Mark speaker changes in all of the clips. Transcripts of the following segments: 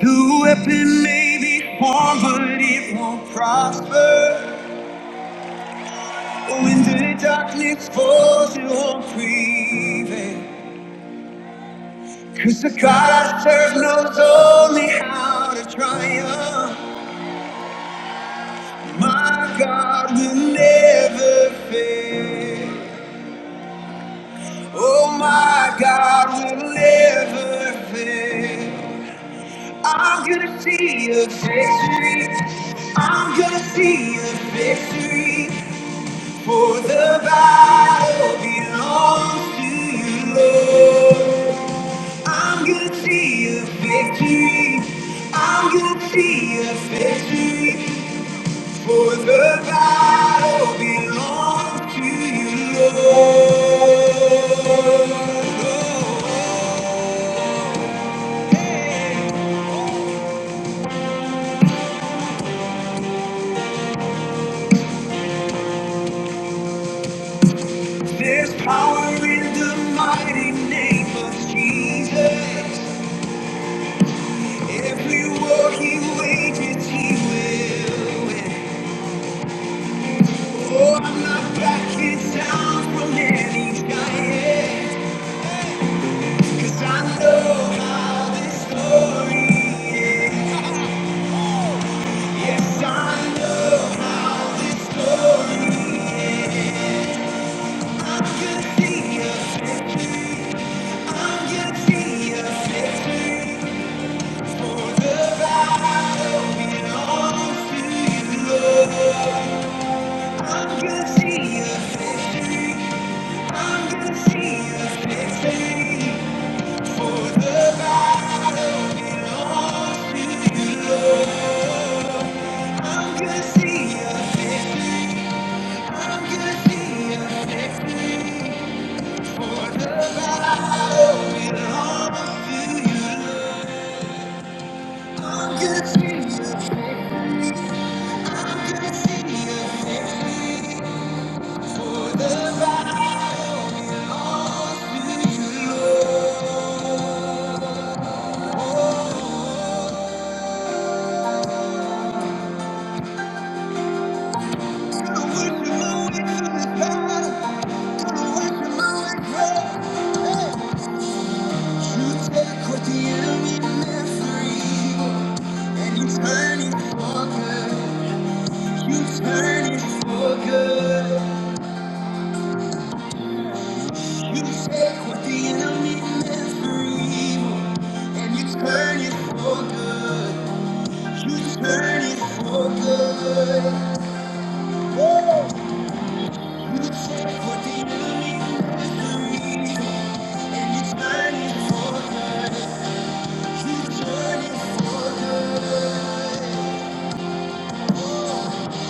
Speaker 1: The weapon may be formed, but it won't prosper. When the darkness falls, it won't prevail. Cause the God I serve knows only how to triumph. My God will never fail. Oh, my God will never fail. I'm gonna see a victory. I'm gonna see a victory. For the battle belongs to you, Lord. I'm gonna see a victory. I'm gonna see a victory. For the battle belongs to you, Lord. There's power in the mighty name of Jesus. Every war he wages, he will win. Oh, I'm not backing down from any giant, 'cause I know how this story ends. Yes, I know how this story ends. I'm gonna see a victory. I'm gonna see a victory. For the battle belongs to you, Lord. I'm gonna see a victory. I'm gonna see a victory. Take what the enemy meant for evil, and you turn it for good. You turn it for good. You take what the enemy meant for evil, and you turn it for good. You turn it for good. You take what the enemy meant for evil, and you turn it for good. You turn it for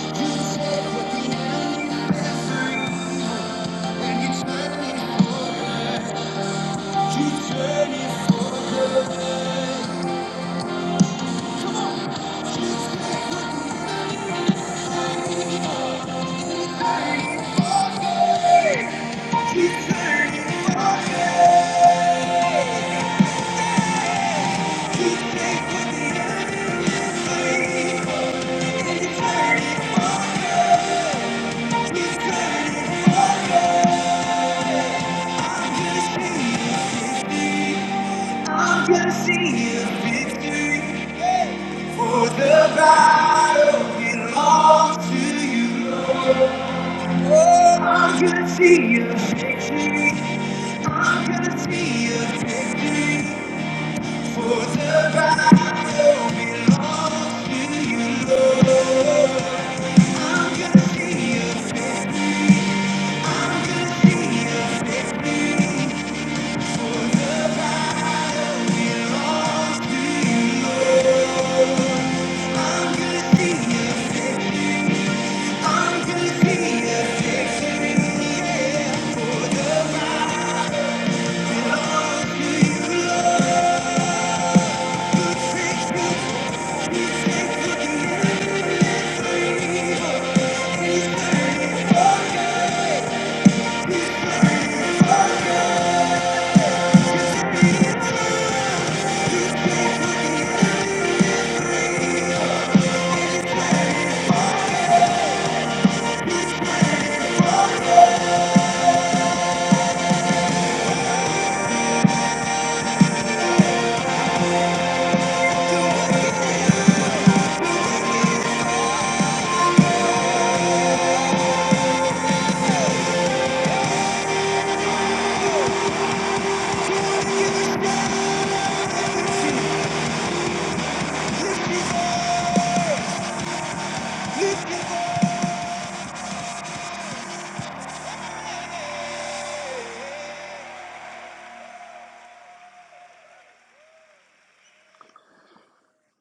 Speaker 1: good. You take what the enemy meant for evil, and you turn it for good. You turn it. You turn it. You take what the enemy meant for evil. I'm gonna see a victory for the battle belongs to you. Oh, I'm gonna see a victory. I'm gonna see a victory for the battle belongs to you. Lord. I'm gonna see a victory.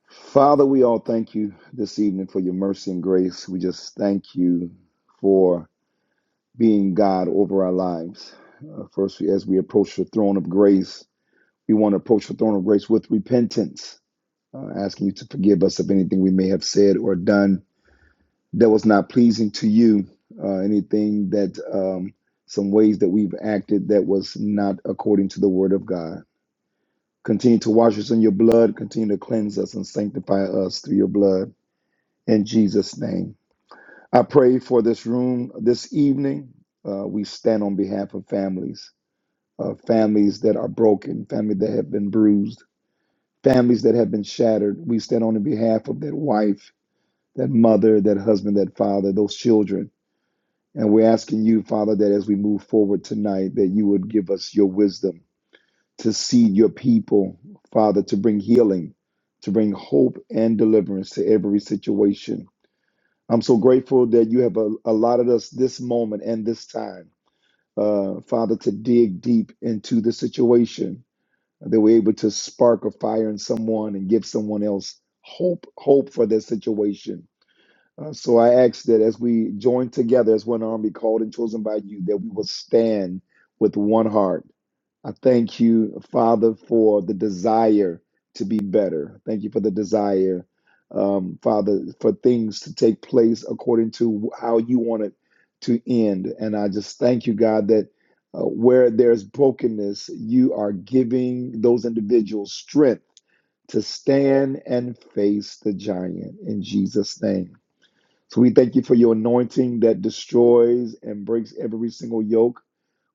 Speaker 2: Father, we all thank you this evening for your mercy and grace. We just thank you for being God over our lives. Uh, first, as we approach the throne of grace, we want to approach the throne of grace with repentance, uh, asking you to forgive us of anything we may have said or done that was not pleasing to you, uh, anything that um, some ways that we've acted that was not according to the word of God. Continue to wash us in your blood, continue to cleanse us and sanctify us through your blood. in Jesus' name. I pray for this room this evening. Uh, we stand on behalf of families, uh, families that are broken, families that have been bruised, families that have been shattered. We stand on the behalf of that wife, that mother, that husband, that father, those children. And we're asking you, Father, that as we move forward tonight, that you would give us your wisdom to see your people, Father, to bring healing, to bring hope and deliverance to every situation I'm so grateful that you have uh, allotted us this moment and this time, uh, Father, to dig deep into the situation that we're able to spark a fire in someone and give someone else hope, hope for their situation. Uh, so I ask that as we join together as one army called and chosen by you, that we will stand with one heart I thank you, Father, for the desire to be better. Thank you for the desire, um, Father, for things to take place according to how you want it to end. And I just thank you, God, that uh, where there's brokenness, you are giving those individuals strength to stand and face the giant in Jesus' name. So we thank you for your anointing that destroys and breaks every single yoke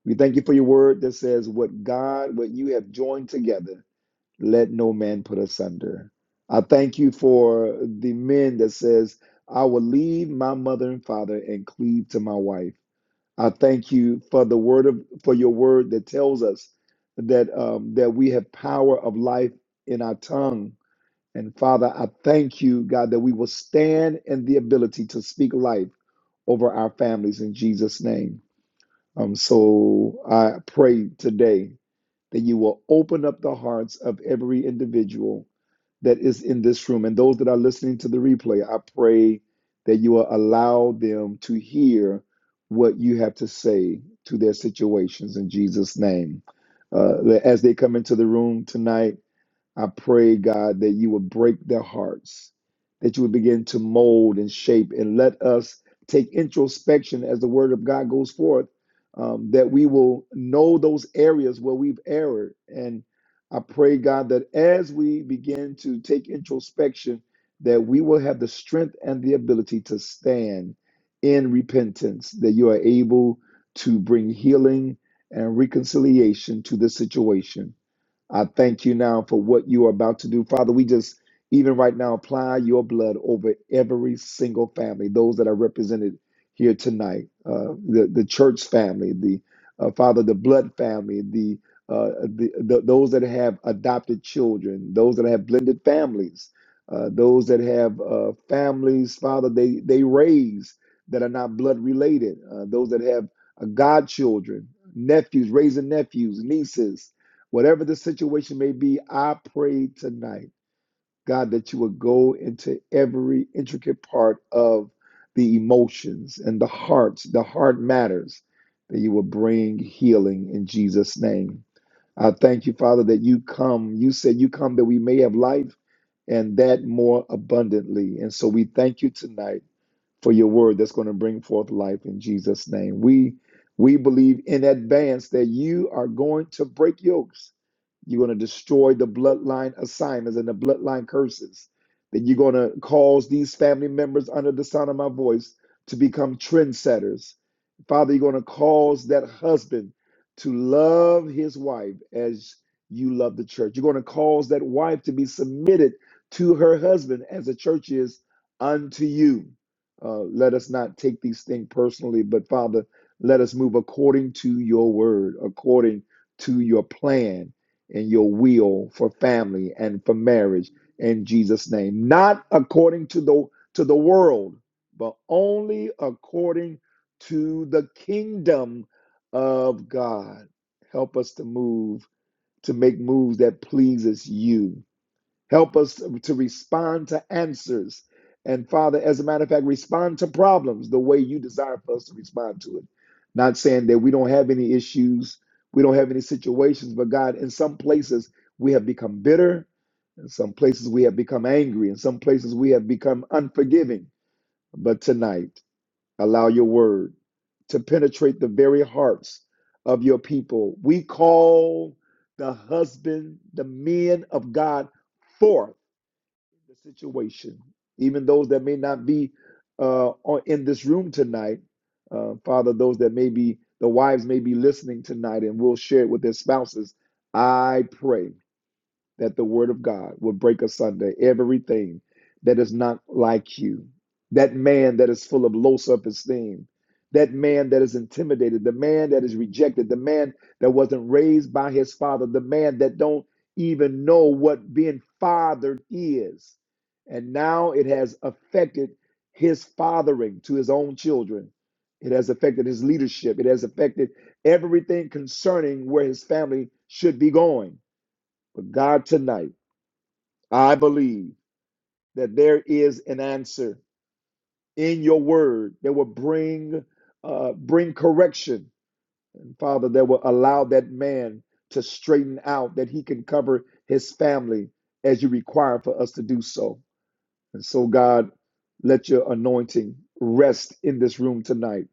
Speaker 2: we thank you for your word that says, What God, what you have joined together, let no man put asunder. I thank you for the men that says, I will leave my mother and father and cleave to my wife. I thank you for the word of for your word that tells us that um, that we have power of life in our tongue. And Father, I thank you, God, that we will stand in the ability to speak life over our families in Jesus' name. Um, so I pray today that you will open up the hearts of every individual that is in this room and those that are listening to the replay. I pray that you will allow them to hear what you have to say to their situations in Jesus' name. Uh, as they come into the room tonight, I pray, God, that you would break their hearts, that you would begin to mold and shape, and let us take introspection as the word of God goes forth, um, that we will know those areas where we've erred. And I pray, God, that as we begin to take introspection, that we will have the strength and the ability to stand in repentance, that you are able to bring healing and reconciliation to the situation. I thank you now for what you are about to do. Father, we just, even right now, apply your blood over every single family, those that are represented here tonight, uh, the, the church family, the uh, Father, the blood family, the, uh, the, the those that have adopted children, those that have blended families, uh, those that have uh, families, Father, they, they raise that are not blood related, uh, those that have uh, godchildren, nephews, raising nephews, nieces, Whatever the situation may be, I pray tonight, God, that you would go into every intricate part of the emotions and the hearts, the heart matters, that you will bring healing in Jesus' name. I thank you, Father, that you come. You said you come that we may have life and that more abundantly. And so we thank you tonight for your word that's going to bring forth life in Jesus' name. We we believe in advance that you are going to break yokes. You're going to destroy the bloodline assignments and the bloodline curses. That you're going to cause these family members under the sound of my voice to become trendsetters. Father, you're going to cause that husband to love his wife as you love the church. You're going to cause that wife to be submitted to her husband as the church is unto you. Uh, let us not take these things personally, but Father, let us move according to your word, according to your plan and your will for family and for marriage in Jesus' name. Not according to the to the world, but only according to the kingdom of God. Help us to move, to make moves that pleases you Help us to respond to answers. And Father, as a matter of fact, respond to problems the way you desire for us to respond to it. Not saying that we don't have any issues, we don't have any situations, but God, in some places we have become bitter, in some places we have become angry, in some places we have become unforgiving. But tonight, allow your word to penetrate the very hearts of your people. We call the husband, the men of God forth the situation, even those that may not be uh, on- in this room tonight. Uh, Father, those that may be, the wives may be listening tonight and will share it with their spouses. I pray that the word of God will break asunder everything that is not like you. That man that is full of low self esteem, that man that is intimidated, the man that is rejected, the man that wasn't raised by his father, the man that don't even know what being fathered is. And now it has affected his fathering to his own children. It has affected his leadership. It has affected everything concerning where his family should be going. But God, tonight, I believe that there is an answer in your word that will bring uh, bring correction, Father, that will allow that man to straighten out, that he can cover his family as you require for us to do so. And so, God, let your anointing rest in this room tonight.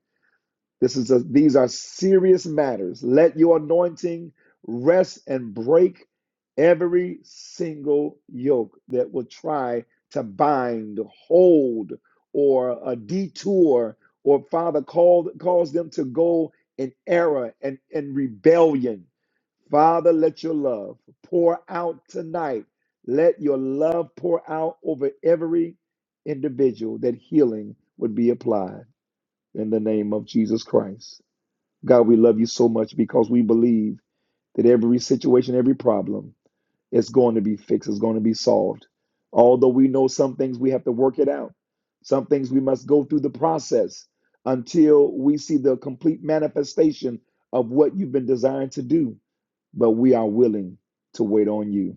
Speaker 2: This is a, these are serious matters. Let your anointing rest and break every single yoke that will try to bind, hold, or a detour, or Father, called, cause them to go in error and, and rebellion. Father, let your love pour out tonight. Let your love pour out over every individual that healing would be applied in the name of Jesus Christ. God, we love you so much because we believe that every situation, every problem is going to be fixed, is going to be solved. Although we know some things we have to work it out, some things we must go through the process until we see the complete manifestation of what you've been designed to do but we are willing to wait on you.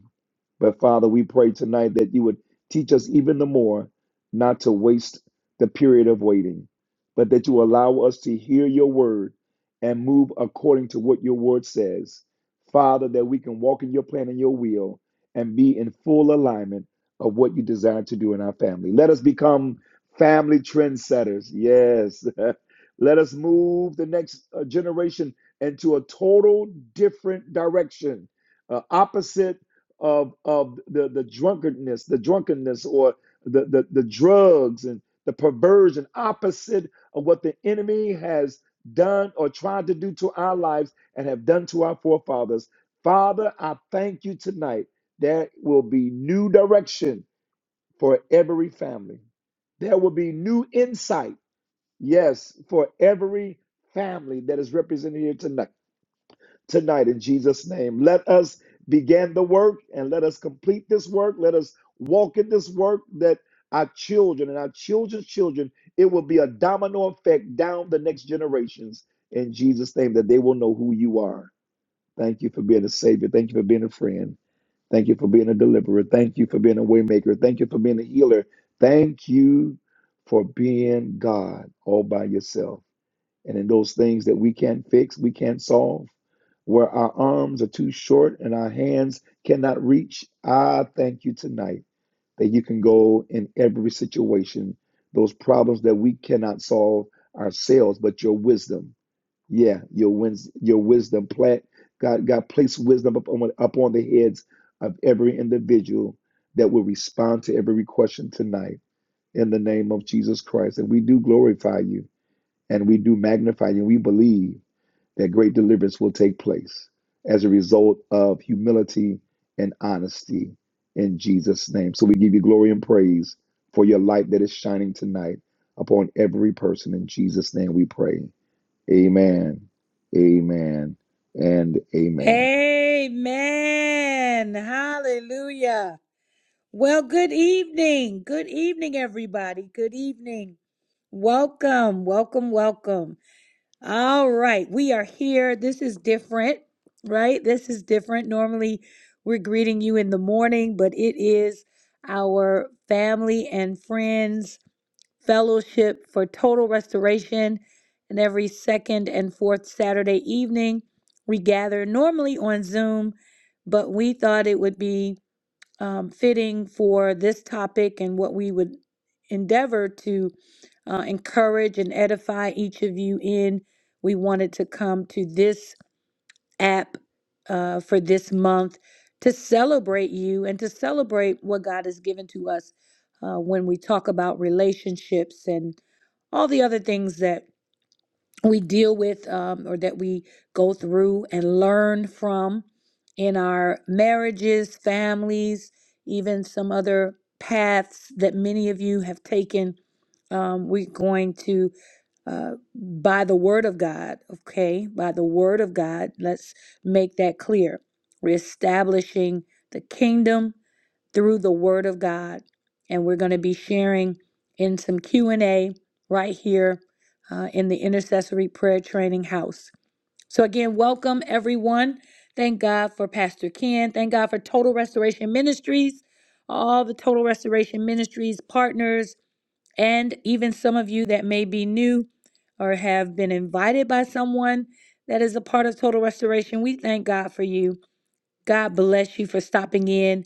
Speaker 2: But Father, we pray tonight that you would teach us even the more not to waste the period of waiting, but that you allow us to hear your word and move according to what your word says. Father, that we can walk in your plan and your will and be in full alignment of what you desire to do in our family. Let us become family trendsetters. Yes. Let us move the next uh, generation into a total different direction, uh, opposite of of the the drunkenness, the drunkenness, or the, the the drugs and the perversion, opposite of what the enemy has done or tried to do to our lives and have done to our forefathers. Father, I thank you tonight. There will be new direction for every family. There will be new insight, yes, for every family that is represented here tonight tonight in Jesus' name. Let us begin the work and let us complete this work. Let us walk in this work that our children and our children's children, it will be a domino effect down the next generations in Jesus' name that they will know who you are. Thank you for being a savior. Thank you for being a friend. Thank you for being a deliverer. Thank you for being a waymaker. Thank you for being a healer. Thank you for being God all by yourself and in those things that we can't fix, we can't solve, where our arms are too short and our hands cannot reach. I thank you tonight that you can go in every situation, those problems that we cannot solve ourselves, but your wisdom, yeah, your wins, your wisdom, plant God, God place wisdom upon upon the heads of every individual that will respond to every question tonight in the name of Jesus Christ, and we do glorify you. And we do magnify you. We believe that great deliverance will take place as a result of humility and honesty in Jesus' name. So we give you glory and praise for your light that is shining tonight upon every person. In Jesus' name we pray. Amen. Amen. And amen.
Speaker 1: Amen. Hallelujah. Well, good evening. Good evening, everybody. Good evening. Welcome, welcome, welcome. All right, we are here. This is different, right? This is different. Normally, we're greeting you in the morning, but it is our family and friends fellowship for total restoration. And every second and fourth Saturday evening, we gather normally on Zoom, but we thought it would be um, fitting for this topic and what we would endeavor to uh, encourage and edify each of you in. We wanted to come to this app uh, for this month to celebrate you and to celebrate what God has given to us uh, when we talk about relationships and all the other things that we deal with um, or that we go through and learn from in our marriages, families, even some other paths that many of you have taken. Um, we're going to, uh, by the word of God, okay, by the word of God, let's make that clear. We're establishing the kingdom through the word of God. And we're going to be sharing in some Q&A right here uh, in the intercessory prayer training house. So again, welcome everyone. Thank God for Pastor Ken. Thank God for Total Restoration Ministries, all the Total Restoration Ministries partners, and even some of you that may be new or have been invited by someone that is a part of Total Restoration. We thank God for you. God bless you for stopping in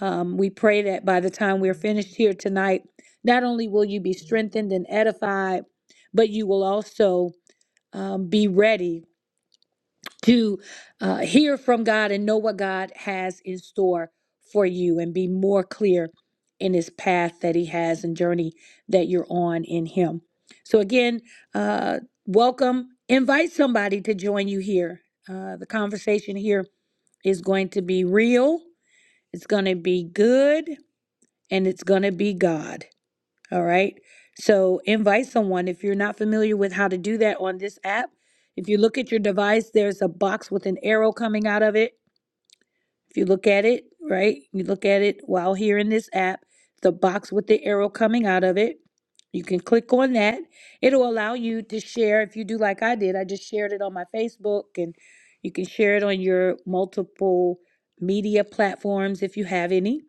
Speaker 1: um, we pray that by the time we're finished here tonight, not only will you be strengthened and edified, but you will also um, be ready to uh, hear from God and know what God has in store for you and be more clear in his path that he has and journey that you're on in him. So, again, uh, welcome. Invite somebody to join you here. Uh, the conversation here is going to be real, it's going to be good, and it's going to be God. All right. So invite someone. If you're not familiar with how to do that on this app, if you look at your device, there's a box with an arrow coming out of it. If you look at it, right, you look at it while here in this app, the box with the arrow coming out of it. You can click on that. It'll allow you to share if you do like I did. I just shared it on my Facebook and you can share it on your multiple media platforms if you have any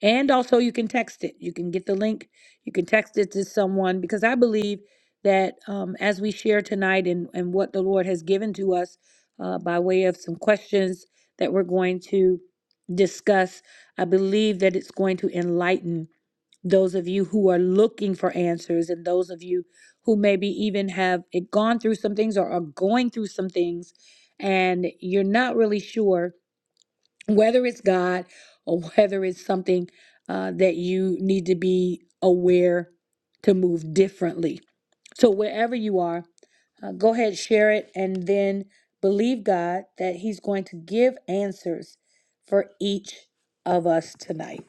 Speaker 1: and also, you can text it. You can get the link. You can text it to someone because I believe that um, as we share tonight and, and what the Lord has given to us uh, by way of some questions that we're going to discuss, I believe that it's going to enlighten those of you who are looking for answers and those of you who maybe even have eh, gone through some things or are going through some things and you're not really sure whether it's God or whether it's something uh, that you need to be aware to move differently so wherever you are, uh, go ahead, share it, and then believe God that He's going to give answers for each of us tonight.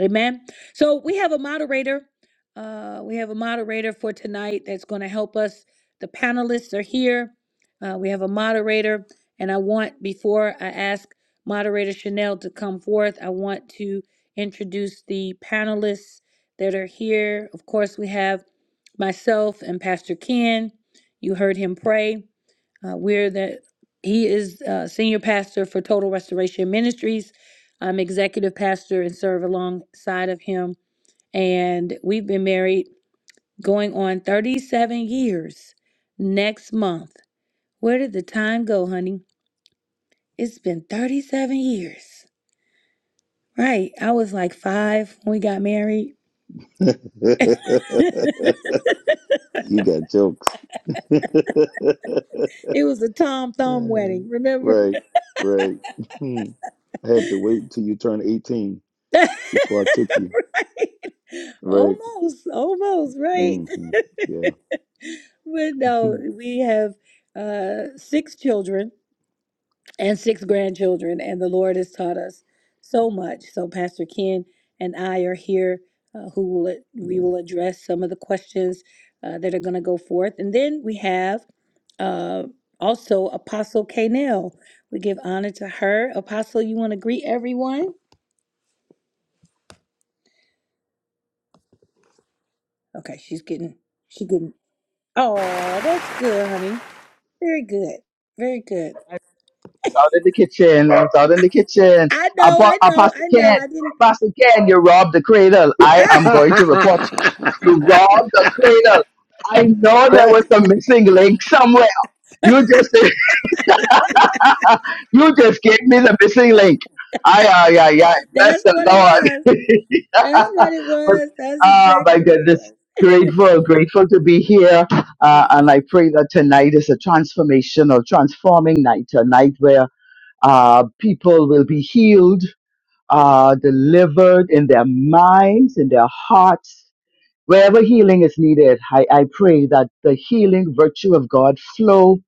Speaker 1: Amen. So we have a moderator. Uh, we have a moderator for tonight that's going to help us. The panelists are here. Uh, we have a moderator, and I want before I ask moderator Chanel to come forth, I want to introduce the panelists that are here. Of course, we have myself and Pastor Ken. You heard him pray. Uh, we're the he is uh, senior pastor for Total Restoration Ministries. I'm executive pastor and serve alongside of him. And we've been married going on 37 years next month. Where did the time go, honey? It's been 37 years. Right. I was like five when we got married.
Speaker 2: you got jokes.
Speaker 1: It was a Tom Thumb wedding, remember?
Speaker 2: right, right. I had to wait till you turn 18
Speaker 1: right?
Speaker 2: before I took you, right?
Speaker 1: Almost, almost, right?
Speaker 2: Mm-hmm. Yeah.
Speaker 1: But no, we have uh, six children and six grandchildren, and the Lord has taught us so much. So Pastor Ken and I are here, uh, who will we
Speaker 2: yeah.
Speaker 1: will address some of the questions uh, that are going to go forth, and then we have uh, also Apostle Kanell. We give honor to her. Apostle, you want to greet everyone? Okay, she's getting. she getting Oh, that's good, honey. Very good. Very good.
Speaker 3: It's out in the kitchen. It's out in the kitchen.
Speaker 1: I know,
Speaker 3: Apo-
Speaker 1: I know,
Speaker 3: Apostle
Speaker 1: I know.
Speaker 3: Ken,
Speaker 1: I didn't.
Speaker 3: Apostle Ken, you robbed the cradle. I am going to report you. You robbed the cradle. I know there
Speaker 2: Right.
Speaker 3: was a missing link somewhere. You just you just gave me the missing link. I uh yeah yeah bless
Speaker 1: that's what it
Speaker 3: the
Speaker 1: was.
Speaker 3: Lord.
Speaker 1: That's what it
Speaker 3: but
Speaker 1: was. That's
Speaker 3: oh my
Speaker 1: exactly what it
Speaker 3: goodness,
Speaker 1: was.
Speaker 3: grateful, grateful to be here. Uh,
Speaker 1: Yes.
Speaker 3: and I pray that tonight is a transformational, transforming night, a night where uh, people will be healed, uh, delivered in their minds, in their hearts. Wherever healing is needed, I, I pray that the healing virtue of God flow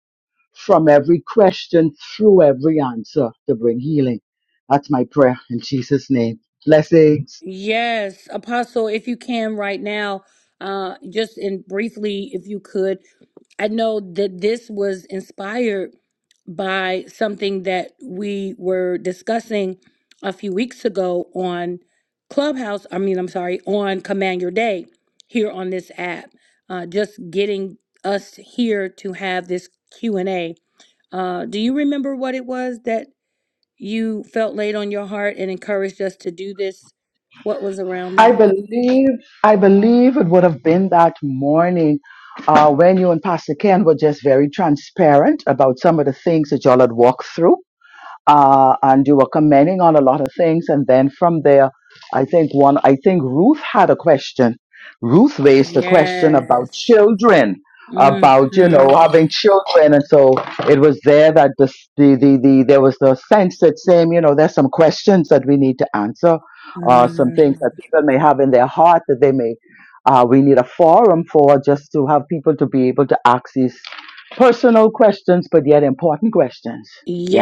Speaker 3: from every question through every answer to bring healing. That's my prayer in Jesus' name. Blessings.
Speaker 1: Yes, Apostle, if you can right now, uh, just in briefly, if you could, I know that this was inspired by something that we were discussing a few weeks ago on Clubhouse. I mean, I'm sorry, on Command Your Day here on this app. Uh, just getting us here to have this Q and A. Uh, do you remember what it was that you felt laid on your heart and encouraged us to do this? What was around
Speaker 3: I
Speaker 1: that?
Speaker 3: believe, I believe it would have been that morning uh, when you and Pastor Ken were just very transparent about some of the things that y'all had walked through uh, and you were commenting on a lot of things. And then from there, I think one, I think Ruth had a question. Ruth raised a question about
Speaker 1: Yes.
Speaker 3: children,
Speaker 1: hmm
Speaker 3: about you know having children, and so it was there that the the the, the there was the sense that same you know there's some questions that we need to answer, uh, some things that people may have in their heart that they may. Uh, we need a forum for just to have people to be able to ask these personal questions, but yet important questions. Yeah.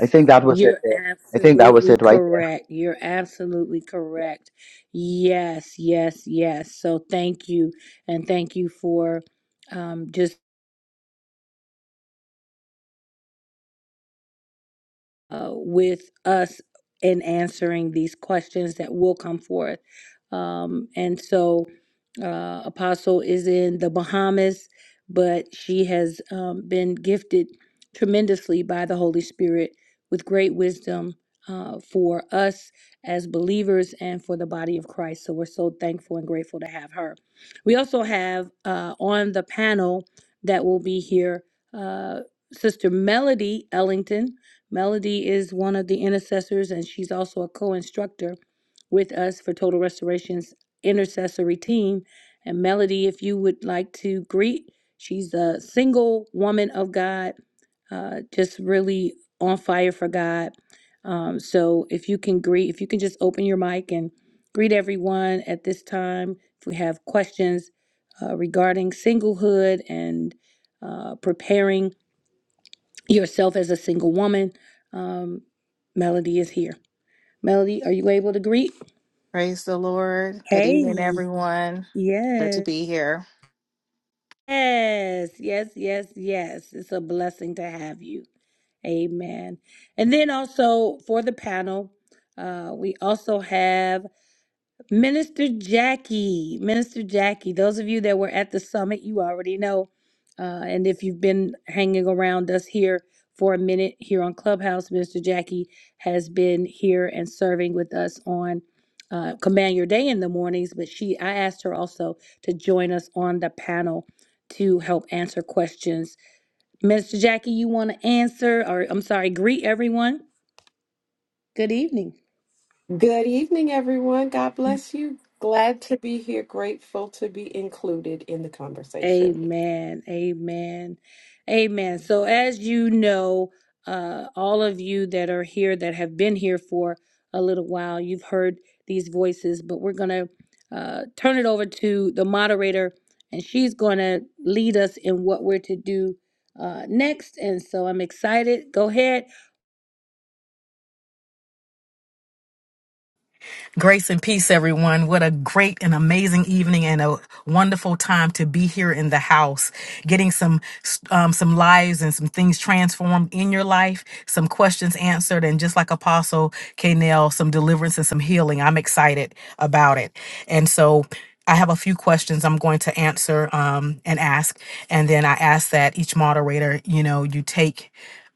Speaker 3: I think that was it
Speaker 1: you're
Speaker 3: there. I think that was
Speaker 1: absolutely
Speaker 3: it right there.
Speaker 1: correct. You're absolutely correct. Yes, yes, yes. So thank you. And thank you for um, just uh, with us in answering these questions that will come forth. Um, and so, uh, Apostle is in the Bahamas, but she has um, been gifted tremendously by the Holy Spirit with great wisdom uh, for us as believers and for the body of Christ. So, we're so thankful and grateful to have her. We also have uh, on the panel that will be here uh, Sister Melody Ellington. Melody is one of the intercessors, and she's also a co instructor with us for Total Restoration's intercessory team. And Melody, if you would like to greet, she's a single woman of God, uh, just really on fire for God. Um, so if you can greet, if you can just open your mic and greet everyone at this time. If we have questions uh, regarding singlehood and uh, preparing yourself as a single woman. Um, Melody is here. Melody, are you able to greet?
Speaker 4: Praise the Lord. Good
Speaker 1: Hey,
Speaker 4: evening, everyone. Good to
Speaker 1: yes.
Speaker 4: be here.
Speaker 1: Yes, yes, yes, yes. It's a blessing to have you. Amen. And then also for the panel, uh, we also have Minister Jackie, Minister Jackie, those of you that were at the summit, you already know. Uh, and if you've been hanging around us here for a minute here on Clubhouse, Minister Jackie has been here and serving with us on uh, Command Your Day in the mornings. But she, I asked her also to join us on the panel to help answer questions. Minister Jackie, you want to answer, or I'm sorry, greet everyone. Good evening.
Speaker 5: Good evening, everyone. God bless you. Glad to be here. Grateful to be included in the conversation.
Speaker 1: Amen. Amen. Amen. So, as you know, uh, all of you that are here that have been here for a little while, you've heard these voices, but we're going to uh, turn it over to the moderator and she's going to lead us in what we're to do uh, next. And so, I'm excited. Go ahead.
Speaker 6: Grace and peace, everyone. What a great and amazing evening and a wonderful time to be here in the house, getting some um, some lives and some things transformed in your life, some questions answered, and just like Apostle K. some deliverance and some healing. I'm excited about it. And so I have a few questions I'm going to answer um, and ask. And then I ask that each moderator, you know, you take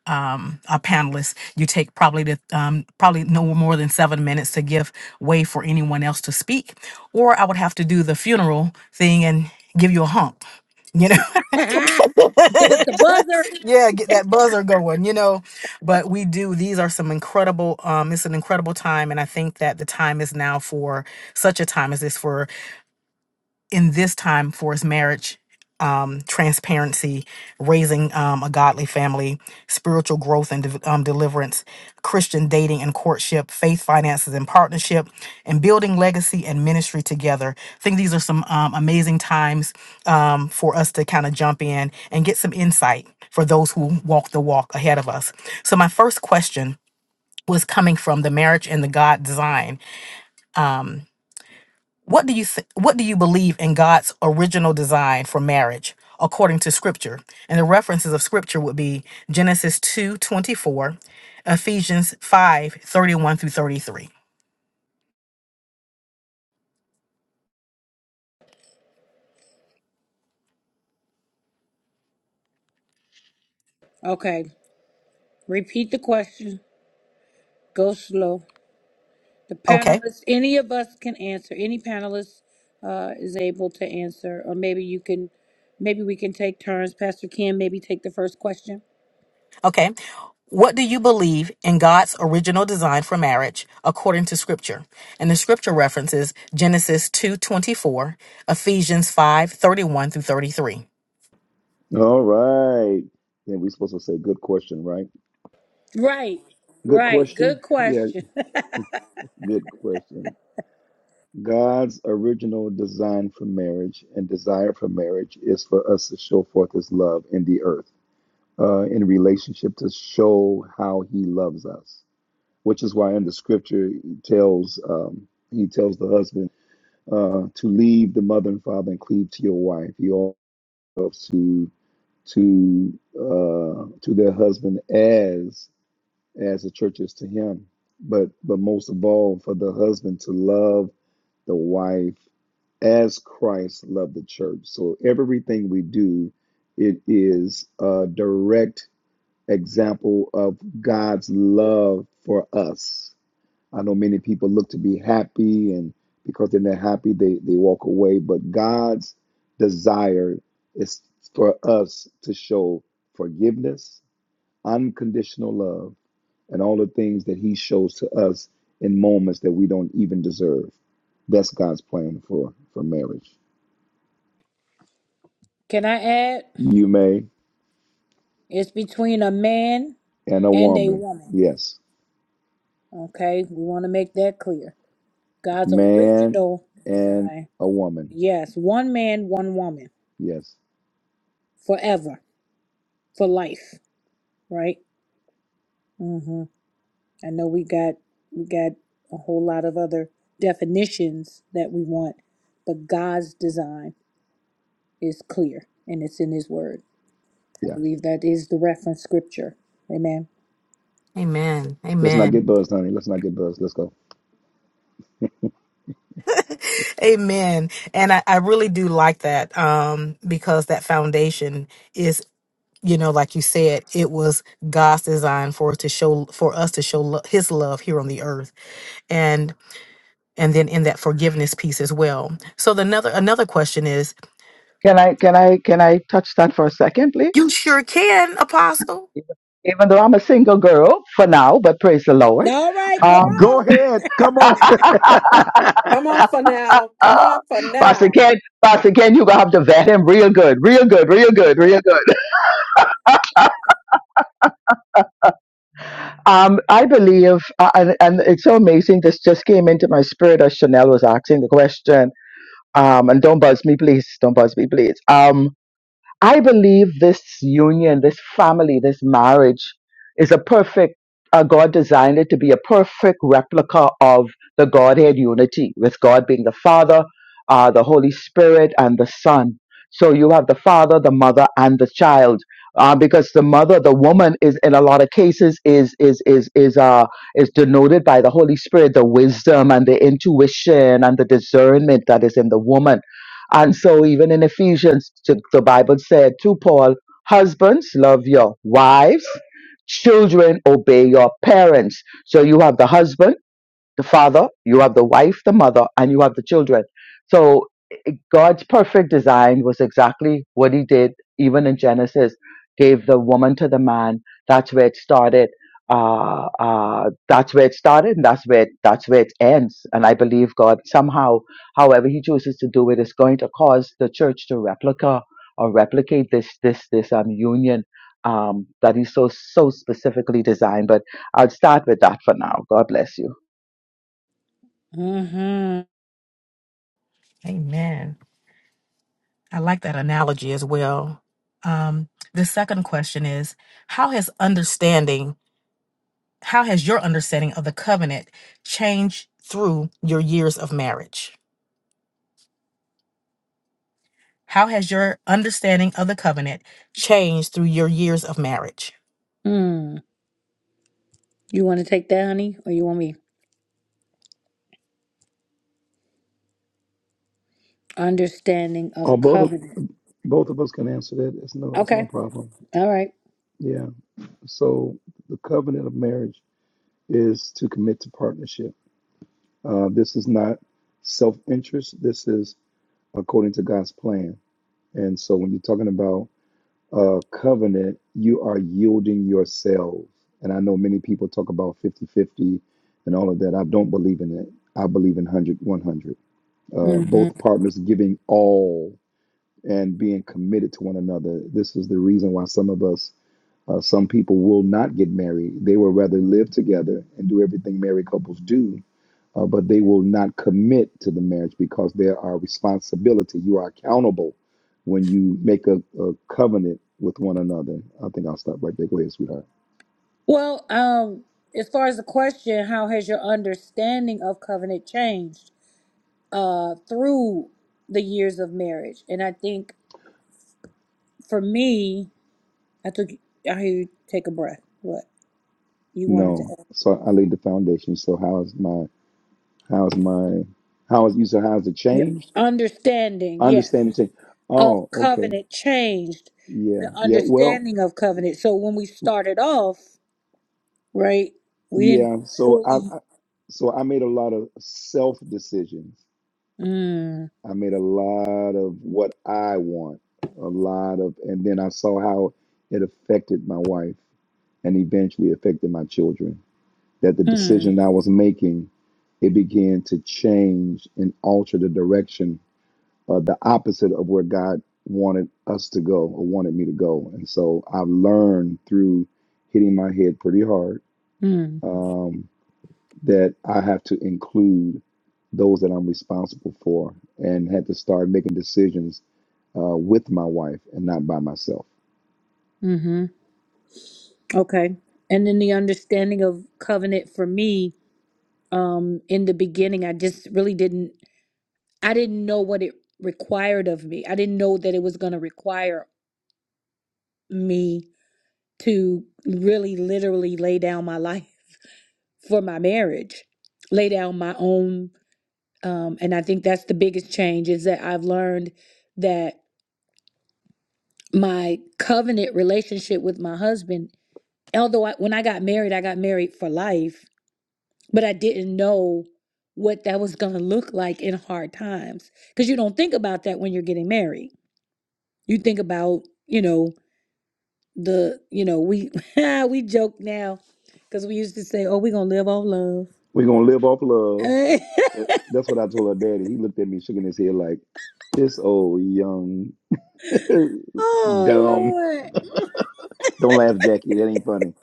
Speaker 6: um, our panelists. You take probably the um, probably no more than seven minutes to give way for anyone else to speak, or I would have to do the funeral thing and give you a hump. You know,
Speaker 1: Give us the buzzer.
Speaker 6: yeah, get that buzzer going. You know, but we do. These are some incredible. Um, it's an incredible time, and I think that the time is now for such a time as this for in this time for his marriage, um, transparency, raising um, a godly family, spiritual growth and de- um, deliverance, Christian dating and courtship, faith, finances, and partnership, and building legacy and ministry together. I think these are some um, amazing times um, for us to kind of jump in and get some insight for those who walk the walk ahead of us. So, my first question was coming from the marriage and the God design. Um, what do you th- what do you believe in God's original design for marriage according to scripture? And the references of scripture would be Genesis 2:24, Ephesians 5:31 through 33.
Speaker 1: Okay. Repeat the question. Go slow. The
Speaker 6: Okay?
Speaker 1: panelists, any of us can answer, any panelist uh, is able to answer, or maybe you can, maybe we can take turns. Pastor Kim, maybe take the first question.
Speaker 6: Okay. What do you believe in God's original design for marriage according to scripture? And the scripture references Genesis 2:24, Ephesians 5:31 through 33.
Speaker 2: All right. Then we're supposed to say good question, right?
Speaker 1: Right,
Speaker 2: Good
Speaker 1: right.
Speaker 2: question.
Speaker 1: Good
Speaker 2: Yeah,
Speaker 1: question.
Speaker 2: good question. God's original design for marriage and desire for marriage is for us to show forth his love in the earth, uh, in relationship to show how he loves us, which is why in the scripture he tells um, he tells the husband. uh, to leave the mother and father and cleave to your wife. You are to to uh, to their husband as as the church is to him. But but most of all, for the husband to love the wife as Christ loved the church. So everything we do, it is a direct example of God's love for us I know many people look to be happy, and because they're not happy, they, they walk away. But God's desire is for us to show forgiveness, unconditional love, and all the things that He shows to us in moments that we don't even deserve. That's God's plan for, for marriage.
Speaker 1: Can I add?
Speaker 2: You may
Speaker 1: It's between a man
Speaker 2: and a
Speaker 1: and a
Speaker 2: woman,
Speaker 1: woman.
Speaker 2: yes.
Speaker 1: Okay, we want to make that clear. God's
Speaker 2: Man
Speaker 1: original
Speaker 2: and
Speaker 1: design.
Speaker 2: a woman,
Speaker 1: Yes, one man, one woman,
Speaker 2: yes.
Speaker 1: forever, for life, right? Mm-hmm. I know we got we got a whole lot of other definitions that we want, but God's design is clear and it's in his word. I
Speaker 2: Yeah.
Speaker 1: believe that is the reference scripture. Amen.
Speaker 6: Amen.
Speaker 2: Let's not
Speaker 6: Amen.
Speaker 2: get buzzed, honey. Let's not get buzzed. Let's go.
Speaker 6: Amen. And I, I really do like that um, because that foundation is, you know, like you said, it was God's design for us to show for us to show lo- His love here on the earth, and and then in that forgiveness piece as well. So the another another question is,
Speaker 3: Can I can I can I touch that for a second,
Speaker 6: you
Speaker 3: please?
Speaker 6: sure can, Apostle.
Speaker 3: Even even though I'm a single girl for now, but praise the Lord.
Speaker 1: All right, come
Speaker 3: Um,
Speaker 2: Go
Speaker 1: on.
Speaker 2: ahead. Come on.
Speaker 5: Come on for now. Come
Speaker 3: uh,
Speaker 5: on for
Speaker 3: Pastor
Speaker 5: now.
Speaker 3: Ken, Pastor Ken, you gonna have to vet him real good, real good, real good, real good. Um, I believe, uh, and, and it's so amazing. This just came into my spirit as Chanel was asking the question. Um, and don't buzz me, please. Don't buzz me, please. Um. I believe this union, this family, this marriage is a perfect, uh, God designed it to be a perfect replica of the Godhead unity, with God being the Father, uh, the Holy Spirit, and the Son. So you have the Father, the Mother, and the child. Uh, because the mother, the woman, is in a lot of cases is is is is uh is denoted by the Holy Spirit, the wisdom and the intuition and the discernment that is in the woman and so, even in Ephesians, t- the Bible said to Paul, Husbands, love your wives, children, obey your parents. So, you have the husband, the father, you have the wife, the mother, and you have the children. So, God's perfect design was exactly what he did, even in Genesis, gave the woman to the man. That's where it started. Uh, uh, that's where it started and that's where, it, that's where it ends. And I believe God somehow, however he chooses to do it, is going to cause the church to replica or replicate this, this, this, um, union, um, that he so, so specifically designed. But I'll start with that for now. God bless you.
Speaker 1: Mm-hmm.
Speaker 6: Amen. I like that analogy as well. Um, the second question is, how has understanding How has your understanding of the covenant changed through your years of marriage? How has your understanding of the covenant changed through your years of marriage?
Speaker 1: Mm. You want to take that, honey? Or you want me? Understanding of
Speaker 2: oh, both of,
Speaker 1: covenant.
Speaker 2: both of us can answer that. It's no, that's no
Speaker 1: Okay.
Speaker 2: problem.
Speaker 1: All right.
Speaker 2: Yeah. So the covenant of marriage is to commit to partnership. Uh, this is not self-interest. This is according to God's plan. And so when you're talking about uh, covenant, you are yielding yourselves. And I know many people talk about fifty fifty and all of that. I don't believe in it. I believe in one hundred one hundred. Uh,
Speaker 1: Mm-hmm.
Speaker 2: both partners giving all. and being committed to one another. This is the reason why some of us, uh, some people will not get married. They will rather live together and do everything married couples do, uh, but they will not commit to the marriage because there are responsibility. You are accountable when you make a, a covenant with one another. I think I'll stop right there. Go ahead, sweetheart.
Speaker 1: Well, um, as far as the question, how has your understanding of covenant changed? uh through the years of marriage. And I think for me, I took I hear you take a breath. What you wanted to
Speaker 2: No,
Speaker 1: add.
Speaker 2: so I laid the foundation. So how's my, how's my, how is you? So how's it
Speaker 1: Yeah.
Speaker 2: changed?
Speaker 1: Understanding,
Speaker 2: I
Speaker 1: yes,
Speaker 2: understand it changed.
Speaker 1: of
Speaker 2: Oh, okay.
Speaker 1: covenant changed
Speaker 2: Yeah.
Speaker 1: the
Speaker 2: Yeah. Well,
Speaker 1: understanding of covenant. So when we started off, right, we didn't
Speaker 2: Yeah, so I,
Speaker 1: fully
Speaker 2: I so I made a lot of self decisions.
Speaker 1: mm,
Speaker 2: I made a lot of what I want, a lot of, and then I saw how it affected my wife and eventually affected my children. That the
Speaker 1: mm,
Speaker 2: decision I was making, it began to change and alter the direction, uh, the opposite of where God wanted us to go or wanted me to go. And so I've learned through hitting my head pretty hard.
Speaker 1: mm,
Speaker 2: Um, that I have to include those that I'm responsible for and had to start making decisions uh, with my wife and not by myself.
Speaker 1: mm-hmm. Okay. And then the understanding of covenant for me, um, in the beginning, I just really didn't. I didn't know what it required of me. I didn't know that it was going to require me to really literally lay down my life for my marriage, lay down my own. Um, and I think that's the biggest change is that I've learned that my covenant relationship with my husband, although I, when I got married, I got married for life, but I didn't know what that was going to look like in hard times because you don't think about that when you're getting married. You think about, you know, the you know we we joke now because we used to say oh we gonna live off love
Speaker 2: We're going to live off love. That- That's what I told her daddy. He looked at me shaking his head like, this old young
Speaker 1: oh
Speaker 2: dumb.
Speaker 1: lord
Speaker 2: Don't laugh, Jackie. That ain't funny.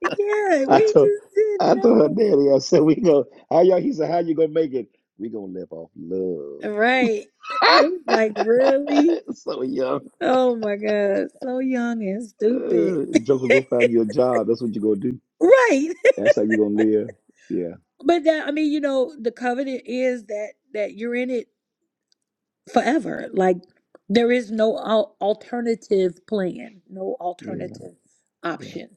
Speaker 1: yeah
Speaker 2: I
Speaker 1: we
Speaker 2: told
Speaker 1: just didn't
Speaker 2: I told her
Speaker 1: know
Speaker 2: daddy, I said, we go, how y'all, he said, how you gonna make it? We gonna live off love.
Speaker 1: right like really
Speaker 2: So young.
Speaker 1: oh my god so young and stupid
Speaker 2: Uh, Joker, go find you a job. That's what you gonna do.
Speaker 1: right
Speaker 2: That's how you're gonna live. Yeah,
Speaker 1: but that i mean you know the covenant is that that you're in it forever like there is no al- alternative plan no
Speaker 2: yeah,
Speaker 1: alternative
Speaker 2: yeah.
Speaker 1: option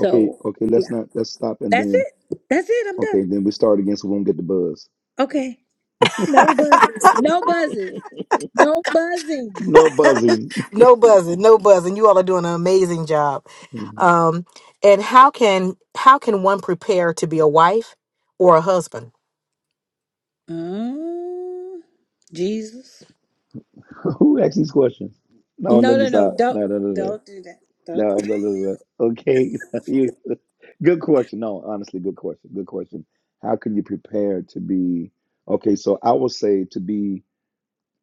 Speaker 2: Okay, okay.
Speaker 1: yeah
Speaker 2: Let's not. Let's stop and
Speaker 1: That's
Speaker 2: then.
Speaker 1: it. That's it. I'm
Speaker 2: Okay,
Speaker 1: done.
Speaker 2: then we start again, so we won't get the buzz.
Speaker 1: Okay. No buzzes. No buzzes. No buzzing.
Speaker 2: No buzzing.
Speaker 6: No buzzing, no buzzing. You all are doing an amazing job.
Speaker 2: Mhm.
Speaker 6: Um, and how can how can one prepare to be a wife or a husband?
Speaker 1: Mm, Jesus.
Speaker 2: Who asked these questions? No,
Speaker 1: No,
Speaker 2: let me
Speaker 1: no, no.
Speaker 2: stop.
Speaker 1: Don't
Speaker 2: No, no, no, no.
Speaker 1: don't do that. Don't.
Speaker 2: No,
Speaker 1: do-
Speaker 2: no, no, no. no. Okay, you. Good question. No, honestly, good question. Good question. How can you prepare to be? Okay, so I will say to be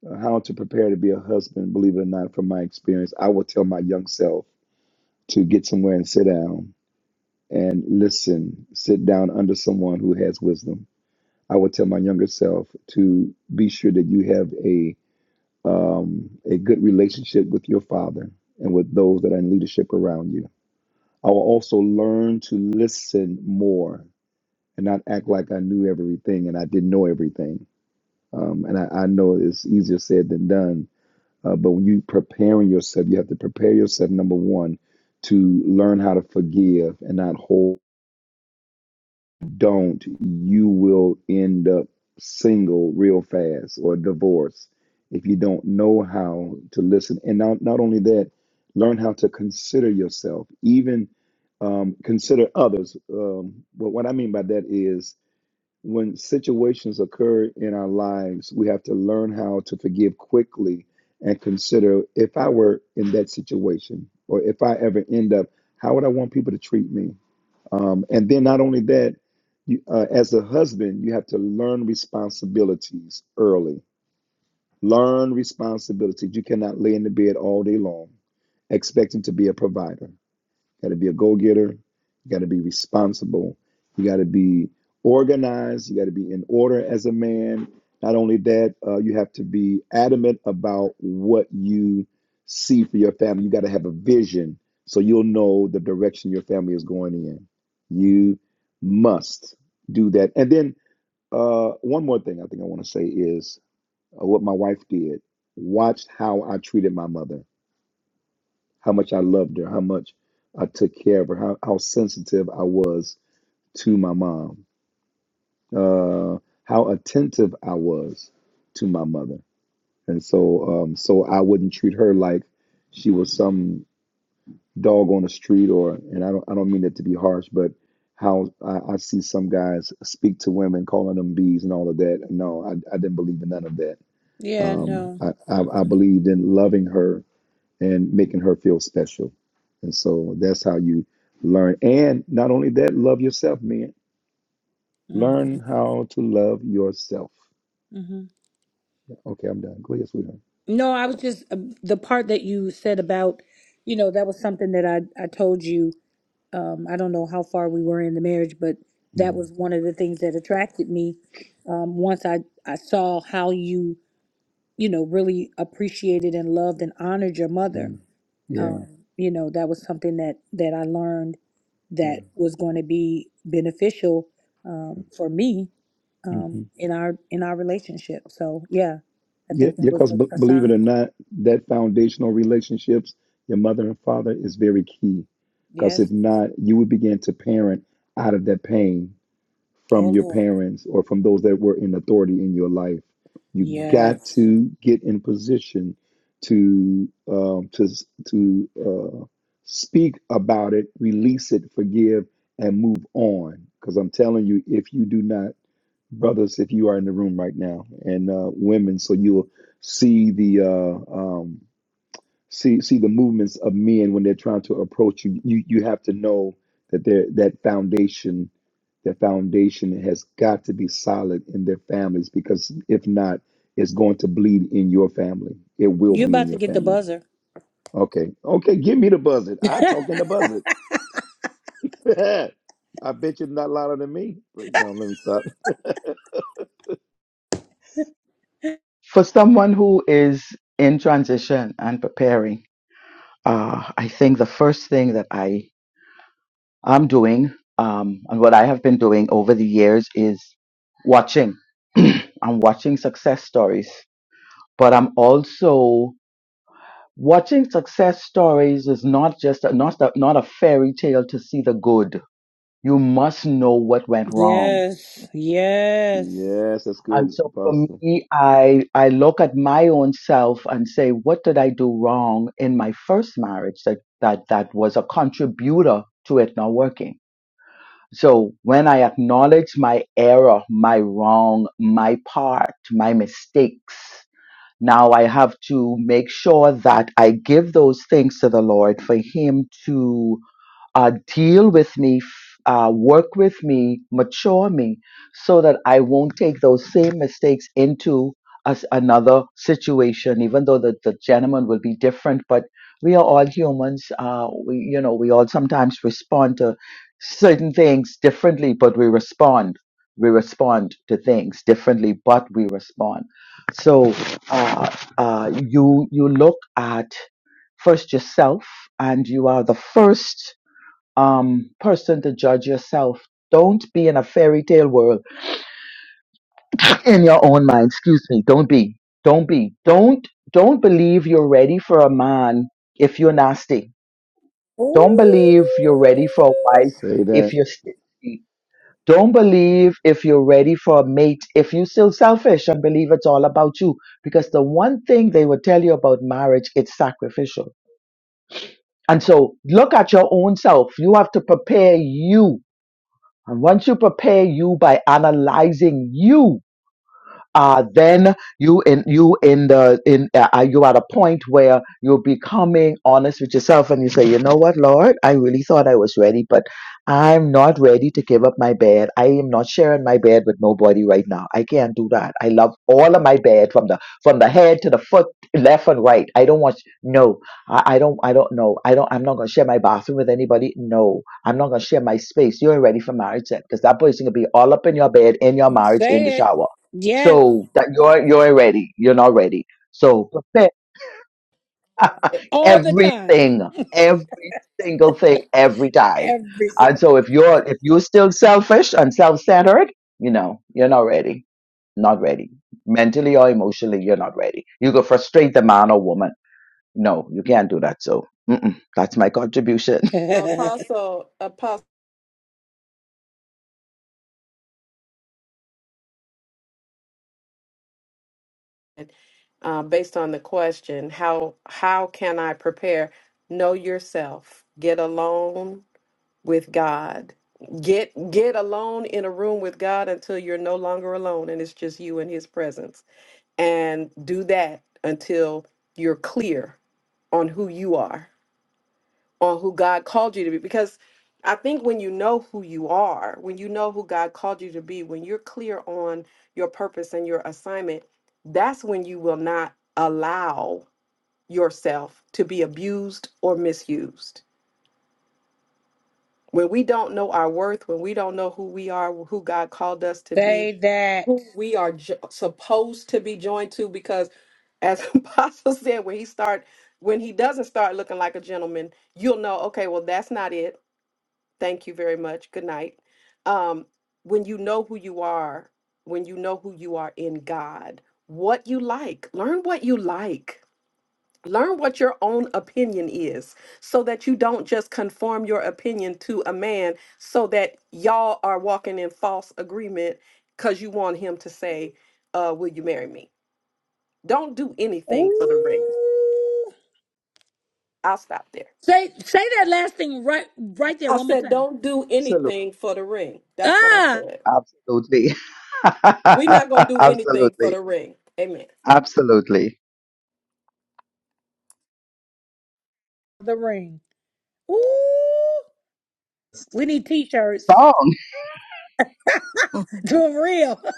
Speaker 2: uh, how to prepare to be a husband. Believe it or not, from my experience, I will tell my young self to get somewhere and sit down and listen, sit down under someone who has wisdom. I would tell my younger self to be sure that you have a um, a good relationship with your father and with those that are in leadership around you. I will also learn to listen more and not act like I knew everything and I didn't know everything. Um, and I, I know it's easier said than done, uh, but when you preparing yourself, you have to prepare yourself. Number one, to learn how to forgive and not hold. don't, you will end up single real fast or divorced if you don't know how to listen. And not, not only that, learn how to consider yourself, even um, consider others. Um, but what I mean by that is when situations occur in our lives, we have to learn how to forgive quickly and consider if I were in that situation or if I ever end up, how would I want people to treat me? Um, and then not only that, you, uh, as a husband, you have to learn responsibilities early. Learn responsibilities. You cannot lay in the bed all day long expecting to be a provider got to be a go getter. You got to be responsible. You got to be organized. You got to be in order as a man. Not only that, uh, you have to be adamant about what you see for your family. You got to have a vision so you'll know the direction your family is going in. You must do that. And then uh, one more thing I think I want to say is uh, what my wife did. Watched how I treated my mother how much I loved her, how much I took care of her, how, how sensitive I was to my mom, uh, how attentive I was to my mother. And so, um, so I wouldn't treat her like she was some dog on the street or, and I don't, I don't mean that to be harsh, but how I, I see some guys speak to women, calling them bees and all of that. No, I, I didn't believe in none of that.
Speaker 1: Yeah,
Speaker 2: Um,
Speaker 1: no.
Speaker 2: I, I, I believed in loving her and making her feel special. And so that's how you learn. And not only that, love yourself, man. Learn
Speaker 1: Mm-mm.
Speaker 2: how to love yourself.
Speaker 1: hmm
Speaker 2: Okay, I'm done. Go ahead, sweetheart.
Speaker 1: No, I was just uh, the part that you said about, you know, that was something that I I told you. Um, I don't know how far we were in the marriage, but that
Speaker 2: Mm,
Speaker 1: was one of the things that attracted me. Um, once I I saw how you you know, really appreciated and loved and honored your mother.
Speaker 2: yeah, yeah,
Speaker 1: Um, you know, that was something that that I learned
Speaker 2: yeah.
Speaker 1: that was going to be beneficial um, for me
Speaker 2: hmm
Speaker 1: um, in our in our relationship. So yeah, I
Speaker 2: Yeah,
Speaker 1: think
Speaker 2: yeah.
Speaker 1: that was
Speaker 2: Because yeah, b-
Speaker 1: a, a
Speaker 2: believe it
Speaker 1: sign.
Speaker 2: or not, that foundational relationships, your mother and father, is very key. Because
Speaker 1: Yes.
Speaker 2: if not, you would begin to parent out of that pain from
Speaker 1: Oh
Speaker 2: your
Speaker 1: Lord.
Speaker 2: parents or from those that were in authority in your life. You got
Speaker 1: Yes.
Speaker 2: to get in position to um, to to uh, speak about it, release it, forgive, and move on. Because I'm telling you, if you do not, brothers, if you are in the room right now, and uh, women, so you'll see the uh, um, see see the movements of men when they're trying to approach you. You you have to know that they're that foundation the foundation has got to be solid in their families because if not, it's going to bleed in your family. It will
Speaker 1: You
Speaker 2: bleed in
Speaker 1: about to
Speaker 2: your
Speaker 1: get the
Speaker 2: family.
Speaker 1: buzzer.
Speaker 2: Okay. Okay. Give me the buzzard. I talk in the buzzard. I bet you're not louder than me. Right now, let me stop.
Speaker 3: For someone who is in transition and preparing, Uh, I think the first thing that I am doing um, and what I have been doing over the years is watching. I'm watching success stories, but I'm also watching success stories is not just a, not a, not a fairy tale to see the good. You must know what went wrong.
Speaker 1: Yes. Yes.
Speaker 2: yes, that's
Speaker 3: And
Speaker 2: good,
Speaker 3: so for
Speaker 2: Apostle.
Speaker 3: me, I I look at my own self and say, what did I do wrong in my first marriage that that that was a contributor to it not working? So when I acknowledge my error, my wrong, my part, my mistakes, now I have to make sure that I give those things to the Lord for Him to uh, deal with me, f- uh, work with me, mature me, so that I won't take those same mistakes into us another situation. Even though the, the gentleman will be different, but we are all humans. Uh, we, you know, we all sometimes respond to certain things differently, but we respond. We respond to things differently, but we respond. So uh, uh, you you look at first yourself, and you are the first um, person to judge yourself. Don't be in a fairy tale world in your own mind. Excuse me. Don't be. Don't be. Don't don't believe you're ready for a man if you're nasty. Don't
Speaker 1: Ooh.
Speaker 3: believe you're ready for a wife
Speaker 2: Say
Speaker 3: if
Speaker 2: that.
Speaker 3: you're stingy. Don't believe if you're ready for a mate if you're still selfish and believe it's all about you. Because the one thing they will tell you about marriage, it's sacrificial. And so look at your own self. You have to prepare you And once you prepare you by analyzing you, uh, then you in you in the in uh, are you at a point where you're becoming honest with yourself and you say you know what lord i really thought i was ready but i'm not ready to give up my bed i am not sharing my bed with nobody right now i can't do that i love all of my bed from the from the head to the foot left and right i don't want no i, I don't i don't know i don't i'm not going to share my bathroom with anybody no i'm not going to share my space you ain't ready for marriage yet because that person gonna be all up in your bed in your marriage in the
Speaker 1: Say it.
Speaker 3: shower
Speaker 1: Yes.
Speaker 3: so that you're you're ready. You're not ready. So prepare
Speaker 1: All the time.
Speaker 3: everything, every single thing, every time.
Speaker 1: Every single
Speaker 3: And so if you're if you're still selfish and self-centered, you know, you're not ready. Not ready. Mentally or emotionally, you're not ready. You could frustrate the man or woman. No, you can't do that. So mm-mm, that's my contribution.
Speaker 5: So,
Speaker 1: say
Speaker 5: Apostle, Apostle, uh, based on the question, how how can I prepare? Know yourself. Get alone with God. Get get alone in a room with God until you're no longer alone, and it's just you in His presence. and do that until you're clear on who you are, on who God called you to be. Because I think when you know who you are, when you know who God called you to be, when you're clear on your purpose and your assignment, that's when you will not allow yourself to be abused or misused. When we don't know our worth, when we don't know who we are, who God called us to be,
Speaker 1: that.
Speaker 5: who we are jo- supposed to be joined to because as apostle said when he start when he doesn't start looking like a gentleman you'll know okay well that's not it thank you very much good night um when you know who you are when you know who you are in god what you like learn what you like Learn what your own opinion is so that you don't just conform your opinion to a man so that y'all are walking in false agreement because you want him to say, uh, Will you marry me? Don't do anything for the ring.
Speaker 1: Ooh.
Speaker 5: I'll stop there.
Speaker 1: Say say that last thing right right there
Speaker 5: I
Speaker 1: one more
Speaker 5: said,
Speaker 1: time.
Speaker 5: Don't do
Speaker 3: Absolutely.
Speaker 5: anything for the ring. That's what I
Speaker 1: Ah,
Speaker 5: said.
Speaker 3: Absolutely.
Speaker 5: We're not going to do anything for
Speaker 3: Absolutely.
Speaker 5: the ring. Amen.
Speaker 3: Absolutely.
Speaker 1: the ring. Ooh. We need t-shirts.
Speaker 3: Song.
Speaker 4: Mhm.
Speaker 1: For real.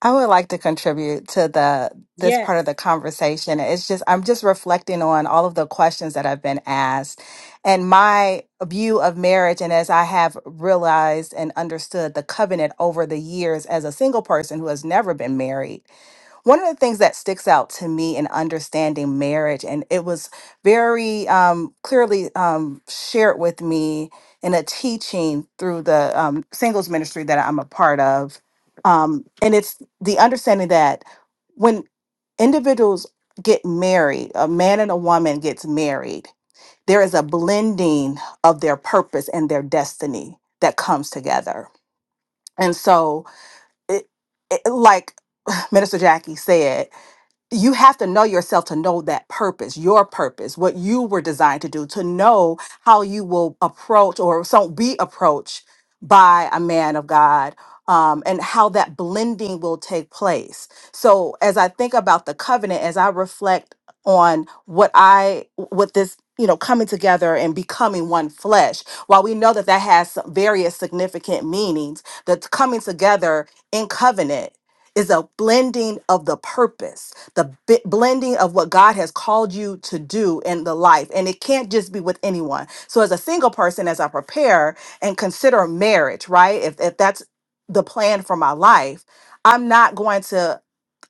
Speaker 4: I would like to contribute to the this part
Speaker 1: Yes.
Speaker 4: of the conversation. It's just I'm just reflecting on all of the questions that have been asked and my view of marriage and as I have realized and understood the covenant over the years as a single person who has never been married. one of the things that sticks out to me in understanding marriage, and it was very um, clearly um, shared with me in a teaching through the um, singles ministry that I'm a part of. Um, and it's the understanding that when individuals get married, a man and a woman gets married, there is a blending of their purpose and their destiny that comes together. And so, it, it, like Minister Jackie said, you have to know yourself to know that purpose, your purpose, what you were designed to do, to know how you will approach or so be approached by a man of God. Um, and how that blending will take place. So as I think about the covenant, as I reflect on what I, what this, you know, coming together and becoming one flesh, while we know that that has some various significant meanings, that coming together in covenant is a blending of the purpose the bi- blending of what God has called you to do in the life. And it can't just be with anyone. So, as a single person, as I prepare and consider marriage, right? If, if that's the plan for my life, I'm not going to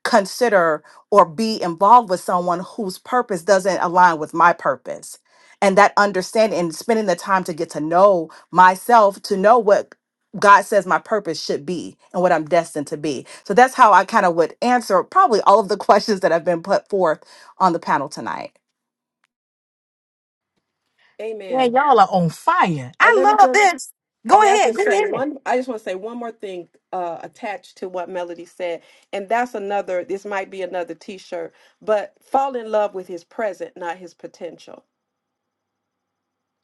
Speaker 4: consider or be involved with someone whose purpose doesn't align with my purpose. And that understanding and spending the time to get to know myself, to know what God says my purpose should be and what I'm destined to be. So that's how I kind of would answer probably all of the questions that have been put forth on the panel tonight.
Speaker 6: Man,
Speaker 5: Amen.
Speaker 6: y'all are on fire.
Speaker 5: And let
Speaker 6: I
Speaker 5: me
Speaker 6: love
Speaker 5: just
Speaker 6: this. Go
Speaker 5: May I
Speaker 6: ahead, go
Speaker 5: just say
Speaker 6: ahead.
Speaker 5: one? I just want to say one more thing uh, attached to what Melody said, and that's another. This might be another T-shirt, but fall in love with his present, not his potential.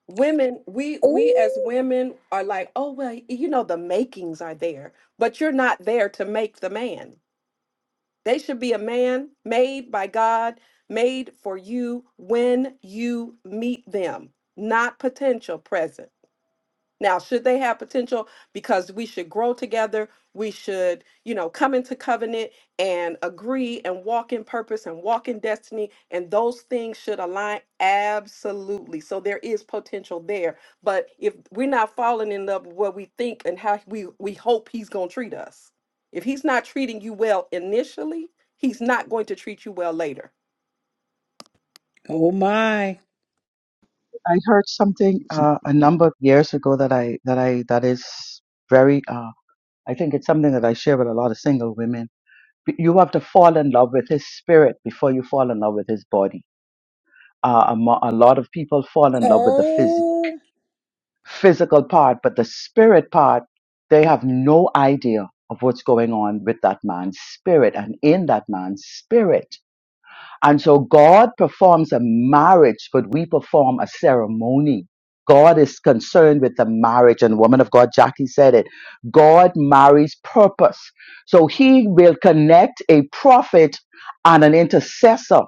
Speaker 5: Women, we we as
Speaker 1: Ooh.
Speaker 5: women are like, oh well, you know the makings are there, but you're not there to make the man. They should be a man made by God, made for you when you meet them, not potential present. Now, should they have potential? Because we should grow together. We should, you know, come into covenant and agree and walk in purpose and walk in destiny. And those things should align absolutely. So there is potential there. But if we're not falling in love with what we think and how we, we hope he's going to treat us, if he's not treating you well initially, he's not going to treat you well later.
Speaker 1: Oh my.
Speaker 3: I heard something
Speaker 2: She-
Speaker 3: uh, a number of years ago that I that I that is very uh, I think it's something that I share with a lot of single women. You have to fall in love with his spirit before you fall in love with his body. Uh, a, mo- a lot of people fall in love with the phys-
Speaker 1: Oh.
Speaker 3: physical part, but the spirit part, they have no idea of what's going on with that man's spirit and in that man's spirit and so God performs a marriage, but we perform a ceremony. God is concerned with the marriage, and woman of God, Jackie said it. God marries purpose. So he will connect a prophet and an intercessor.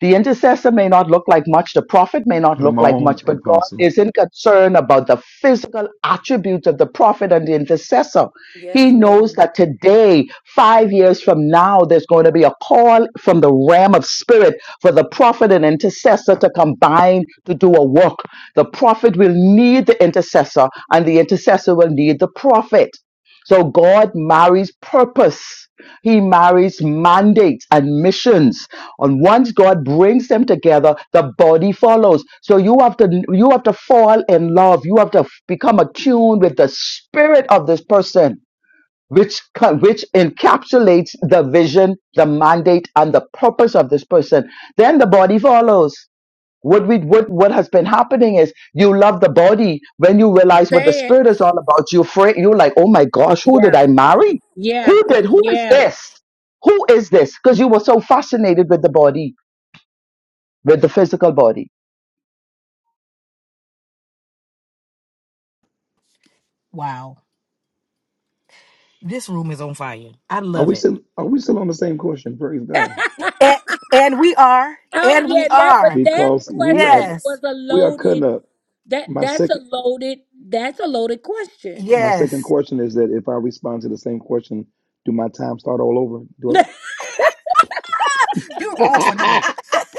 Speaker 3: The intercessor may not look like much, the prophet may not look
Speaker 2: Come
Speaker 3: like
Speaker 2: on,
Speaker 3: much, but God
Speaker 2: Apostle.
Speaker 3: isn't concerned about the physical attributes of the prophet and the intercessor. He
Speaker 5: Yes,
Speaker 3: knows
Speaker 5: ma'am.
Speaker 3: that today, five years from now, there's going to be a call from the ram of spirit for the prophet and intercessor to combine to do a work. The prophet will need the intercessor, and the intercessor will need the prophet. So God marries purpose. He marries mandates and missions. And once God brings them together, the body follows. So you have to you have to fall in love. You have to become attuned with the spirit of this person which co- which encapsulates the vision, the mandate, and the purpose of this person. Then the body follows. What we what what has been happening is you love the body when you realize what the
Speaker 1: Say it.
Speaker 3: spirit is all about. You afraid you're like, oh my gosh, who did
Speaker 1: Yeah.
Speaker 3: I marry?
Speaker 1: Yeah.
Speaker 3: Who did? Who is
Speaker 1: Yeah.
Speaker 3: this? Who is this? Because you were so fascinated with the body, with the physical body.
Speaker 6: Wow, this room is on fire. I
Speaker 2: Are
Speaker 6: love
Speaker 2: we
Speaker 6: it.
Speaker 2: still are we still on the same question? Praise God.
Speaker 6: And, and we are,
Speaker 1: Oh
Speaker 6: and we
Speaker 1: yeah, that but
Speaker 6: are.
Speaker 1: that
Speaker 2: Because we
Speaker 1: question
Speaker 2: are
Speaker 1: was
Speaker 6: Yes,
Speaker 1: a
Speaker 2: we are cutting
Speaker 1: loaded
Speaker 2: up.
Speaker 1: that
Speaker 2: My
Speaker 1: that's
Speaker 2: second
Speaker 1: a loaded that's a loaded question.
Speaker 2: My
Speaker 6: yes.
Speaker 2: second question is that if I respond to the same question, do my time start all over? Do
Speaker 1: this
Speaker 6: You're wrong for
Speaker 2: I...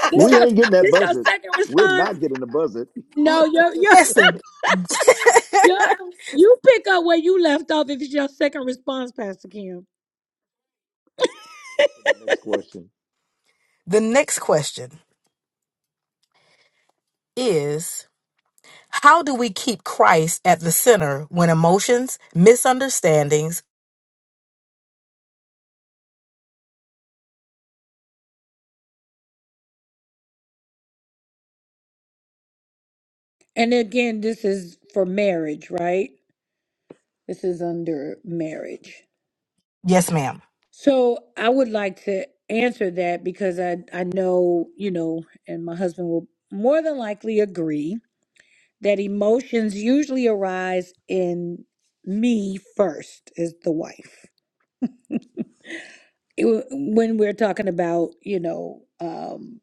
Speaker 2: we
Speaker 1: your
Speaker 2: ain't getting that
Speaker 1: this your
Speaker 2: buzzard.
Speaker 1: second
Speaker 2: We're
Speaker 1: response?
Speaker 2: not getting the buzzard.
Speaker 6: L-
Speaker 1: No, you you
Speaker 6: listen.
Speaker 1: you you pick up where you left off if it's your second response, Pastor Kim.
Speaker 2: Wait for the next question.
Speaker 6: The next question is how do we keep Christ at the center when emotions, misunderstandings,
Speaker 1: And again, this is for marriage, right? This is under marriage.
Speaker 6: yes, ma'am.
Speaker 1: So I would like to answer that because I I know you know, and my husband will more than likely agree that emotions usually arise in me first as the wife It- when we're talking about you know um,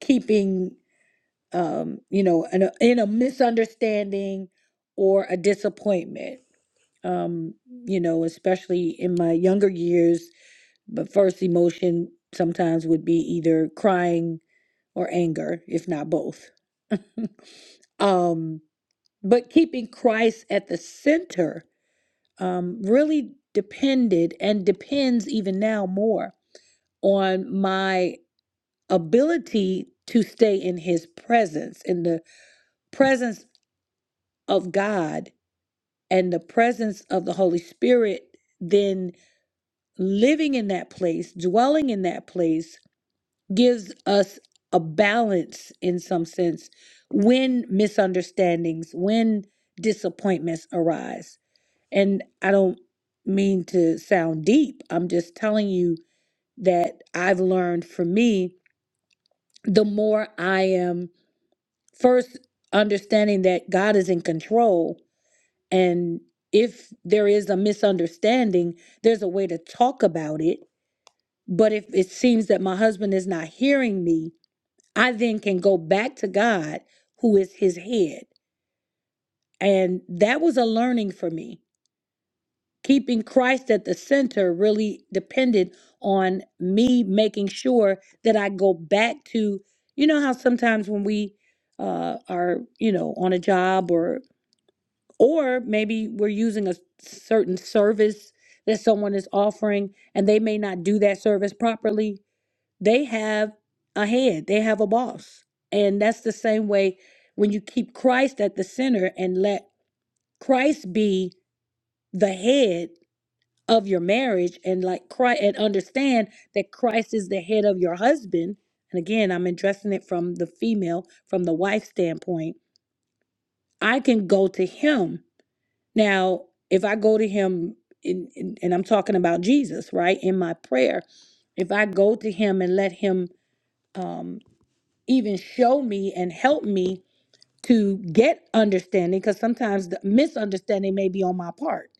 Speaker 1: keeping um, you know, in a, in a misunderstanding or a disappointment. Um, you know, especially in my younger years, the first emotion sometimes would be either crying or anger, if not both. um, but keeping Christ at the center um, really depended and depends even now more on my ability to stay in his presence, in the presence of God and the presence of the Holy Spirit, then living in that place, dwelling in that place, gives us a balance in some sense when misunderstandings, when disappointments arise. And I don't mean to sound deep, I'm just telling you that I've learned for me, the more I am first understanding that God is in control And if there is a misunderstanding, there's a way to talk about it. But if it seems that my husband is not hearing me, I then can go back to God, who is his head. And that was a learning for me. Keeping Christ at the center really depended on me making sure that I go back to, you know, how sometimes when we uh, are, you know, on a job or. or maybe we're using a certain service that someone is offering and they may not do that service properly they have a head they have a boss and that's the same way when you keep christ at the center and let christ be the head of your marriage and like christ and understand that christ is the head of your husband and again i'm addressing it from the female from the wife standpoint i can go to him Now, if I go to him, in, in, and I'm talking about Jesus, right, in my prayer, if I go to him and let him um, even show me and help me to get understanding, because sometimes the misunderstanding may be on my part.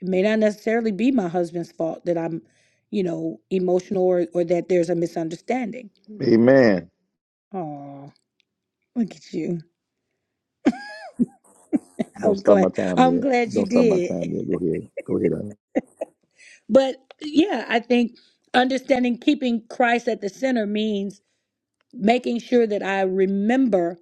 Speaker 1: It may not necessarily be my husband's fault that I'm, you know, emotional or, or that there's a misunderstanding.
Speaker 2: Amen.
Speaker 1: Oh, look at you.
Speaker 2: Don't
Speaker 1: I'm
Speaker 2: start my
Speaker 1: glad.
Speaker 2: time
Speaker 1: I'm
Speaker 2: yet.
Speaker 1: glad you
Speaker 2: Don't start my
Speaker 1: did.
Speaker 2: time yet. Go ahead. Go ahead. Ivy.
Speaker 1: But yeah, I think understanding keeping Christ at the center means making sure that I remember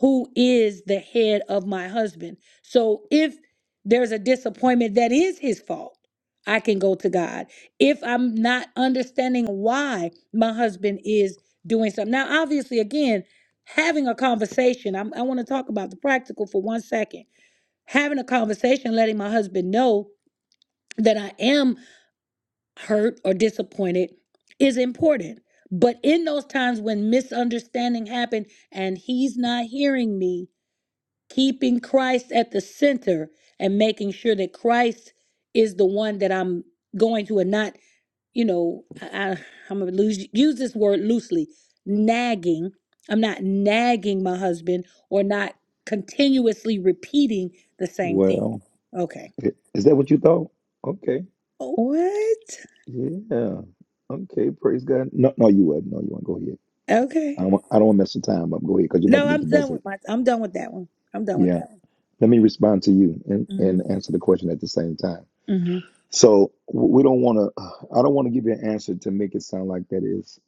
Speaker 1: who is the head of my husband. So if there's a disappointment that is his fault, I can go to God. If I'm not understanding why my husband is doing something. Now, obviously, again, having a conversation, I'm, I want to talk about the practical for one second. Having a conversation, letting my husband know that I am hurt, or disappointed is important. But in those times when misunderstanding happened and he's not hearing me, keeping Christ at the center and making sure that Christ is the one that I'm going to and not, you know, I, I- am going to lose, use this word loosely, nagging. I'm not nagging my husband or not continuously repeating the same thing.
Speaker 2: Well,
Speaker 1: Okay.
Speaker 2: is that what you thought? Okay.
Speaker 1: What?
Speaker 2: Yeah. Okay. Praise God. No, no, you would. not No, you would not Go ahead.
Speaker 1: Okay.
Speaker 2: I don't, I don't want to mess the time up. Go ahead, because you're about to
Speaker 1: No,
Speaker 2: get the
Speaker 1: I'm done
Speaker 2: buzzard.
Speaker 1: with my. I'm done with that one. I'm done with
Speaker 2: Yeah.
Speaker 1: that
Speaker 2: Let me respond to you and, and
Speaker 1: one.
Speaker 2: answer the question at the same time.
Speaker 1: hmm hmm
Speaker 2: So we don't want to. I don't want to give you an answer to make it sound like that is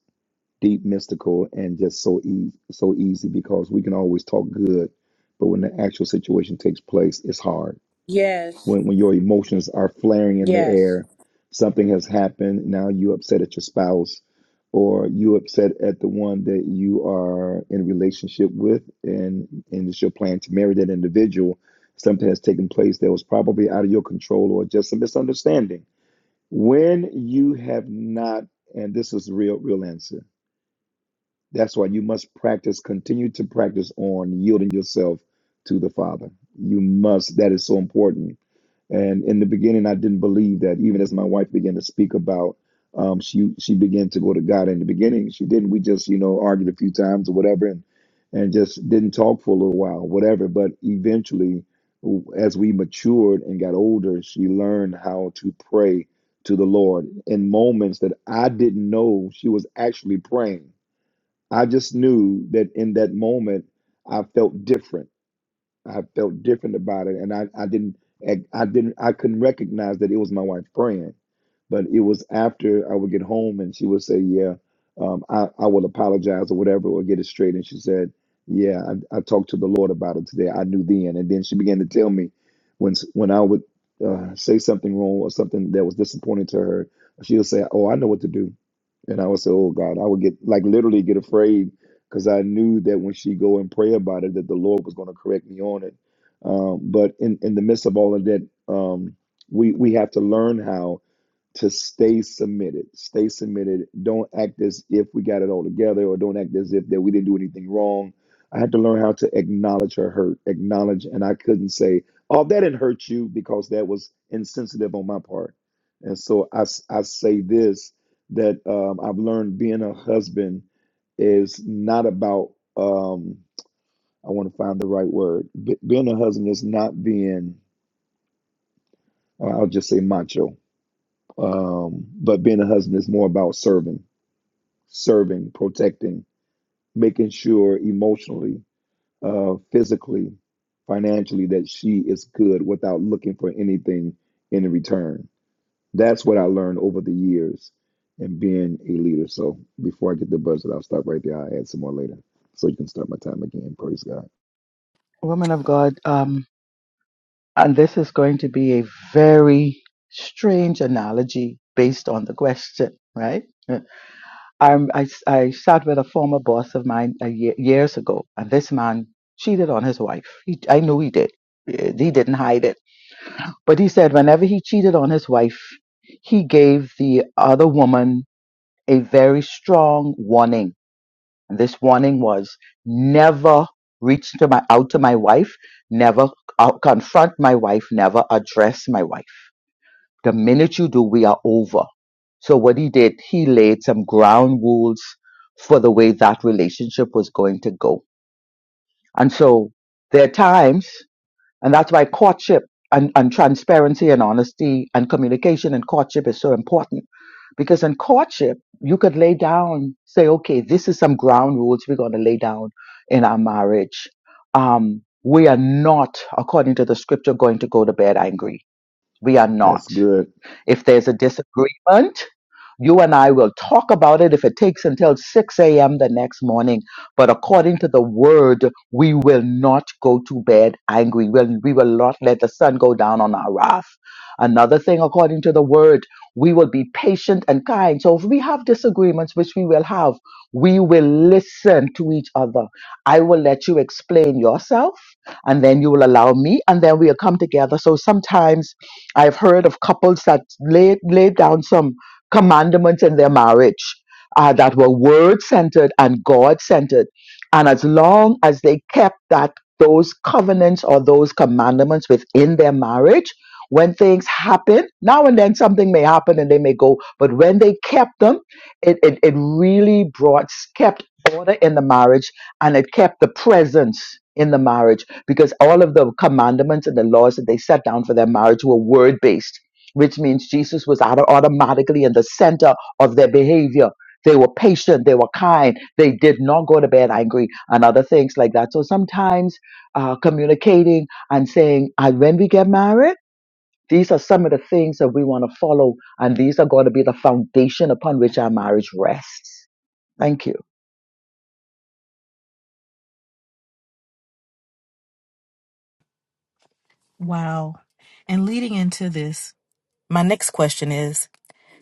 Speaker 2: deep, mystical, and just so easy, so easy because we can always talk good, but when the actual situation takes place, it's hard.
Speaker 1: Yes.
Speaker 2: When when your emotions are flaring in the
Speaker 1: Yes.
Speaker 2: air, something has happened. Now you upset at your spouse, or you upset at the one that you are in a relationship with, and and it's your plan to marry that individual. Something has taken place that was probably out of your control, or just a misunderstanding when you have not, and this is the real, real answer. That's why you must practice, continue to practice on yielding yourself to the Father. You must, that is so important. And in the beginning, I didn't believe that. Even as my wife began to speak about, um, she she began to go to God. In the beginning, she didn't. We just you know argued a few times or whatever, and and just didn't talk for a little while, whatever. But eventually, w- as we matured and got older, she learned how to pray to the Lord in moments that I didn't know she was actually praying. I just knew that in that moment, I felt different. I felt different about it, and I, I didn't I, I didn't I couldn't recognize that it was my wife praying. But it was after I would get home and she would say, Yeah, um, I, I will apologize or whatever, or get it straight. And she said, Yeah, I, I talked to the Lord about it today. I knew then. And then she began to tell me when when I would uh, say something wrong or something that was disappointing to her, she'll say, Oh, I know what to do. And I would say, "Oh God," I would get like literally get afraid because I knew that when she go and pray about it, that the Lord was going to correct me on it. Um, but in in the midst of all of that, um, we we have to learn how to stay submitted. Stay submitted. Don't act as if we got it all together or don't act as if that we didn't do anything wrong. I had to learn how to acknowledge her hurt, acknowledge, and I couldn't say, oh, that didn't hurt you because that was insensitive on my part. And so I, s- I say this that um, I've learned being a husband is not about, um, I want to find the right word. Be being a husband is not being, uh, I'll just say macho um, but being a husband is more about serving, serving, protecting, making sure emotionally, uh, physically, financially that she is good without looking for anything in return. That's what I learned over the years and being a leader. So before I get the buzzed, I'll stop right there. I'll add some more later so you can start my time again. Praise God.
Speaker 3: Woman of God, um, and this is going to be a very strange analogy based on the question, right? I'm, I, s- I sat with a former boss of mine a year, years ago, and this man cheated on his wife. He, I knew he did. Eh, He didn't hide it. But he said whenever he cheated on his wife, he gave the other woman a very strong warning. And this warning was never reach to my, out to my wife, never uh, confront my wife, never address my wife. The minute you do, we are over. So what he did, he laid some ground rules for the way that relationship was going to go. And so there are times, and that's why courtship and, and transparency and honesty and communication and courtship is so important. Because in courtship, you could lay down, say, okay, this is some ground rules we're going to lay down in our marriage. Um, we are not, according to the scripture, going to go to bed angry. We are not.
Speaker 2: That's good.
Speaker 3: If there's a disagreement, you and I will talk about it if it takes until 6 a.m. the next morning. But according to the word, we will not go to bed angry. We'll, we will not let the sun go down on our wrath. Another thing, according to the word, we will be patient and kind. So if we have disagreements, which we will have, we will listen to each other. I will let you explain yourself, and then you will allow me, and then we'll come together. So sometimes I've heard of couples that laid, laid down some commandments in their marriage uh, that were word centered and God centered. And as long as they kept that those covenants or those commandments within their marriage, when things happen, now and then something may happen and they may go, but when they kept them, it, it, it really brought kept order in the marriage and it kept the presence in the marriage because all of the commandments and the laws that they set down for their marriage were word based, which means Jesus was auto- automatically in the center of their behavior. They were patient, they were kind, they did not go to bed angry, and other things like that. So sometimes uh, communicating and saying, and when we get married, these are some of the things that we want to follow, and these are going to be the foundation upon which our marriage rests. Thank you.
Speaker 6: Wow. And leading into this, my next question is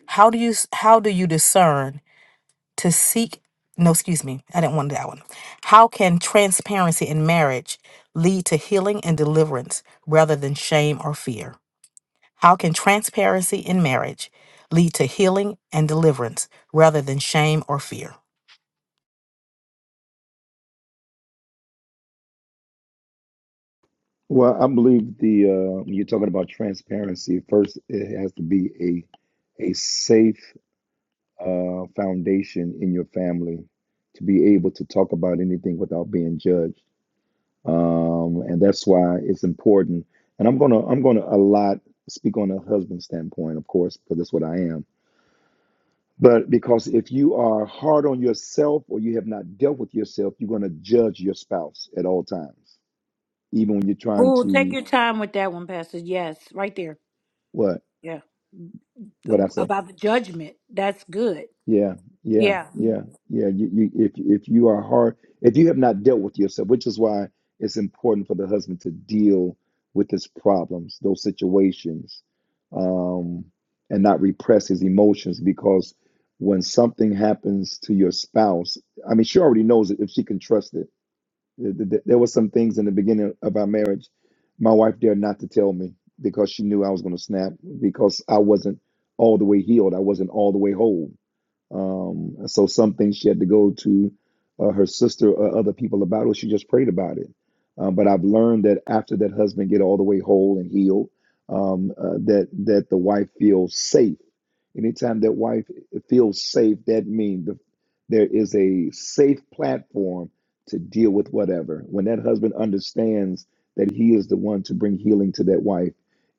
Speaker 6: how do you how do you discern to seek no, excuse me. I didn't want that one. How can transparency in marriage lead to healing and deliverance rather than shame or fear? How can transparency in marriage lead to healing and deliverance rather than shame or fear?
Speaker 2: Well, I believe the uh, when you're talking about transparency. First, it has to be a a safe uh, foundation in your family to be able to talk about anything without being judged. Um, and that's why it's important. And I'm gonna I'm gonna a lot speak on a husband standpoint, of course, because that's what I am. But because if you are hard on yourself or you have not dealt with yourself, you're gonna judge your spouse at all times, even when you're trying
Speaker 1: Oh, take
Speaker 2: to
Speaker 1: your time with that one, Pastor. Yes, right there.
Speaker 2: what
Speaker 1: Yeah.
Speaker 2: what I say
Speaker 1: About the judgment. That's good.
Speaker 2: Yeah, yeah,
Speaker 1: Yeah.
Speaker 2: yeah, yeah. You, you, if if you are hard, if you have not dealt with yourself, which is why it's important for the husband to deal with his problems, those situations, um, and not repress his emotions. Because when something happens to your spouse, I mean, she already knows it if she can trust it. Th- th- th- There were some things in the beginning of our marriage, my wife dared not to tell me because she knew I was going to snap because I wasn't all the way healed. I wasn't all the way whole um, and so some things she had to go to uh, her sister or other people about it. She just prayed about it. Um, but I've learned that after that husband get all the way whole and healed, um, uh, that that the wife feels safe. Anytime that wife feels safe, that means the, there is a safe platform to deal with whatever. When that husband understands that he is the one to bring healing to that wife,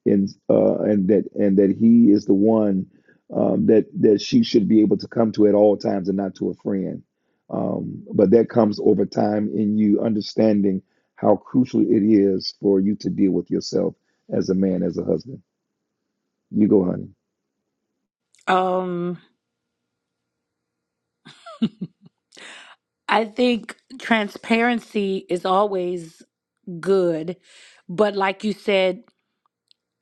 Speaker 2: and uh, and that and that he is the one um, that that she should be able to come to at all times and not to a friend. Um, but that comes over time in you understanding how crucial it is for you to deal with yourself as a man, as a husband. You go, honey,
Speaker 1: Um I think transparency is always good, but like you said,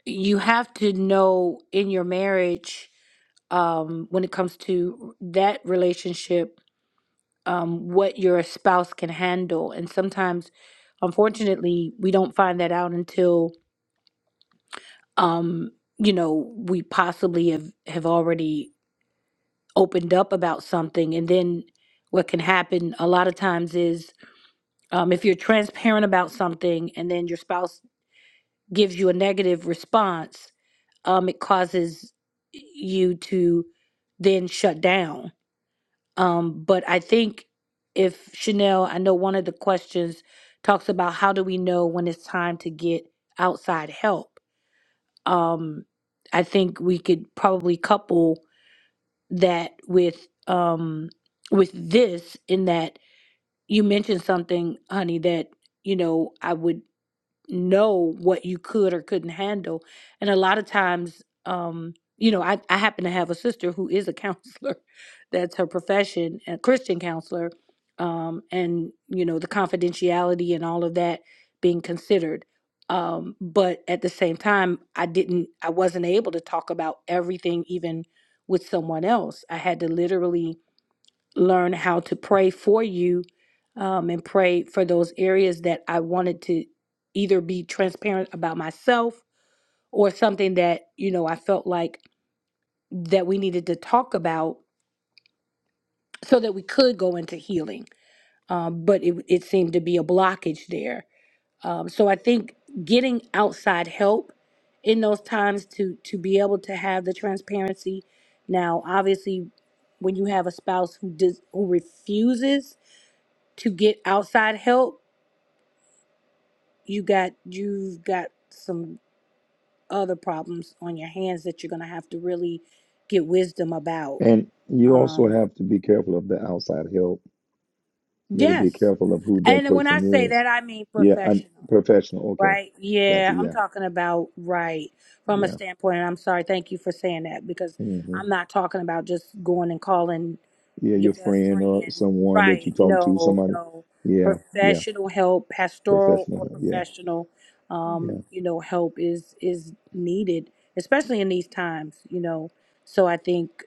Speaker 1: you have to know in your marriage um when it comes to that relationship um, what your spouse can handle. And sometimes, unfortunately, we don't find that out until, um, you know, we possibly have, have already opened up about something. And then what can happen a lot of times is um, if you're transparent about something and then your spouse gives you a negative response, um, it causes you to then shut down Um, but I think if Chanel, I know one of the questions talks about how do we know when it's time to get outside help. Um, I think we could probably couple that with um, with this in that you mentioned something, honey, that you know I would know what you could or couldn't handle. And a lot of times, um, you know, I, I happen to have a sister who is a counselor. That's her profession, a Christian counselor. Um, and, you know, the confidentiality and all of that being considered. Um, but at the same time, I didn't, I wasn't able to talk about everything even with someone else. I had to literally learn how to pray for you um, and pray for those areas that I wanted to either be transparent about myself or something that, you know, I felt like that we needed to talk about so that we could go into healing. Um, but it, it seemed to be a blockage there. Um, so I think getting outside help in those times to to be able to have the transparency. Now, obviously, when you have a spouse who does who refuses to get outside help, you got you've got some other problems on your hands that you're gonna have to really get wisdom about.
Speaker 2: and you also
Speaker 1: Um,
Speaker 2: have to be careful of the outside help. You got to be
Speaker 1: yes,
Speaker 2: careful of who that
Speaker 1: and when I
Speaker 2: person
Speaker 1: say
Speaker 2: is.
Speaker 1: that, I mean
Speaker 2: Yeah, I,
Speaker 1: professional.
Speaker 2: professional. Okay,
Speaker 1: Right.
Speaker 2: gotcha.
Speaker 1: Yeah, I'm
Speaker 2: Yeah,
Speaker 1: talking about right from a
Speaker 2: yeah,
Speaker 1: standpoint, and I'm sorry, thank you for saying that because
Speaker 2: hmm
Speaker 1: I'm not talking about just going and calling
Speaker 2: yeah. Your
Speaker 1: your best
Speaker 2: friend or
Speaker 1: friend.
Speaker 2: someone that you
Speaker 1: Right.
Speaker 2: talk to,
Speaker 1: No,
Speaker 2: somebody.
Speaker 1: no.
Speaker 2: Yeah, yeah.
Speaker 1: Professional help, pastoral
Speaker 2: Professional
Speaker 1: or
Speaker 2: help. Yeah,
Speaker 1: professional,
Speaker 2: yeah.
Speaker 1: um, you know, help is is needed, especially in these times, you know. So I think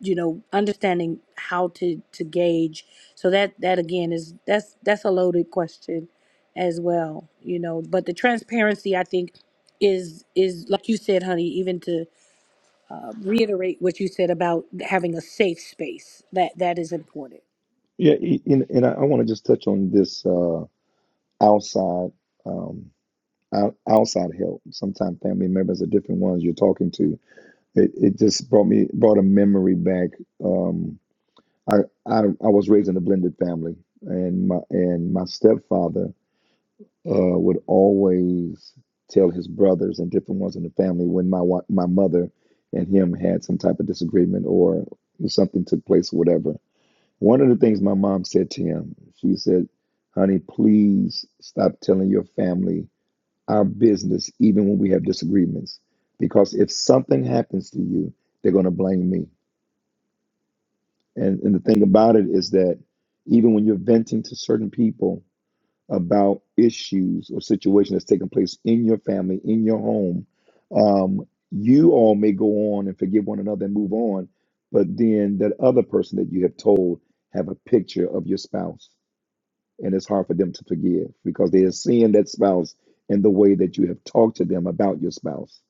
Speaker 1: you know understanding how to to gauge so that that again is that's that's a loaded question as well you know but the transparency i think is is like you said honey even to uh, reiterate what you said about having a safe space that that is important
Speaker 2: Yeah, y- and, and I, I want to just touch on this uh, outside um, out, outside help. Sometimes family members are different ones you're talking to. It, it just brought me brought a memory back. Um, I, I I was raised in a blended family, and my and my stepfather uh, would always tell his brothers and different ones in the family when my wa- my mother and him had some type of disagreement or something took place or whatever one of the things my mom said to him, she said, Honey, please stop telling your family our business, even when we have disagreements. Because if something happens to you, they're going to blame me. And, and the thing about it is that even when you're venting to certain people about issues or situation that's taking place in your family, in your home, um, you all may go on and forgive one another and move on. But then that other person that you have told have a picture of your spouse and it's hard for them to forgive because they are seeing that spouse in the way that you have talked to them about your spouse.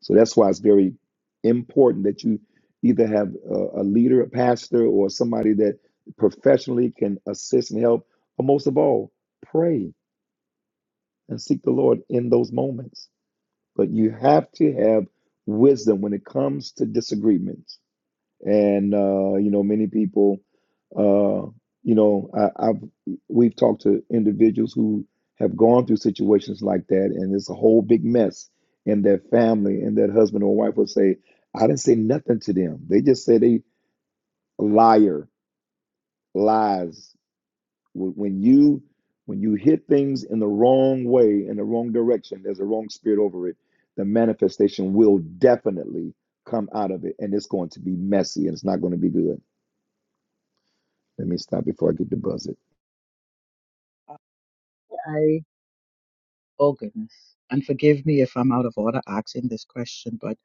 Speaker 2: So that's why it's very important that you either have a, a leader, a pastor, or somebody that professionally can assist and help. But most of all, pray and seek the Lord in those moments. But you have to have wisdom when it comes to disagreements and uh, you know many people uh, you know I, I've we've talked to individuals who have gone through situations like that and it's a whole big mess in their family and that husband or wife will say I didn't say nothing to them they just said they liar lies Wh- when you when you hit things in the wrong way in the wrong direction there's a wrong spirit over it the manifestation will definitely come out of it and it's going to be messy and it's not going to be good Let me stop before I get the buzzard.
Speaker 3: Oh goodness. And forgive me if I'm out of order asking this question, but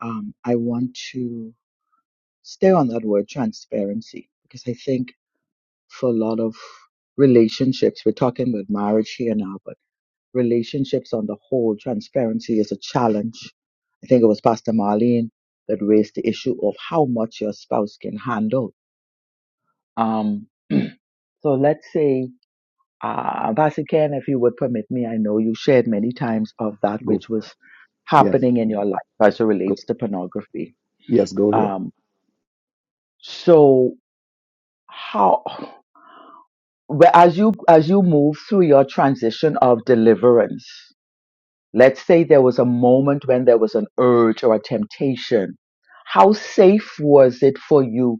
Speaker 3: um, I want to stay on that word transparency because I think for a lot of relationships, we're talking about marriage here now, but relationships on the whole, transparency is a challenge. I think it was Pastor Marlene that raised the issue of how much your spouse can handle. Um, so let's say Uh, Pastor if you would permit me, I know you shared many times of that
Speaker 2: Go. For
Speaker 3: which was
Speaker 2: Yes.
Speaker 3: happening in your life as it
Speaker 2: Go.
Speaker 3: relates to pornography.
Speaker 2: Yes. Go ahead.
Speaker 3: Um, so how, well, as you as you move through your transition of deliverance, let's say there was a moment when there was an urge or a temptation. How safe was it for you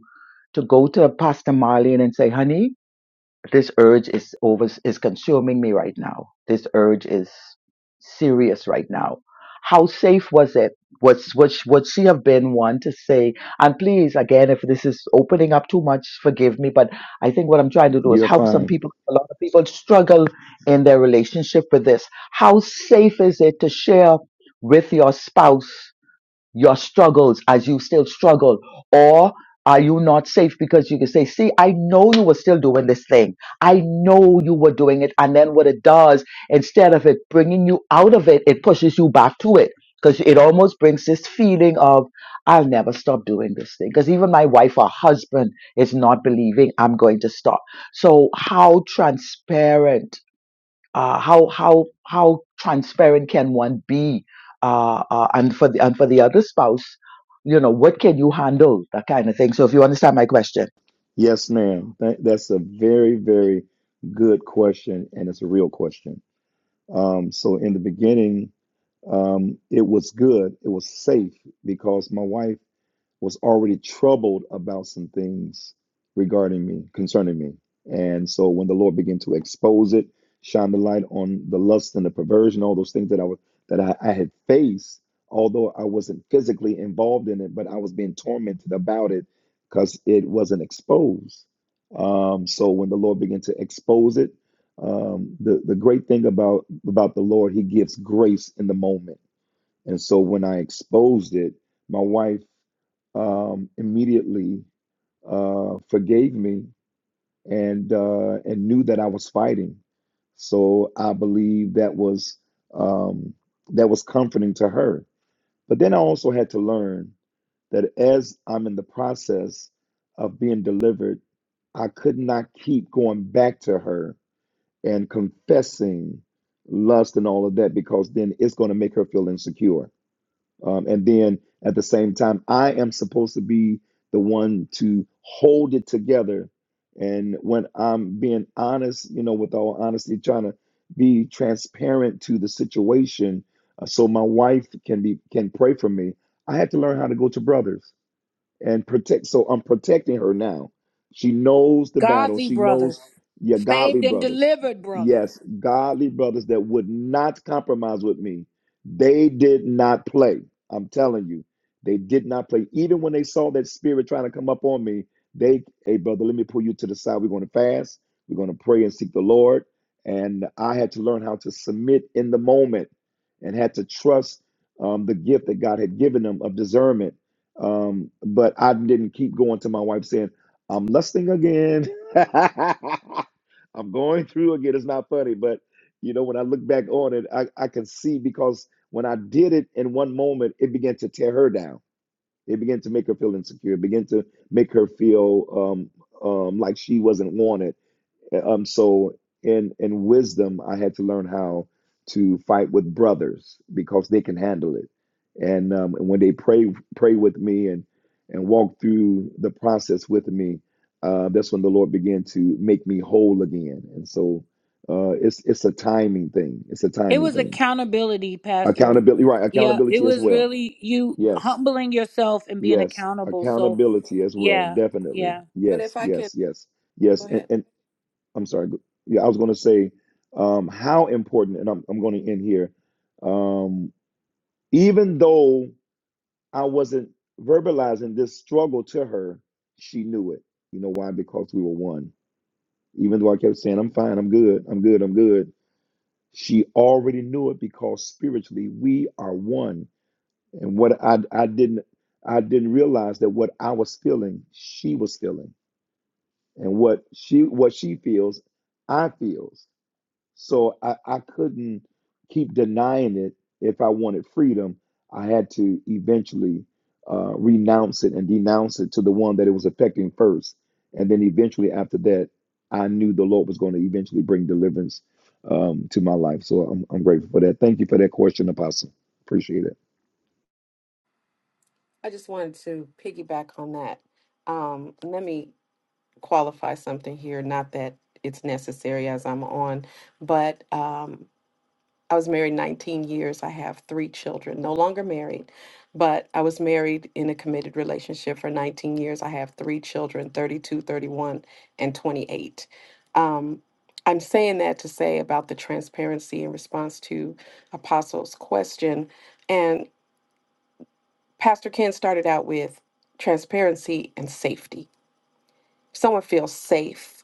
Speaker 3: to go to Pastor Marlene and say, "Honey"? This urge is over is consuming me right now. This urge is serious right now. How safe was it? Was would, sh- would she have been one to say, and please again, if this is opening up too much, forgive me, but I think what I'm trying to do is
Speaker 2: You're
Speaker 3: help some
Speaker 2: fine.
Speaker 3: people. A lot of people struggle in their relationship with this. How safe is it to share with your spouse your struggles as you still struggle or are you not safe because you can say see i know you were still doing this thing i know you were doing it and then what it does instead of it bringing you out of it it pushes you back to it because it almost brings this feeling of i'll never stop doing this thing because even my wife or husband is not believing i'm going to stop so how transparent uh, how how how transparent can one be uh, uh, and for the and for the other spouse you know what can you handle that kind of thing so if you understand my question
Speaker 2: Yes, ma'am. That, that's a very, very good question, and it's a real question. Um, so in the beginning, um, it was good. It was safe because my wife. was already troubled about some things regarding me, concerning me. And so when the Lord began to expose it, shine the light on the lust and the perversion, all those things that I was that I, I had faced, although I wasn't physically involved in it, but I was being tormented about it because it wasn't exposed. Um, so when the Lord began to expose it, um, the the great thing about about the Lord, He gives grace in the moment and so when I exposed it, my wife um, immediately uh, forgave me and uh, and knew that I was fighting. So I believe that was um, that was comforting to her. But then I also had to learn that as I'm in the process of being delivered, I could not keep going back to her and confessing lust and all of that because then it's going to make her feel insecure um, and then at the same time, I am supposed to be the one to hold it together. And when I'm being honest, you know, with all honesty, trying to be transparent to the situation, uh, so my wife can be can pray for me. I had to learn how to go to brothers and protect. So I'm protecting her now. She knows the battle.
Speaker 1: godly
Speaker 2: She
Speaker 1: brothers
Speaker 2: knows your godly
Speaker 1: saved and
Speaker 2: brothers.
Speaker 1: delivered brothers
Speaker 2: Yes, godly brothers that would not compromise with me. They did not play. I'm telling you, they did not play. Even when they saw that spirit trying to come up on me, they, hey, brother, let me pull you to the side. We're going to fast. We're going to pray and seek the Lord. And I had to learn how to submit in the moment and had to trust um, the gift that God had given them of discernment um, but I didn't keep going to my wife saying, I'm lusting again. I'm going through again. It's not funny, but you know, when I look back on it, I, I can see because when I did it in one moment, it began to tear her down. It began to make her feel insecure. It began to make her feel um, um, like she wasn't wanted um, so in in wisdom, I had to learn how to fight with brothers because they can handle it. And um, and when they pray pray with me and and walk through the process with me, uh, that's when the Lord began to make me whole again. And so uh, it's it's a timing thing. It's a
Speaker 1: it
Speaker 2: timing
Speaker 1: was
Speaker 2: thing.
Speaker 1: accountability pastor
Speaker 2: Accountability, right?
Speaker 1: yeah it
Speaker 2: Accountability as
Speaker 1: was
Speaker 2: well.
Speaker 1: really you
Speaker 2: Yes,
Speaker 1: humbling yourself and being
Speaker 2: yes.
Speaker 1: accountable so
Speaker 2: Accountability as well.
Speaker 1: yeah
Speaker 2: Definitely.
Speaker 1: yeah
Speaker 5: But
Speaker 2: Yes,
Speaker 5: if I can
Speaker 2: yes, yes, yes.
Speaker 5: go
Speaker 2: And
Speaker 5: ahead,
Speaker 2: and. I'm sorry. go- Yeah, I was going to say um, how important, and I'm, I'm going to end here. Um, even though I wasn't verbalizing this struggle to her, she knew it. You know why? Because we were one. Even though I kept saying, I'm fine, I'm good, I'm good, I'm good, she already knew it because spiritually we are one. And what I, I didn't I didn't realize that what I was feeling, she was feeling. And what she what she feels, I feels. So I, I couldn't keep denying it if I wanted freedom. I had to eventually uh, renounce it and denounce it to the one that it was affecting first. And then eventually, after that, I knew the Lord was going to eventually bring deliverance um, to my life. So I'm, I'm grateful for that. Thank you for that question, Apostle. Appreciate it.
Speaker 5: I just wanted to piggyback on that. Um, let me qualify something here, not that it's necessary as I'm on, but um, I was married 19 years. I have three children, no longer married, but I was married in a committed relationship for 19 years. I have three children 32, 31, and 28. Um, I'm saying that to say about the transparency in response to Apostle's question. And Pastor Ken started out with transparency and safety if someone feels safe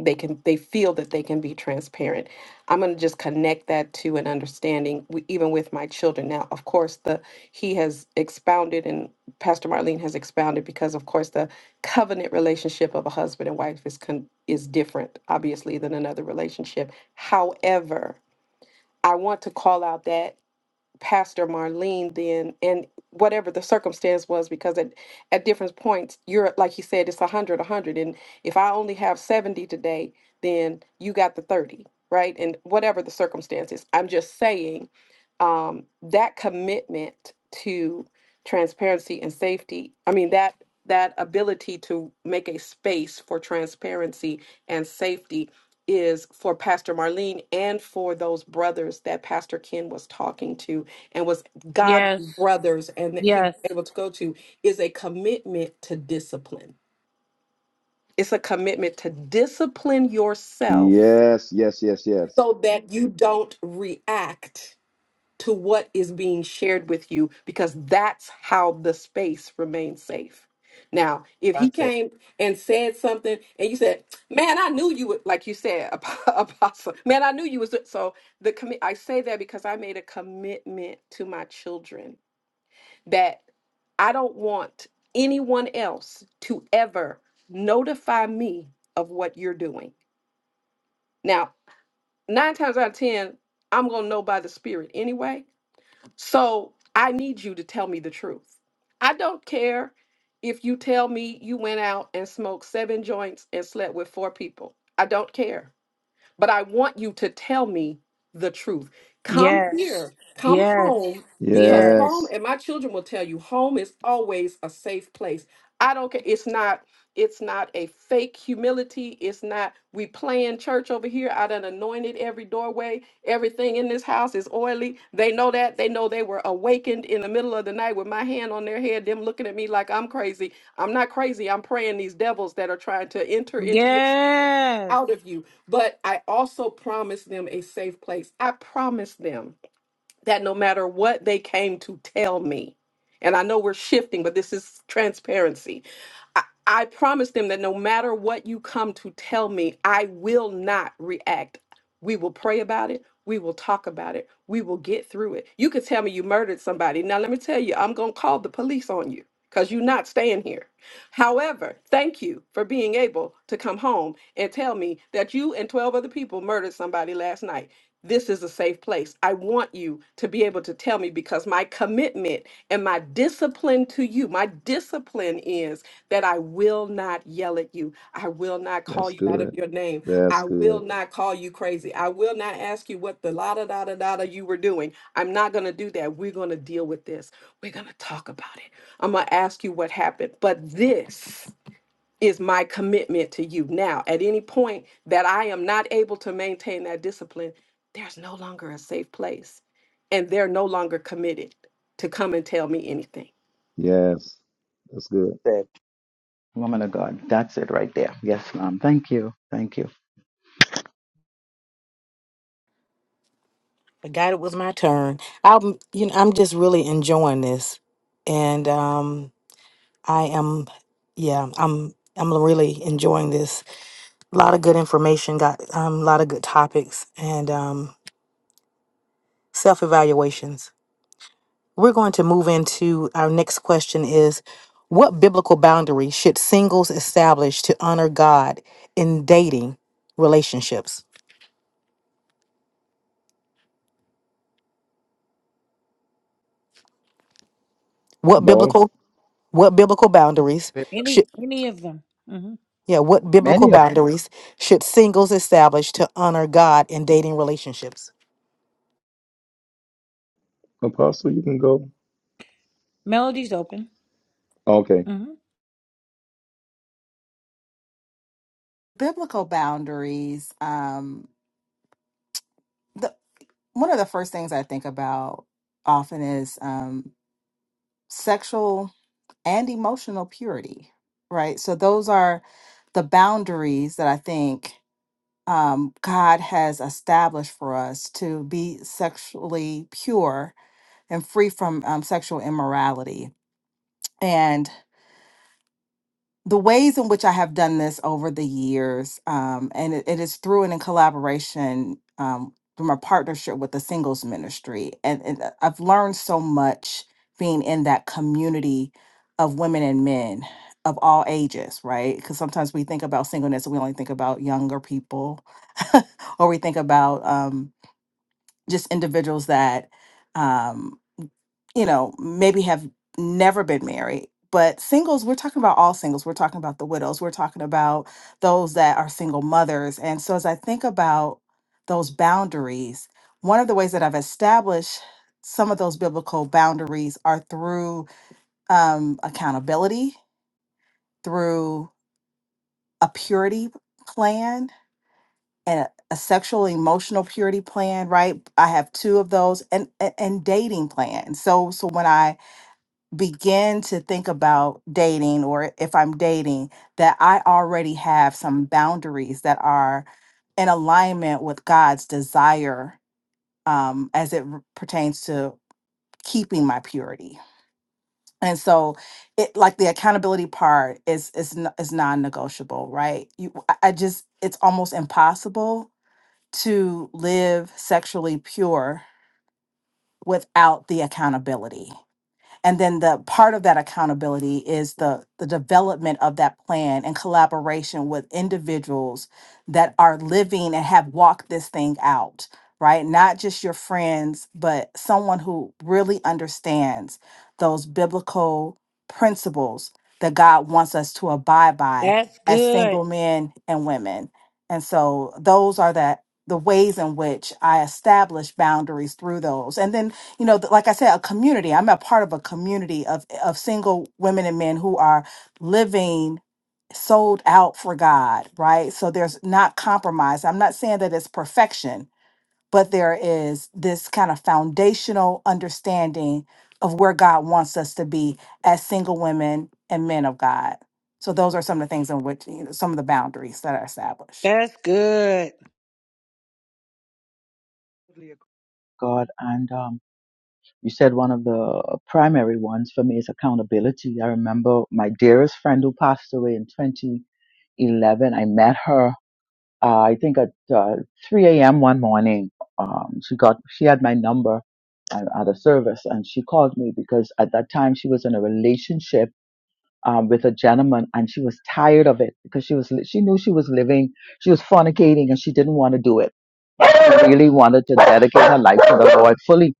Speaker 5: they can they feel that they can be transparent i'm going to just connect that to an understanding w- even with my children now of course the he has expounded and pastor marlene has expounded because of course the covenant relationship of a husband and wife is con- is different obviously than another relationship however i want to call out that Pastor Marlene then, and whatever the circumstance was, because at, at different points, you're like you said, it's 100, a 100. And if I only have 70 today, then you got the 30, right? And whatever the circumstances, I'm just saying um, that commitment to transparency and safety, I mean, that that ability to make a space for transparency and safety is for Pastor Marlene and for those brothers that Pastor Ken was talking to and was God
Speaker 1: Yes.
Speaker 5: brothers and that he was
Speaker 1: Yes.
Speaker 5: able to go to is a commitment to discipline. It's a commitment to discipline yourself
Speaker 2: Yes, yes, yes, yes.
Speaker 5: so that you don't react to what is being shared with you because that's how the space remains safe. Now, if he
Speaker 3: That's it.
Speaker 5: came and said something and you said, "Man, I knew you would," like you said, Apostle, "Man, I knew you was," so the commi- I say that because I made a commitment to my children that I don't want anyone else to ever notify me of what you're doing. Now, nine times out of ten, I'm gonna know by the Spirit anyway so I need you to tell me the truth. I don't care if you tell me you went out and smoked seven joints and slept with four people. I don't care but I want you to tell me the truth. Come
Speaker 1: Yes.
Speaker 5: here, come
Speaker 1: Yes.
Speaker 5: home, because
Speaker 1: Yes.
Speaker 5: home,
Speaker 2: Yes,
Speaker 5: and my children will tell you, home is always a safe place. I don't care. It's not. It's not a fake humility. It's not we playing church over here. I done anointed every doorway. Everything in this house is oily. They know that. They know they were awakened in the middle of the night with my hand on their head, them looking at me like I'm crazy. I'm not crazy. I'm praying these devils that are trying to enter into your
Speaker 1: Yes.
Speaker 5: out of you. But I also promised them a safe place. I promised them that no matter what they came to tell me, and I know we're shifting, but this is transparency. I, I promised them that no matter what you come to tell me, I will not react. We will pray about it. We will talk about it. We will get through it. You could tell me you murdered somebody. Now, let me tell you, I'm going to call the police on you because you're not staying here. However, thank you for being able to come home and tell me that you and 12 other people murdered somebody last night this is a safe place. I want you to be able to tell me because my commitment and my discipline to you, my discipline is that I will not yell at you. I will not call
Speaker 2: that's
Speaker 5: you out of
Speaker 2: good.
Speaker 5: your name.
Speaker 2: That's
Speaker 5: I
Speaker 2: good.
Speaker 5: will not call you crazy. I will not ask you what the la da da da da da you were doing. I'm not going to do that. We're going to deal with this. We're going to talk about it. I'm going to ask you what happened. But this is my commitment to you. Now, at any point that I am not able to maintain that discipline, there's no longer a safe place. And they're no longer committed to come and tell me anything.
Speaker 2: Yes, that's good.
Speaker 3: That's it. woman of god that's it right there yes ma'am thank you thank you
Speaker 6: Forgot it was my turn. I'm, you know, I'm just really enjoying this, and um, I am, yeah, I'm, I'm really enjoying this. A lot of good information, got um, a lot of good topics, and um, self evaluations. We're going to move into our next question is what biblical boundary should singles establish to honor God in dating relationships? What
Speaker 2: Boss,
Speaker 6: biblical what biblical boundaries should
Speaker 1: Any any of them. hmm
Speaker 6: yeah, what biblical
Speaker 3: many of
Speaker 6: boundaries should singles establish to honor God in dating relationships?
Speaker 2: Apostle, you can go.
Speaker 1: Melody's open.
Speaker 2: Okay,
Speaker 1: hmm
Speaker 4: biblical boundaries um the one of the first things i think about often is um sexual and emotional purity, right? So those are the boundaries that I think um, God has established for us to be sexually pure and free from um, sexual immorality. And the ways in which I have done this over the years, um, and it, it is through and in collaboration um, through my partnership with the singles ministry. And, and I- I've learned so much being in that community of women and men of all ages, right? Because sometimes we think about singleness and we only think about younger people, or we think about um, just individuals that. Um, you know, maybe have never been married. But singles, we're talking about all singles. We're talking about the widows. We're talking about those that are single mothers. And so as I think about those boundaries, one of the ways that I've established some of those biblical boundaries are through um, accountability, through a purity plan and a a sexual emotional purity plan, right? I have two of those and and and dating plan. So so when I begin to think about dating or if I'm dating, that I already have some boundaries that are in alignment with God's desire um, as it r- pertains to keeping my purity. And so it like the accountability part is is n- is non-negotiable, right? You I I just it's almost impossible to live sexually pure without the accountability. and then the part of that accountability is the the development of that plan and collaboration with individuals that are living and have walked this thing out right not just your friends but someone who really understands those biblical principles that god wants us to abide by
Speaker 1: That's
Speaker 4: as
Speaker 1: good.
Speaker 4: single men and women and so those are that the ways in which i establish boundaries through those and then you know, th- like I said, a community. I'm a part of a community of of single women and men who are living sold out for God, right? So there's not compromise. I'm not saying that it's perfection, but there is this kind of foundational understanding of where God wants us to be as single women and men of God. So those are some of the things in which you know, some of the boundaries that are established.
Speaker 1: That's good.
Speaker 3: god and um you said one of the primary ones for me is accountability i remember my dearest friend who passed away in 2011 i met her Uh, I think at uh, 3 a.m. one morning, um, she got she had my number at, at a service, and she called me because at that time she was in a relationship um, with a gentleman, and she was tired of it because she was li- she knew she was living she was fornicating, and she didn't want to do it. She really wanted to dedicate her life to the Lord fully.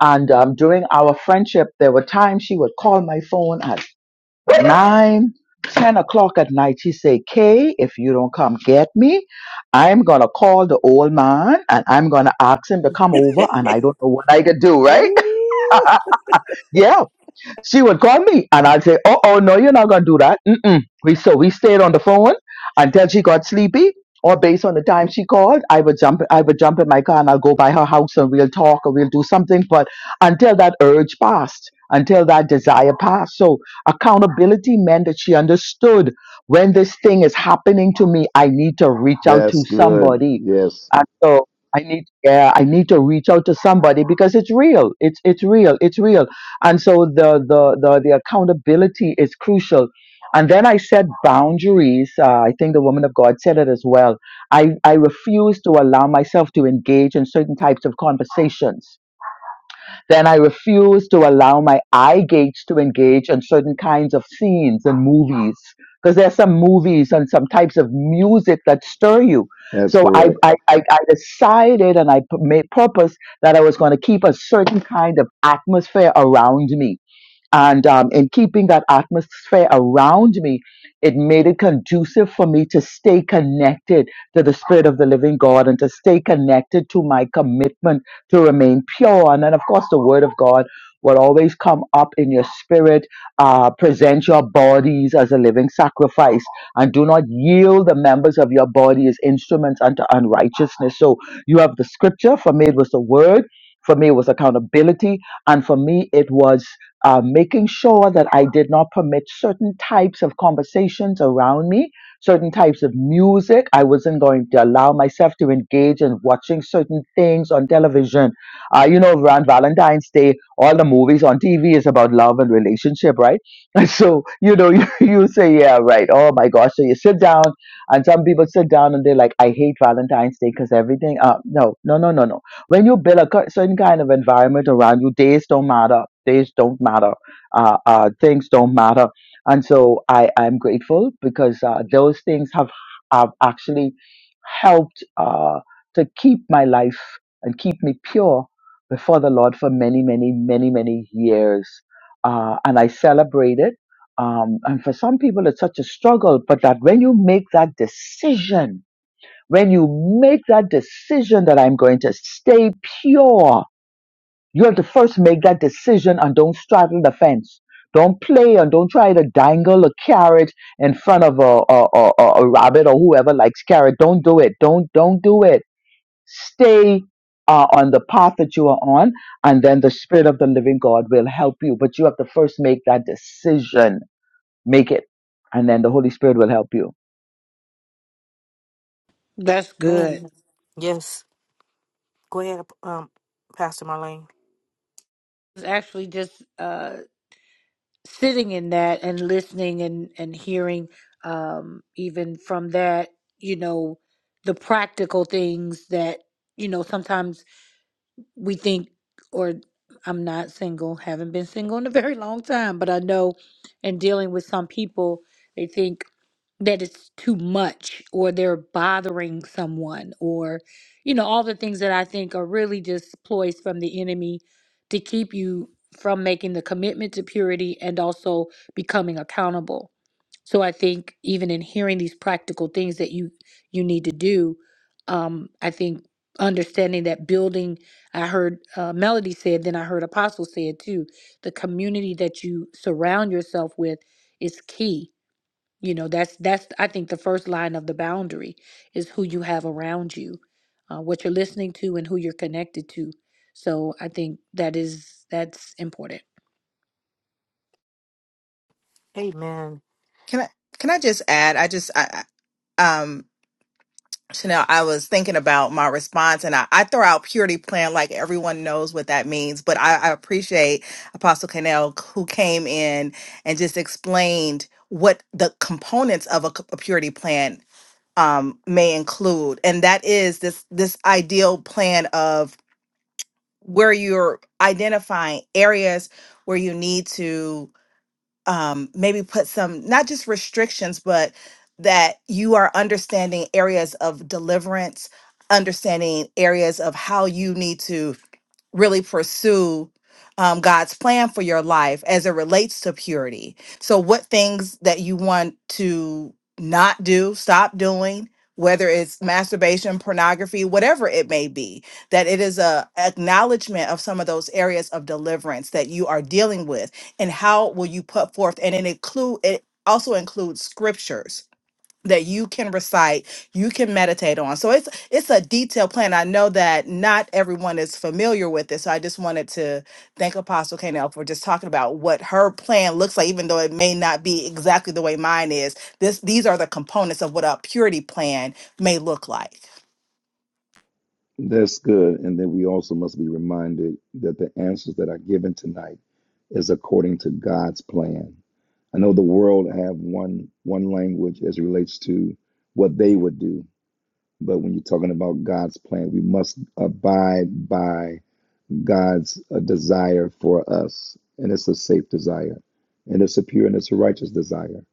Speaker 3: And um, during our friendship, there were times she would call my phone. at nine, ten o'clock at night, she say, Kay, if you don't come get me, I'm gonna call the old man and I'm gonna ask him to come over and I don't know what I could do, right?
Speaker 1: Ooh,
Speaker 3: Yeah she would call me and I'd say, Oh, oh, no, you're not going to do that. Mm-mm. We, so we stayed on the phone until she got sleepy or based on the time she called, I would jump, I would jump in my car and I'll go by her house and we'll talk or we'll do something. But until that urge passed, until that desire passed. So accountability meant that she understood when this thing is happening to me, I need to reach out to
Speaker 2: that's good.
Speaker 3: somebody.
Speaker 2: Yes,
Speaker 3: And so I need, yeah, I need to reach out to somebody because it's real. It's, it's real. It's real and so the the the, the accountability is crucial and then i set boundaries uh, i think the woman of god said it as well i i refuse to allow myself to engage in certain types of conversations then i refuse to allow my eye gates to engage in certain kinds of scenes and movies because there's some movies and some types of music that stir you
Speaker 2: that's
Speaker 3: so i
Speaker 2: correct.
Speaker 3: i i, I decided and i pu- made purpose that i was going to keep a certain kind of atmosphere around me and um, in keeping that atmosphere around me, it made it conducive for me to stay connected to the Spirit of the Living God and to stay connected to my commitment to remain pure. And then, of course, the Word of God will always come up in your spirit. Uh, present your bodies as a living sacrifice and do not yield the members of your body as instruments unto unrighteousness. So you have the scripture. For me, it was the Word. For me, it was accountability. And for me, it was uh, making sure that I did not permit certain types of conversations around me, certain types of music. I wasn't going to allow myself to engage in watching certain things on television. Uh, you know, around Valentine's Day, all the movies on TV is about love and relationship, right? so, you know, you, you say, yeah, right. Oh my gosh. So you sit down, and some people sit down and they're like, I hate Valentine's Day because everything. Uh, no, no, no, no, no when you build a cur- certain kind of environment around you, days don't matter. Days don't matter. Uh, uh, things don't matter. And so I am grateful because uh, those things have, have actually helped uh, to keep my life and keep me pure before the Lord for many, many, many, many years. Uh, and I celebrate it. Um, and for some people, it's such a struggle, but that when you make that decision, when you make that decision that I'm going to stay pure, you have to first make that decision and don't straddle the fence. Don't play and don't try to dangle a carrot in front of a, a, a, a a rabbit or whoever likes carrot. Don't do it. Don't don't do it. Stay uh, on the path that you are on, and then the spirit of the living God will help you. But you have to first make that decision. Make it, and then the Holy Spirit will help you.
Speaker 1: that's good.
Speaker 6: Amen. Yes. Go ahead, um, Pastor Marlene.
Speaker 1: It's actually just uh, sitting in that and listening and and hearing um, even from that, you know, the practical things that you know sometimes we think or I'm not single, haven't been single in a very long time, but I know in dealing with some people, they think that it's too much or they're bothering someone or you know all the things that I think are really just ploys from the enemy to keep you from making the commitment to purity and also becoming accountable. So I think even in hearing these practical things that you you need to do, um, I think understanding that building. I heard uh, Melody said, then I heard Apostle said too. The community that you surround yourself with is key you know, that's that's I think the first line of the boundary is who you have around you, uh, what you're listening to, and who you're connected to. So I think that is that's important.
Speaker 6: Amen.
Speaker 4: Can I can I just add? I just I I- um Chanel, I was thinking about my response and I, I throw out purity plan like everyone knows what that means, but I, I appreciate Apostle Canel who came in and just explained what the components of a, c- a purity plan um, may include. And that is this this ideal plan of where you're identifying areas where you need to um, maybe put some not just restrictions, but that you are understanding areas of deliverance, understanding areas of how you need to really pursue um, God's plan for your life as it relates to purity. So, what things that you want to not do, stop doing, whether it's masturbation, pornography, whatever it may be, that it is a acknowledgement of some of those areas of deliverance that you are dealing with and how will you put forth and it include it also includes scriptures that you can recite you can meditate on so it's it's a detailed plan i know that not everyone is familiar with this so i just wanted to thank apostle Kanell for just talking about what her plan looks like even though it may not be exactly the way mine is this these are the components of what a purity plan may look like
Speaker 2: That's good. And then we also must be reminded that the answers that are given tonight is according to God's plan. I know the world have one one language as it relates to what they would do, but when you're talking about God's plan, we must abide by. God's uh, desire for us, and it's a safe desire, and it's a pure and it's a righteous desire.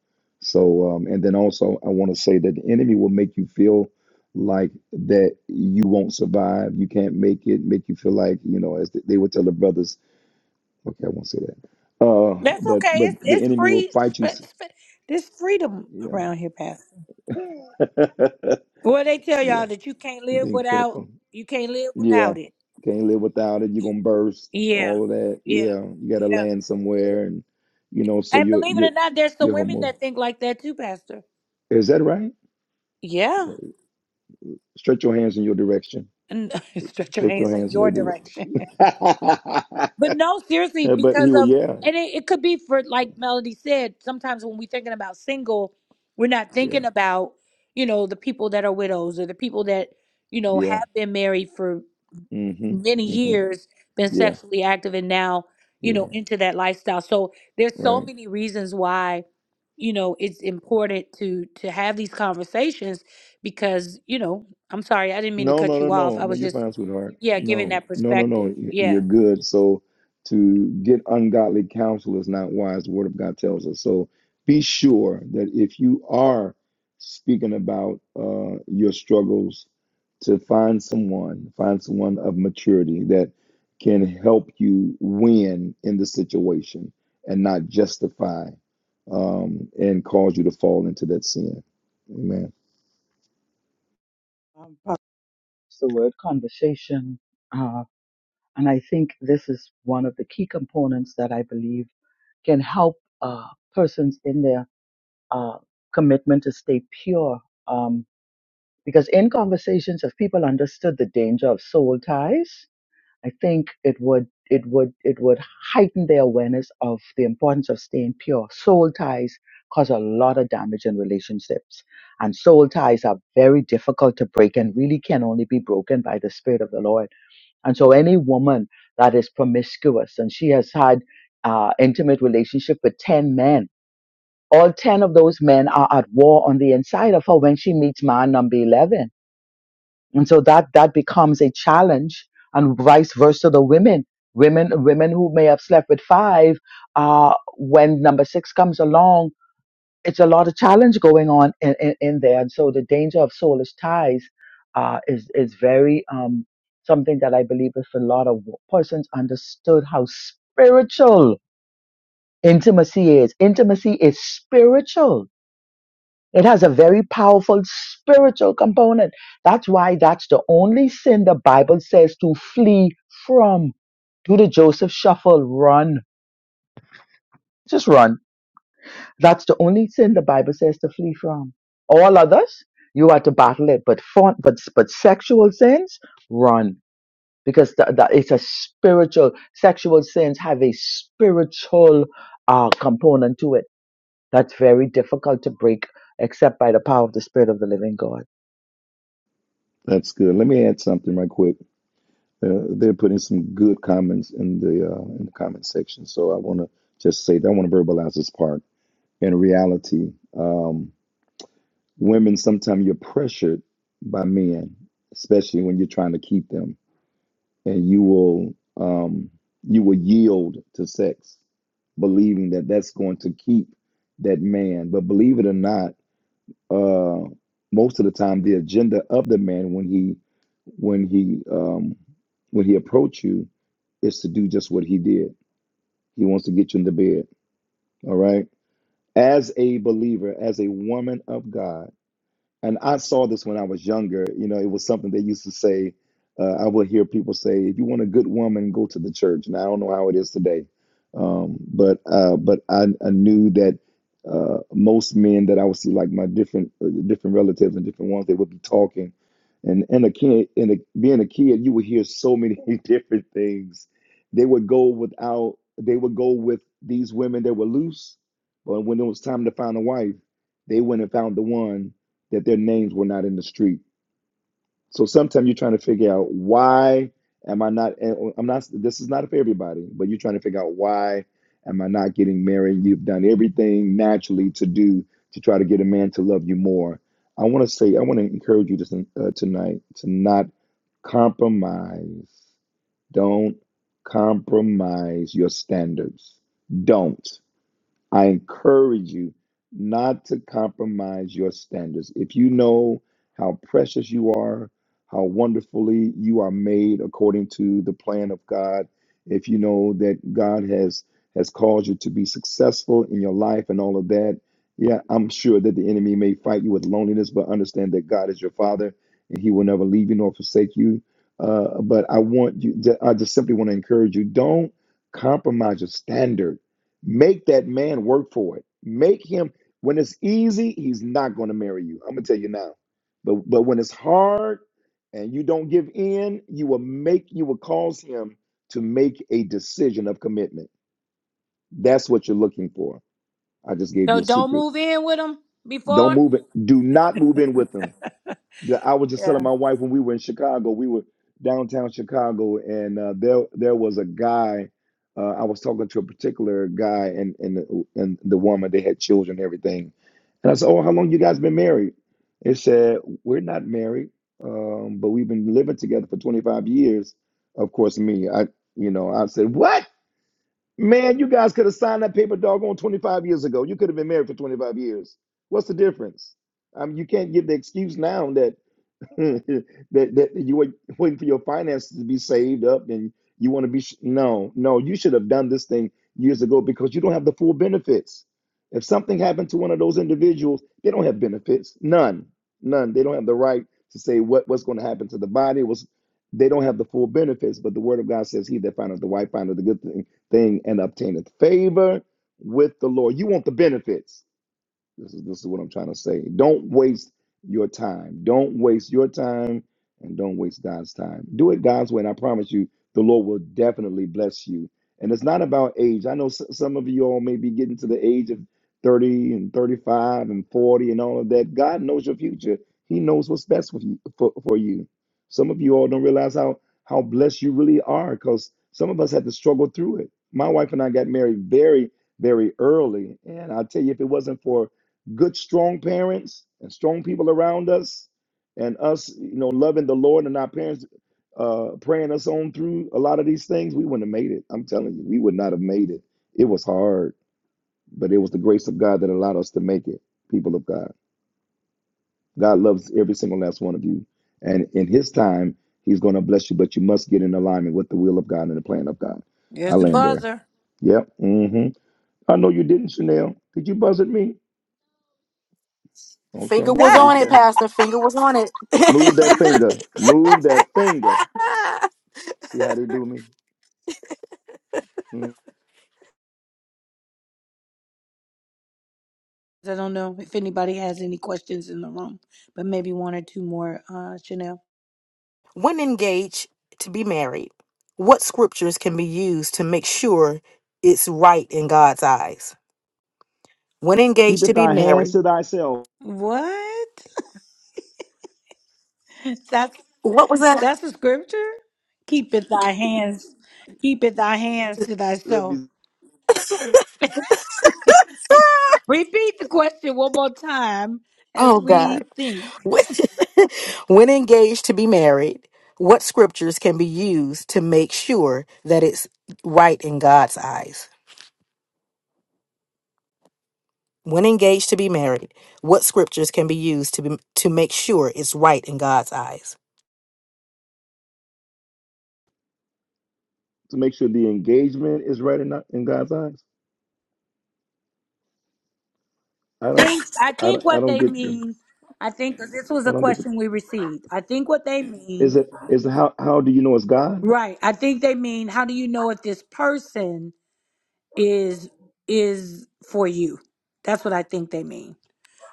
Speaker 2: So, um, and then also, I want to say that the enemy will make you feel like that you won't survive, you can't make it, make you feel like you know, as they would tell the brothers. Okay, I won't say that. Uh,
Speaker 1: That's
Speaker 2: but
Speaker 1: okay.
Speaker 2: but
Speaker 1: It's
Speaker 2: the
Speaker 1: it's
Speaker 2: enemy will
Speaker 1: free.
Speaker 2: fight you.
Speaker 1: sp- sp- There's freedom
Speaker 2: Yeah,
Speaker 1: around here, Pastor. Well, they tell
Speaker 2: yeah.
Speaker 1: y'all that you can't live
Speaker 2: Being
Speaker 1: without
Speaker 2: careful.
Speaker 1: you can't live
Speaker 2: Yeah,
Speaker 1: without it.
Speaker 2: can't live without it. You're
Speaker 1: You-
Speaker 2: gonna burst.
Speaker 1: Yeah,
Speaker 2: All of that.
Speaker 1: yeah,
Speaker 2: Yeah, you gotta
Speaker 1: yeah.
Speaker 2: land somewhere, and you know, so
Speaker 1: And
Speaker 2: you
Speaker 1: believe it
Speaker 2: you
Speaker 1: or not, there's some
Speaker 2: you're
Speaker 1: women
Speaker 2: homo.
Speaker 1: that think like that too, Pastor.
Speaker 2: Is that right?
Speaker 1: Yeah,
Speaker 2: Praise. Stretch your hands in your direction.
Speaker 1: and stretch your
Speaker 2: Stretch your
Speaker 1: hands in
Speaker 2: hands in
Speaker 1: your
Speaker 2: their
Speaker 1: direction.
Speaker 2: direction.
Speaker 1: But no, seriously,
Speaker 2: but he
Speaker 1: because
Speaker 2: will.
Speaker 1: of
Speaker 2: Yeah,
Speaker 1: and it, it could be for like Melody said, sometimes when we're thinking about single, we're not
Speaker 2: yeah,
Speaker 1: thinking about, you know, the people that are widows or the people that, you know,
Speaker 2: yeah.
Speaker 1: have been married for
Speaker 2: hmm
Speaker 1: many
Speaker 2: hmm
Speaker 1: years, been
Speaker 2: Yeah,
Speaker 1: sexually active and now, you
Speaker 2: yeah.
Speaker 1: know, into that lifestyle. So there's so
Speaker 2: Right.
Speaker 1: many reasons why, you know, it's important to to have these conversations because, you know, I'm sorry, I didn't mean to
Speaker 2: No, no,
Speaker 1: cut
Speaker 2: no,
Speaker 1: you off.
Speaker 2: no,
Speaker 1: I
Speaker 2: no.
Speaker 1: was
Speaker 2: You're
Speaker 1: just
Speaker 2: fine, sweetheart.
Speaker 1: yeah, giving
Speaker 2: No,
Speaker 1: that
Speaker 2: no, no, no.
Speaker 1: perspective.
Speaker 2: y-
Speaker 1: Yeah.
Speaker 2: You're good. So to get ungodly counsel is not wise. The Word of God tells us. So be sure that if you are speaking about uh, your struggles, to find someone, find someone of maturity that can help you win in the situation and not justify um, and cause you to fall into that sin. Amen.
Speaker 3: It's the word conversation. Uh, And I think this is one of the key components that I believe can help uh, persons in their uh, commitment to stay pure. Um, because in conversations, if people understood the danger of soul ties, I think it would it would it would heighten their awareness of the importance of staying pure. Soul ties cause a lot of damage in relationships, and soul ties are very difficult to break and really can only be broken by the spirit of the Lord. And so any woman that is promiscuous and she has had uh, intimate relationship with 10 men, all 10 of those men are at war on the inside of her when she meets man number 11. And so that, that becomes a challenge and vice versa the women. Women, women who may have slept with five, uh, when number six comes along, it's a lot of challenge going on in, in, in there. And so the danger of soulless ties uh, is, is very um, something that I believe if a lot of persons understood how spiritual intimacy is. Intimacy is spiritual. It has a very powerful spiritual component. That's why that's the only sin the Bible says to flee from. Do the Joseph shuffle, run. Just run That's the only sin the Bible says to flee from. All others, you are to battle it. But for, but but sexual sins, run because that, that it's a spiritual. Sexual sins have a spiritual uh, component to it that's very difficult to break, except by the power of the Spirit of the Living God.
Speaker 2: That's good. Let me add something right quick. They're, they're putting some good comments in the uh, in the comment section. So I want to just say that I want to verbalize this part. In reality, um, women sometimes you're pressured by men, especially when you're trying to keep them, and you will um, you will yield to sex, believing that that's going to keep that man. But believe it or not uh, most of the time the agenda of the man when he when he um, when he approach you is to do just what he did. He wants to get you into bed. All right. As a believer, as a woman of God and I saw this when I was younger. You know, it was something they used to say. Uh, I would hear people say, "If you want a good woman, go to the church." And I don't know how it is today, um, but uh, but I, I knew that uh, most men that I would see, like my different uh, different relatives and different ones, they would be talking, and and a kid, and a, being a kid, you would hear so many different things. They would go without. They would go with these women that were loose, but when it was time to find a wife, they went and found the one that their names were not in the street. So sometimes you're trying to figure out why am I not? eh, oh, I'm not. This is not for everybody, but you're trying to figure out why am I not getting married? You've done everything naturally to do to try to get a man to love you more. I want to say I want to encourage you to, uh, tonight to not compromise. Don't compromise your standards. Don't. I encourage you not to compromise your standards. If you know how precious you are, how wonderfully you are made according to the plan of God, if you know that God has has caused you to be successful in your life and all of that, yeah, I'm sure that the enemy may fight you with loneliness, but understand that God is your Father and He will never leave you nor forsake you. Uh, but I want you, I just simply want to encourage you: don't compromise your standard Make that man work for it. Make him when it's easy, he's not going to marry you. I'm gonna tell you now. But but when it's hard and you don't give in, you will make you will cause him to make a decision of commitment. That's what you're looking for. I just gave
Speaker 1: So
Speaker 2: you a
Speaker 1: don't
Speaker 2: secret.
Speaker 1: move in with them
Speaker 2: Don't
Speaker 1: before.
Speaker 2: move it. Do not move in with him the- I was just telling
Speaker 1: Yeah.
Speaker 2: my wife when we were in Chicago, we were downtown Chicago, and uh, there there was a guy. Uh, I was talking to a particular guy and and the, and the woman. They had children, and everything. And I said, "Oh, how long you guys been married?" They said, "We're not married, um, but we've been living together for 25 years." Of course, me, I you know, I said, "What, man? You guys could have signed that paper doggone 25 years ago. You could have been married for 25 years. What's the difference? Um, you can't give the excuse now that." that that you were waiting for your finances to be saved up and you want to be sh- no no you should have done this thing years ago because you don't have the full benefits if something happened to one of those individuals they don't have benefits none none they don't have the right to say what what's going to happen to the body was they don't have the full benefits but the word of god says he that findeth the wife findeth the good thing, thing and obtaineth favor with the lord you want the benefits this is this is what I'm trying to say. Don't waste your time. Don't waste your time and don't waste God's time. Do it God's way, and I promise you, the Lord will definitely bless you. And it's not about age. I know s- some of you all may be getting to the age of 30 and 35 and 40 and all of that. God knows your future. He knows what's best for you. For, for you. Some of you all don't realize how how blessed you really are because some of us had to struggle through it. My wife and I got married very, very early. And I'll tell you, if it wasn't for good strong parents and strong people around us and us you know loving the lord and our parents uh praying us on through a lot of these things we wouldn't have made it i'm telling you we would not have made it it was hard but it was the grace of god that allowed us to make it people of god god loves every single last one of you and in his time he's going to bless you but you must get in alignment with the will of god and the plan of god i
Speaker 1: There's the
Speaker 2: land there
Speaker 1: buzzer.
Speaker 2: yep hmm i know you didn't chanel did you buzz at me
Speaker 6: Finger
Speaker 2: okay
Speaker 6: was
Speaker 2: praise
Speaker 6: on
Speaker 1: I
Speaker 6: it,
Speaker 2: god
Speaker 6: Pastor. Finger was on
Speaker 2: Move that
Speaker 6: it.
Speaker 2: finger. Move that finger. See how they do me? Mm.
Speaker 1: don't know if anybody has any questions in the room, but maybe one or two more. Uh, Chanel.
Speaker 6: When engaged to be married, what scriptures can be used to make sure it's right in God's eyes? When engaged
Speaker 2: Keepeth
Speaker 6: to be
Speaker 2: thy hands
Speaker 6: married,
Speaker 2: to thyself.
Speaker 1: What? That's
Speaker 6: what was that?
Speaker 1: that's a scripture. Keepeth thy hands, keepeth thy hands to
Speaker 2: Let
Speaker 1: thyself.
Speaker 2: me
Speaker 1: Repeat the question one more time as
Speaker 6: Oh, God.
Speaker 1: we think.
Speaker 6: When when engaged to be married, what scriptures can be used to make sure that it's right in God's eyes? When engaged to be married, what scriptures can be used to be, to make sure it's right in God's eyes?
Speaker 2: to make sure the engagement is right in, in God's eyes. I don't,
Speaker 1: Think. I
Speaker 2: I, don't-
Speaker 1: think
Speaker 2: I
Speaker 1: what
Speaker 2: don't
Speaker 1: they
Speaker 2: get the,
Speaker 1: mean. I think 'cause this was
Speaker 2: I
Speaker 1: a
Speaker 2: don't get the,
Speaker 1: question we received. I think what they
Speaker 2: is
Speaker 1: mean
Speaker 2: it, is how, how do you know it's God?
Speaker 1: Right. I think they mean how do you know if this person is is for you? That's what I think they mean.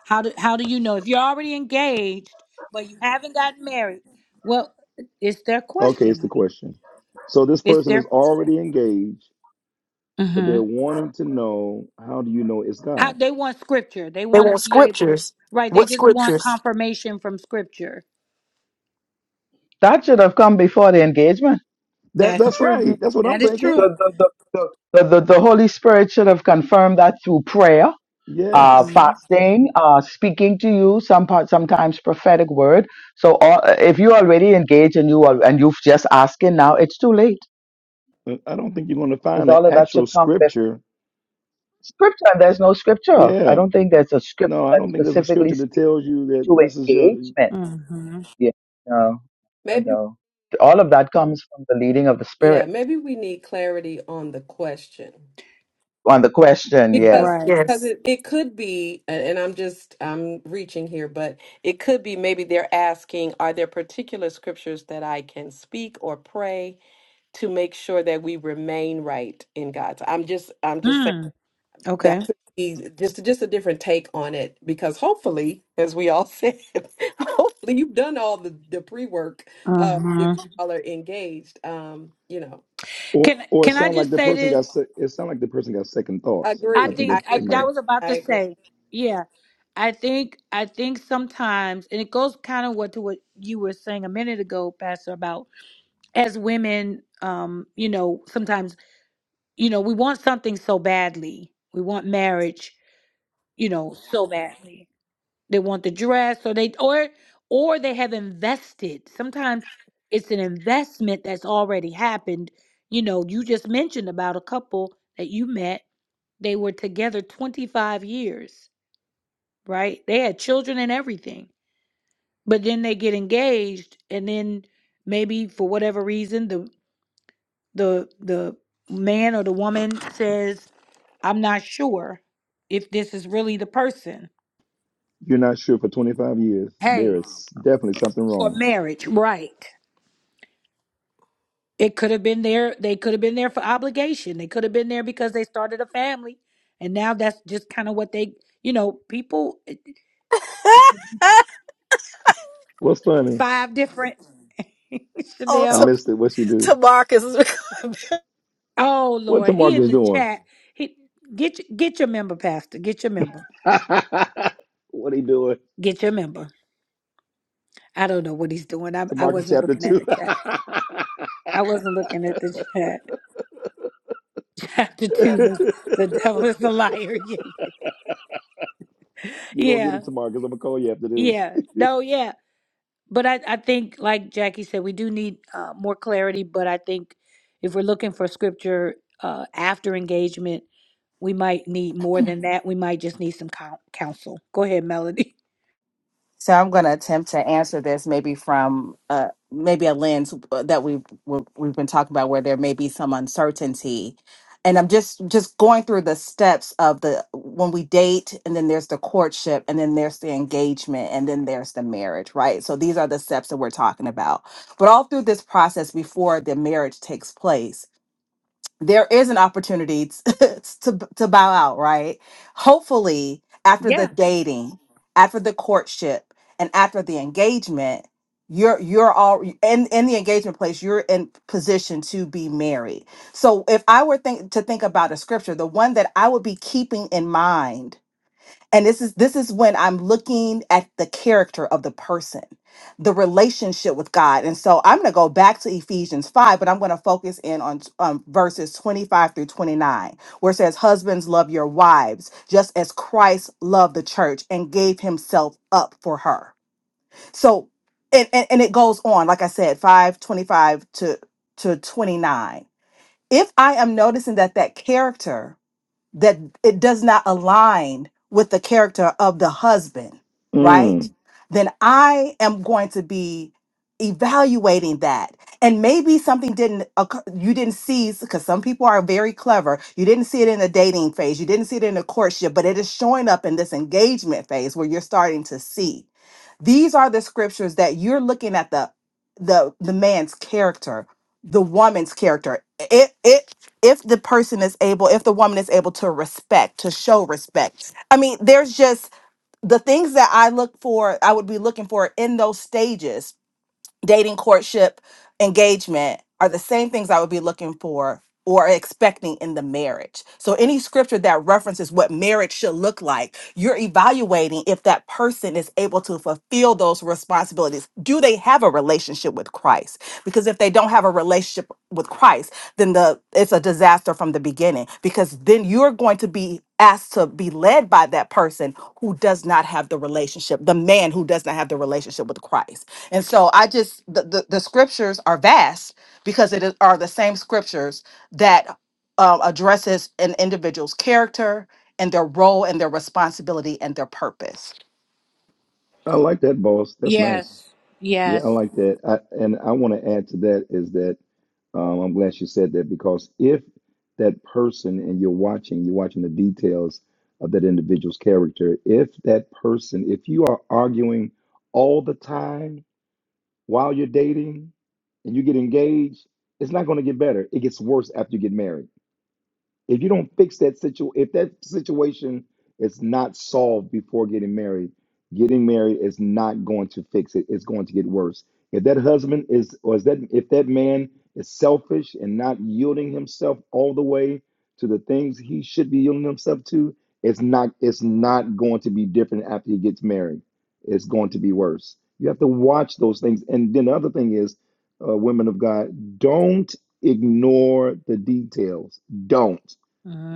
Speaker 1: How do how do you know if you're already engaged but you haven't gotten married? Well, it's their
Speaker 2: Okay,
Speaker 1: question,
Speaker 2: it's the
Speaker 1: honey.
Speaker 2: question. So this
Speaker 1: It's
Speaker 2: person
Speaker 1: their
Speaker 2: is
Speaker 1: question.
Speaker 2: already engaged, but they're
Speaker 1: Mhm.
Speaker 2: wanting to know, how do you know it's
Speaker 1: How
Speaker 2: God?
Speaker 1: they want scripture. They
Speaker 6: They
Speaker 1: want to
Speaker 6: want
Speaker 1: be able
Speaker 6: scriptures.
Speaker 1: Right, they
Speaker 6: What
Speaker 1: just want
Speaker 6: scriptures?
Speaker 1: confirmation from scripture.
Speaker 3: That should have come before the engagement.
Speaker 2: That,
Speaker 1: That's
Speaker 2: that's
Speaker 1: true.
Speaker 2: right. That's what
Speaker 1: That
Speaker 2: I'm
Speaker 1: is
Speaker 2: thinking.
Speaker 1: true.
Speaker 3: The the the the, the, the, the Holy Spirit should have confirmed that through prayer uh,
Speaker 2: Yes.
Speaker 1: Mhm.
Speaker 3: fasting, uh, speaking to you, some part, sometimes prophetic word. So all, if you're already engaged and you are, and you've just asking now, it's too late
Speaker 2: I don't think you're going to
Speaker 3: because
Speaker 2: find an
Speaker 3: all of that should
Speaker 2: actual
Speaker 3: come with
Speaker 2: scripture.
Speaker 3: scripture. And there's no scripture. I
Speaker 2: Yeah
Speaker 3: don't think there's a
Speaker 2: No,
Speaker 3: scripture
Speaker 2: I
Speaker 3: that
Speaker 2: don't think there's a
Speaker 3: specifically
Speaker 2: scripture that
Speaker 3: speaks
Speaker 2: tells you that
Speaker 3: to
Speaker 2: this is your
Speaker 3: engagement.
Speaker 1: Mhm.
Speaker 3: Yeah, no, I
Speaker 5: Maybe,
Speaker 3: know. All of that comes from the leading of the
Speaker 5: yeah,
Speaker 3: spirit
Speaker 5: maybe we need clarity on the question
Speaker 3: on the question. Yeah.
Speaker 5: because
Speaker 1: Right.
Speaker 5: because
Speaker 6: Yes.
Speaker 5: it, it could be, and and I'm just I'm reaching here, but It could be maybe they're asking, are there particular scriptures that I can speak or pray to make sure that we remain right in God? So I'm just I'm just saying.
Speaker 1: Mm. Okay.
Speaker 5: that could be just just a different take on it because hopefully as we all said hopefully you've done all the the pre-work uh if
Speaker 1: Uh-huh.
Speaker 5: you all are engaged um you know
Speaker 2: or
Speaker 1: Can
Speaker 2: or it
Speaker 1: can I
Speaker 2: sound like
Speaker 1: just
Speaker 2: the
Speaker 1: say
Speaker 2: person
Speaker 1: this?
Speaker 2: got se- it sound like the person got second thoughts.
Speaker 1: I
Speaker 2: I
Speaker 5: agree
Speaker 2: think
Speaker 5: i
Speaker 2: that
Speaker 1: think I,
Speaker 2: it might
Speaker 5: agree
Speaker 1: that was about
Speaker 5: i
Speaker 1: to
Speaker 5: agree
Speaker 1: say. Yeah, I think I think sometimes, and it goes kind of what to what you were saying a minute ago, Pastor, about as women, um, you know, sometimes you know we want something so badly, we want marriage, you know, so badly. They want the dress, or they or or they have invested. Sometimes it's an investment that's already happened. You know, you just mentioned about a couple that you met; they were together twenty five years right? They had children and everything. But then they get engaged and then maybe for whatever reason the the the man or the woman says, "I'm not sure if this is really the person."
Speaker 2: you're not sure for 25 years. There
Speaker 1: Hey,
Speaker 2: is definitely something
Speaker 1: for
Speaker 2: wrong.
Speaker 1: marriage, right. It could have been there they could have been there for obligation. They could have been there because they started a family and now that's just kind of what they, you know, people eh,
Speaker 2: What's funny?
Speaker 1: five different
Speaker 6: Oh,
Speaker 2: I
Speaker 6: to,
Speaker 1: Chanel
Speaker 2: missed it. What she do?
Speaker 6: to Marcus.
Speaker 1: Oh
Speaker 2: What
Speaker 1: Lord, he in
Speaker 2: Tamarcus
Speaker 1: the
Speaker 2: doing?
Speaker 1: chat. He get y- get your member, Pastor. Get your member.
Speaker 2: what he doing?
Speaker 1: Get your member. I don't know what he's doing. I I
Speaker 2: Tamarcus
Speaker 1: wasn't
Speaker 2: chapter
Speaker 1: looking at
Speaker 2: two.
Speaker 1: the chat. I wasn't looking at the chat. Chapter two verse the devil is the liar.
Speaker 2: you gonna get
Speaker 1: Yeah, yeah,
Speaker 2: it, Tamarcus. I'm gonna call you after this.
Speaker 1: yeah. No, yeah. But I I think like Jackie said, we do need uh, more clarity. But I think if we're looking for scripture uh, after engagement, we might need more than that. We might just need some coun counsel. Go ahead, Melody.
Speaker 4: So I'm going to attempt to answer this maybe from uh, maybe a lens uh, that we we've, we've been talking about where there may be some uncertainty, and I'm just just going through the steps of the when we date, and then there's the courtship, and then there's the engagement, and then there's the marriage, right? So these are the steps that we're talking about. But all through this process before the marriage takes place there is an opportunity to, to to bow out, right? Hopefully, after the
Speaker 1: Yeah.
Speaker 4: dating, after the courtship, and after the engagement, you're you're all in in the engagement place. You're in position to be married. So, if I were think, to think about a scripture, the one that I would be keeping in mind and this is this is when i'm looking at the character of the person the relationship with god and so i'm going to go back to ephesians 5 but i'm going to focus in on um, verses 25 through 29 where it says husbands love your wives just as christ loved the church and gave himself up for her so and and, and it goes on like i said 5 25 to to 29 if i am noticing that that character that it does not align with the character of the husband, right?
Speaker 2: Mm,
Speaker 4: Then I am going to be evaluating that. And maybe something didn't occur, you didn't see because some people are very clever. You didn't see it in the dating phase, you didn't see it in the courtship, but it is showing up in this engagement phase where you're starting to see. These are the scriptures that you're looking at the the the man's character, the woman's character. It it if the person is able, if the woman is able to respect, to show respect. I mean, there's just the things that I look for, I would be looking for in those stages dating, courtship, engagement are the same things I would be looking for or expecting in the marriage. So any scripture that references what marriage should look like, you're evaluating if that person is able to fulfill those responsibilities. Do they have a relationship with Christ? Because if they don't have a relationship with Christ, then the it's a disaster from the beginning because then you're going to be asked to be led by that person who does not have the relationship, the man who does not have the relationship with Christ. And so I just the, the, the scriptures are vast because it is, are the same scriptures that uh, addresses an individual's character and their role and their responsibility and their purpose.
Speaker 2: I like that, boss. That's nice.
Speaker 1: Yes.
Speaker 2: Yeah, I
Speaker 1: Yes.
Speaker 2: like that. I, and I want to add to that is that um, I'm glad you said that because if that person and you're watching, you're watching the details of that individual's character, if that person, if you are arguing all the time while you're dating and you get engaged, it's not going to get better. It gets worse after you get married. If you don't fix that situ, if that situation is not solved before getting married, getting married is not going to fix it. It's going to get worse. If that husband is, or is that if that man is selfish and not yielding himself all the way to the things he should be yielding himself to, it's not. It's not going to be different after he gets married. It's going to be worse. You have to watch those things. And then the other thing is, uh, women of God, don't ignore the details. Don't.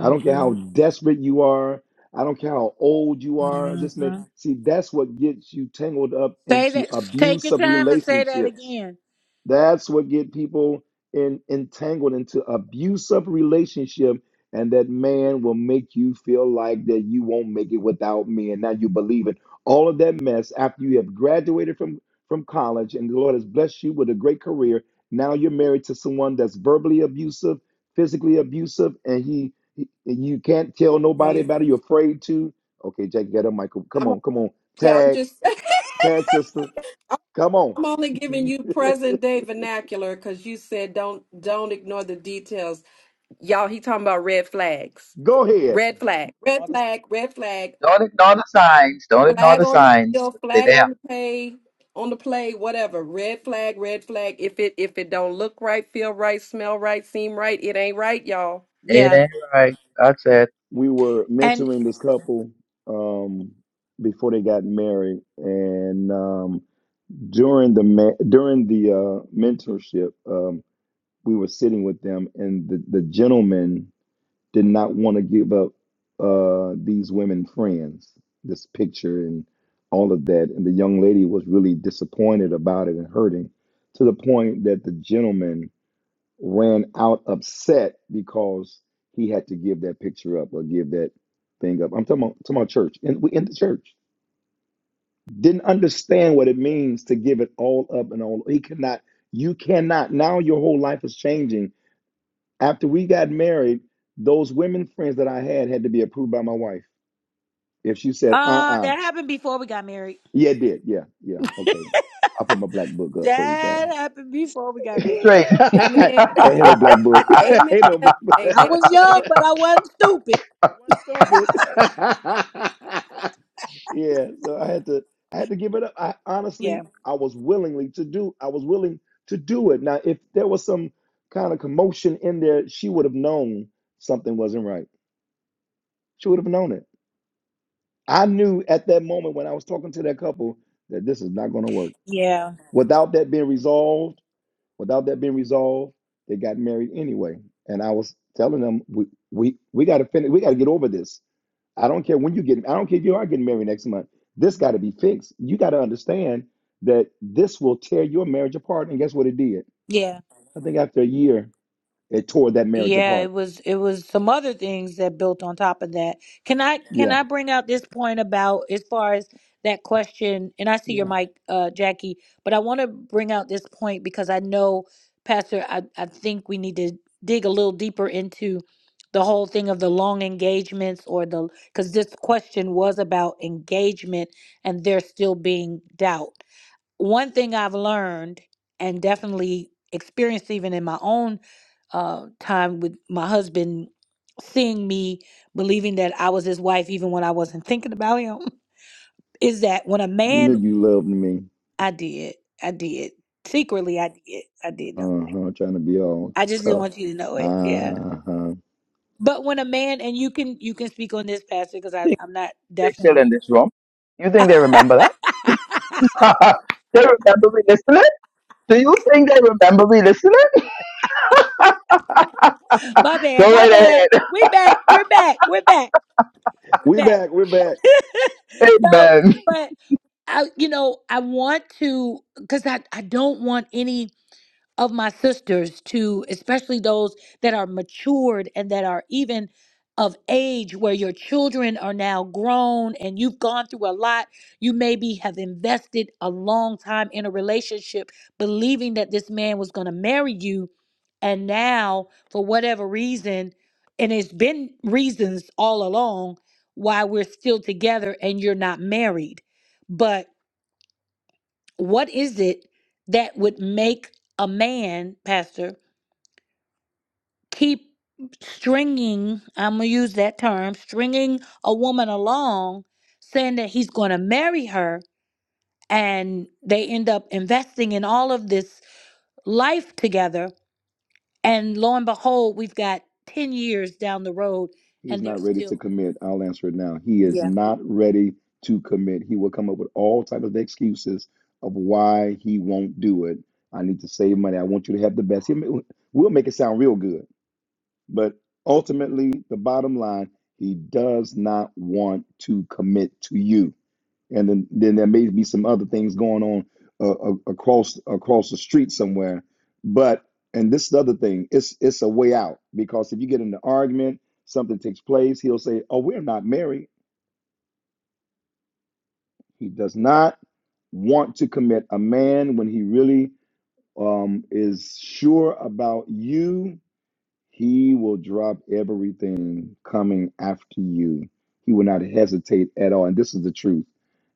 Speaker 2: I don't care how
Speaker 1: hmm
Speaker 2: desperate you are. I don't care how old you are. This may see that's what gets you tangled up
Speaker 1: Say
Speaker 2: into
Speaker 1: that. Take your
Speaker 2: abusive
Speaker 1: time and say that
Speaker 2: relationships
Speaker 1: again.
Speaker 2: that's what get people in, entangled into abusive relationship, and that man will make you feel like that you won't make it without me, and now you believe it. All of that mess after you have graduated from from college, and the Lord has blessed you with a great career. Now you're married to someone that's verbally abusive, physically abusive, and he, he- and you can't tell nobody
Speaker 1: Jesus.
Speaker 2: about it. You're afraid to. Okay, Jackie, get up, Michael. Come
Speaker 5: i'm
Speaker 2: on, come on.
Speaker 5: yeah i'm
Speaker 2: Tag,
Speaker 5: just
Speaker 2: tag, sister. Come on.
Speaker 5: i'm only giving you present day vernacular because you said don't don't ignore the details y'all he talking about red flags
Speaker 2: Go ahead.
Speaker 5: red flag red flag red flag
Speaker 3: Don't ignore the signs. Don't ignore
Speaker 5: flag
Speaker 3: the
Speaker 5: on the
Speaker 3: signs.
Speaker 5: field,
Speaker 3: They're
Speaker 5: flag
Speaker 3: there.
Speaker 5: on the play, on the play, whatever. Red flag, red flag. If it if it don't look right, feel right, smell right, seem right, it ain't right, y'all.
Speaker 3: It
Speaker 1: Yeah.
Speaker 3: ain't right. That's it.
Speaker 2: we were
Speaker 1: And
Speaker 2: mentoring this couple um, before they got married, and um, during the ma- during the uh, mentorship, um, we were sitting with them, and the, the gentleman did not want to give up uh, these women friends, this picture and all of that, and the young lady was really disappointed about it and hurting to the point that the gentleman ran out upset because he had to give that picture up or give that thing up. I'm talking about, talking about church and we in the church. Didn't understand what it means to give it all up and all. He cannot. You cannot. Now your whole life is changing. After we got married, those women friends that I had had to be approved by my wife. If she said, "Uh,
Speaker 1: uh,
Speaker 2: uh
Speaker 1: that happened before we got married.
Speaker 2: yeah, it did, yeah, yeah, okay," I put my black book up. Praise
Speaker 1: That
Speaker 2: God.
Speaker 1: happened before we got married.
Speaker 3: Straight.
Speaker 5: Amen.
Speaker 2: ain't no black book.
Speaker 5: Amen.
Speaker 2: ain't no black book.
Speaker 1: I
Speaker 5: Amen.
Speaker 1: was
Speaker 5: Amen.
Speaker 1: young, but I wasn't stupid.
Speaker 2: She wasn't stupid. yeah, so I had to I had to give it up. I
Speaker 1: Yeah.
Speaker 2: honestly I was willingly to do I was willing to do it. Now if there was some kind of commotion in there, she would have known something wasn't right. She would have known it. I knew at that moment when I was talking to that couple that this is not gonna work.
Speaker 1: Yeah.
Speaker 2: Without that being resolved Without that being resolved, they got married anyway. And I was telling them, we we, we got to finish. We got to get over this. I don't care when you get. I don't care if you are getting married next month. This got to be fixed. You got to understand that this will tear your marriage apart. And guess what it did? I think after a year, it tore that marriage
Speaker 1: Yeah, it
Speaker 2: apart.
Speaker 1: was it was some other things that built on top of that. Can I can
Speaker 2: Yeah,
Speaker 1: I bring out this point about as far as that question and I see your
Speaker 2: yeah.
Speaker 1: mic uh Jackie, but I want to bring out this point because I know Pastor I I think we need to dig a little deeper into the whole thing of the long engagements or the cuz this question was about engagement and there still being doubt one thing I've learned and definitely experienced even in my own uh, time with my husband, seeing me believing that I was his wife even when I wasn't thinking about him, is that when a
Speaker 2: You knew
Speaker 1: man,
Speaker 2: you loved me.
Speaker 1: I did, I did, secretly, I did, I did
Speaker 2: Uh
Speaker 1: know.
Speaker 2: huh. Trying to be all
Speaker 1: I just didn't
Speaker 2: tough.
Speaker 1: want you to know it. Yeah.
Speaker 2: Uh huh.
Speaker 1: But when a man, and you can, you can speak on this, Pastor, because I I'm not
Speaker 3: They're still
Speaker 1: definitely,
Speaker 3: in this room. You think they remember that? they remember me listening? Do you think they remember me listening?
Speaker 1: my bad,
Speaker 3: Go
Speaker 1: my
Speaker 3: right
Speaker 1: bad.
Speaker 3: ahead.
Speaker 1: We back, we're back, we're back, we're
Speaker 2: We are
Speaker 1: back.
Speaker 2: back. We're back.
Speaker 1: No,
Speaker 3: Amen.
Speaker 1: but I, you know, I want to, because I, I don't want any of my sisters to, especially those that are matured and that are even of age where your children are now grown and you've gone through a lot. You maybe have invested a long time in a relationship believing that this man was going to marry you. And now, for whatever reason, and it's been reasons all along why we're still together and you're not married. But what is it that would make a man, Pastor, keep stringing, I'm going to use that term, stringing a woman along, saying that he's going to marry her, and they end up investing in all of this life together. And lo and behold, we've got 10 years down the road,
Speaker 2: He's
Speaker 1: and they're
Speaker 2: not ready to
Speaker 1: still.
Speaker 2: commit. I'll answer it now. He is
Speaker 1: Yeah.
Speaker 2: not ready to commit. He will come up with all types of excuses of why he won't do it. I need to save money. I want you to have the best. He'll We'll make it sound real good. But ultimately, the bottom line, he does not want to commit to you and then then there may be some other things going on uh, a- across across the street somewhere but and this is the other thing it's it's a way out because if you get in an argument something takes place he'll say oh we're not married he does not want to commit a man when he really um, is sure about you He will drop everything coming after you. He will not hesitate at all. And this is the truth.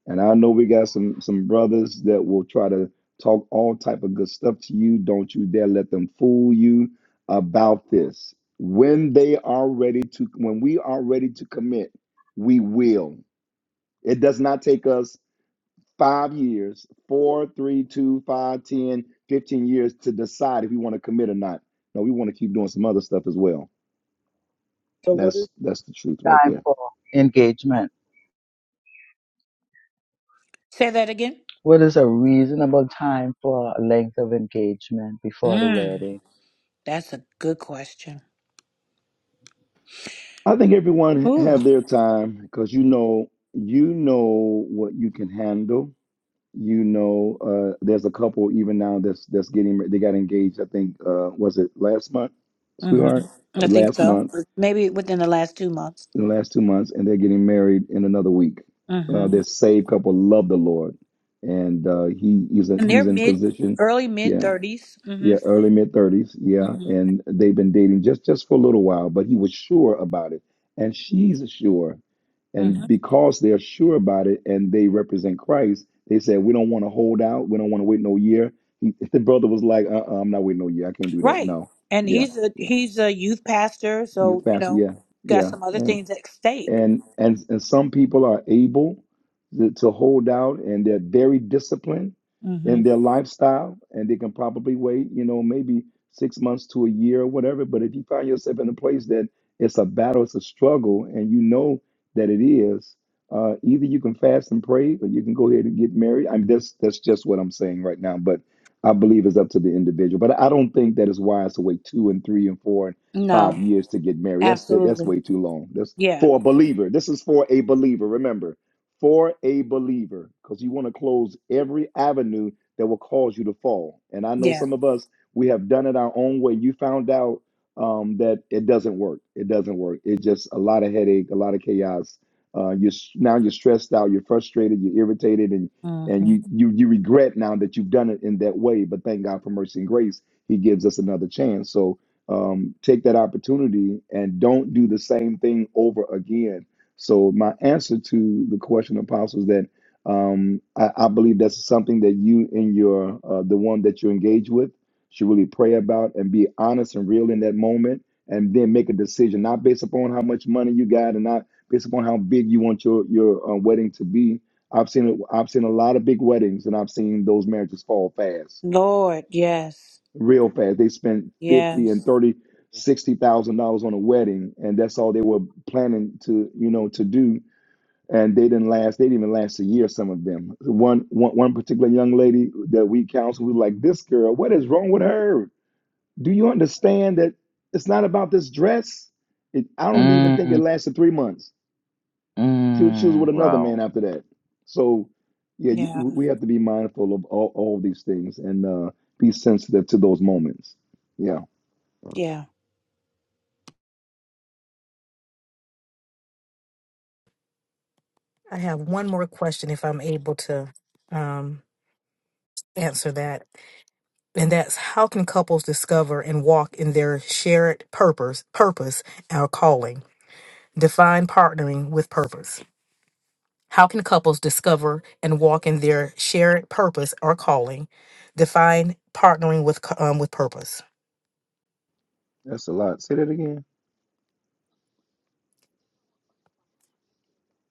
Speaker 2: And I know we got some some brothers that will try to talk all type of good stuff to you. Don't you dare let them fool you about this. When they are ready to when we are ready to commit, we will. It does not take us five years, four, three, two, five, ten, fifteen years to decide if we want to commit or not. No, we want to keep doing some other stuff as well
Speaker 3: So what is
Speaker 2: that's that's the truth right
Speaker 3: Time
Speaker 2: there.
Speaker 3: for engagement.
Speaker 1: Say that again.
Speaker 3: What is a reasonable time for a length of engagement before the
Speaker 1: Mm,
Speaker 3: wedding?
Speaker 1: that's a good question.
Speaker 2: I think everyone
Speaker 1: Ooh.
Speaker 2: have their time because you know you know what you can handle. You know, uh, there's a couple even now that's that's getting they got engaged. I think uh, was it last month,
Speaker 1: hmm
Speaker 2: sweetheart?
Speaker 1: I think
Speaker 2: Last
Speaker 1: so.
Speaker 2: month,
Speaker 1: Maybe within the last two months.
Speaker 2: the last two months, and they're getting married in another week. Uh,
Speaker 1: Mm-hmm.
Speaker 2: this saved couple love the Lord, and uh, he he's a,
Speaker 1: And they're
Speaker 2: he's in
Speaker 1: mid,
Speaker 2: position.
Speaker 1: early mid
Speaker 2: Yeah,
Speaker 1: thirties.
Speaker 2: Yeah,
Speaker 1: Mm-hmm.
Speaker 2: early mid thirties. Yeah,
Speaker 1: Mm-hmm.
Speaker 2: and they've been dating just just for a little while, but he was sure about it, and she's sure,
Speaker 1: Mm-hmm.
Speaker 2: and because they're sure about it, and they represent Christ, they said we don't want to hold out, we don't want to wait no year. He, the brother was like, uh, uh-uh, I'm not waiting no year. I can't do that.
Speaker 1: Right.
Speaker 2: No,
Speaker 1: And
Speaker 2: yeah,
Speaker 1: he's a
Speaker 2: yeah.
Speaker 1: he's a youth pastor,
Speaker 2: You
Speaker 1: so you
Speaker 2: faster,
Speaker 1: know,
Speaker 2: yeah,
Speaker 1: got some
Speaker 2: yeah
Speaker 1: other things at stake.
Speaker 2: and and and some people are able to, to hold out and they're very disciplined
Speaker 1: Mm-hmm.
Speaker 2: in their lifestyle and they can probably wait you know maybe six months to a year or whatever but if you find yourself in a place that it's a battle it's a struggle and you know that it is uh, either you can fast and pray or you can go ahead and get married i mean that's that's just what i'm saying right now but i believe it's up to the individual but i don't think that it's wise to wait two and three and four and five
Speaker 1: No,
Speaker 2: years to get married that's that, that's
Speaker 1: absolutely.
Speaker 2: way too long that's
Speaker 1: Yeah.
Speaker 2: for a believer. This is for a believer. Remember, for a believer, because you want to close every avenue that will cause you to fall. And I know
Speaker 1: Yeah.
Speaker 2: some of us, we have done it our own way. You found out um, that it doesn't work. It doesn't work. It's just a lot of headache, a lot of chaos. Uh, you now you're stressed out, you're frustrated, you're irritated, and and
Speaker 1: Mm-hmm.
Speaker 2: you you you regret now that you've done it in that way. But thank God for mercy and grace, He gives us another chance. So um, take that opportunity and don't do the same thing over again. So my answer to the question, Apostle, is that um, I, I believe that's something that you and your uh, the one that you engage with should really pray about and be honest and real in that moment, and then make a decision not based upon how much money you got and not based upon how big you want your your uh, wedding to be. I've seen it. I've seen a lot of big weddings, and I've seen those marriages fall fast
Speaker 1: Lord, yes,
Speaker 2: real fast. They spent fifty and
Speaker 1: yes,
Speaker 2: thirty, sixty thousand dollars on a wedding, and that's all they were planning to, you know, to do. And they didn't last. They didn't even last a year. Some of them. One, one, one particular young lady that we counseled, we were like, "This girl, what is wrong with her? Do you understand that it's not about this dress? It, I don't even think it
Speaker 3: Mm,
Speaker 2: lasted three months. She was, she was with
Speaker 3: mm,
Speaker 2: another man
Speaker 3: wow.
Speaker 2: after that. So, yeah, you,
Speaker 1: yeah,
Speaker 2: we have to be mindful of all, all these things and uh, be sensitive to those moments. Yeah.
Speaker 1: yeah.
Speaker 6: I have one more question if I'm able to um, answer that. And that's how can couples discover and walk in their shared purpose, purpose, our calling? Define partnering with purpose. How can couples discover and walk in their shared purpose or calling? Define partnering with co- um, with purpose.
Speaker 2: That's a lot. Say that again.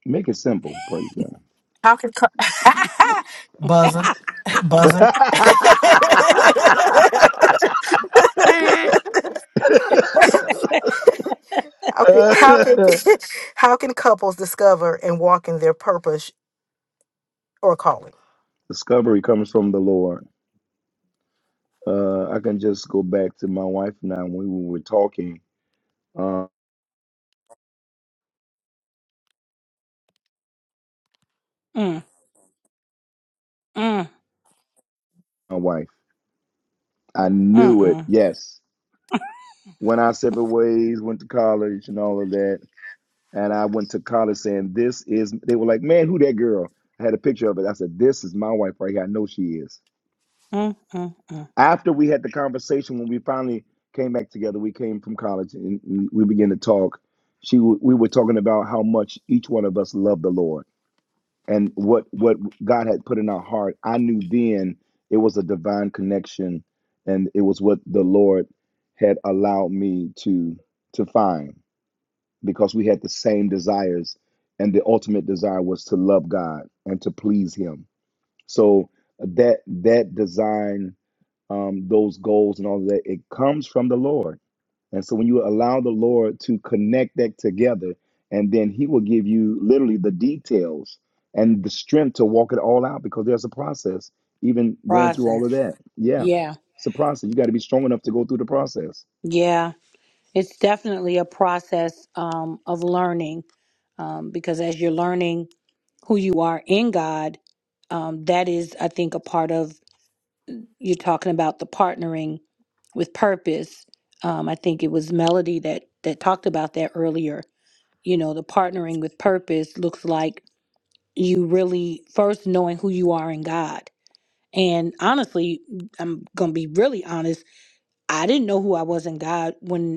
Speaker 2: Make it simple. Praise God.
Speaker 6: How can cou- buzzer, buzzer?
Speaker 1: But
Speaker 6: How can, how can how can couples discover and walk in their purpose or calling?
Speaker 2: Discovery comes from the Lord. Uh, I can just go back to my wife now when we were talking. Uh,
Speaker 1: mm, mm, mm,
Speaker 2: my wife, I knew it.
Speaker 1: mm,
Speaker 2: Yes. When I separate ways, went to college and all of that. And I went to college saying, This is, they were like, Man, who that girl? I had a picture of it. I said, This is my wife right here. I know she is.
Speaker 1: mm, mm, mm.
Speaker 2: After we had the conversation, when we finally came back together, we came from college and and we began to talk. She, w- we were talking about how much each one of us loved the Lord and what what God had put in our heart. I knew then it was a divine connection, and it was what the Lord had allowed me to to find because we had the same desires, and the ultimate desire was to love God and to please Him. So uh, that that design um, those goals and all of that. It comes from the Lord. And so when you allow the Lord to connect that together, and then He will give you literally the details and the strength to walk it all out because there's a process, even going through all
Speaker 1: process.
Speaker 2: of that. Yeah,
Speaker 1: Yeah.
Speaker 2: it's a process. You got to be strong enough to go through the process.
Speaker 1: Yeah. It's definitely a process um, of learning um, because as you're learning who you are in God, um, that is, I think, a part of you're talking about the partnering with purpose. Um, I think it was Melody that that talked about that earlier. You know, the partnering with purpose looks like you really first knowing who you are in God. And honestly, I'm gonna be really honest. I didn't know who I was in God when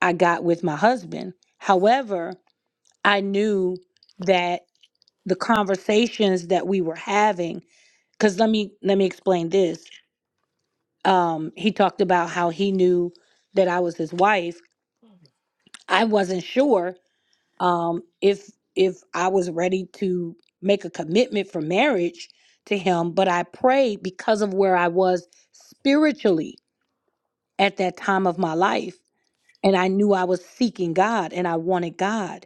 Speaker 1: I got with my husband. However, I knew that the conversations that we were having, because let me let me explain this. Um, he talked about how he knew that I was his wife. I wasn't sure um, if if I was ready to make a commitment for marriage to him, but I prayed because of where I was spiritually at that time of my life, and I knew I was seeking God and I wanted God.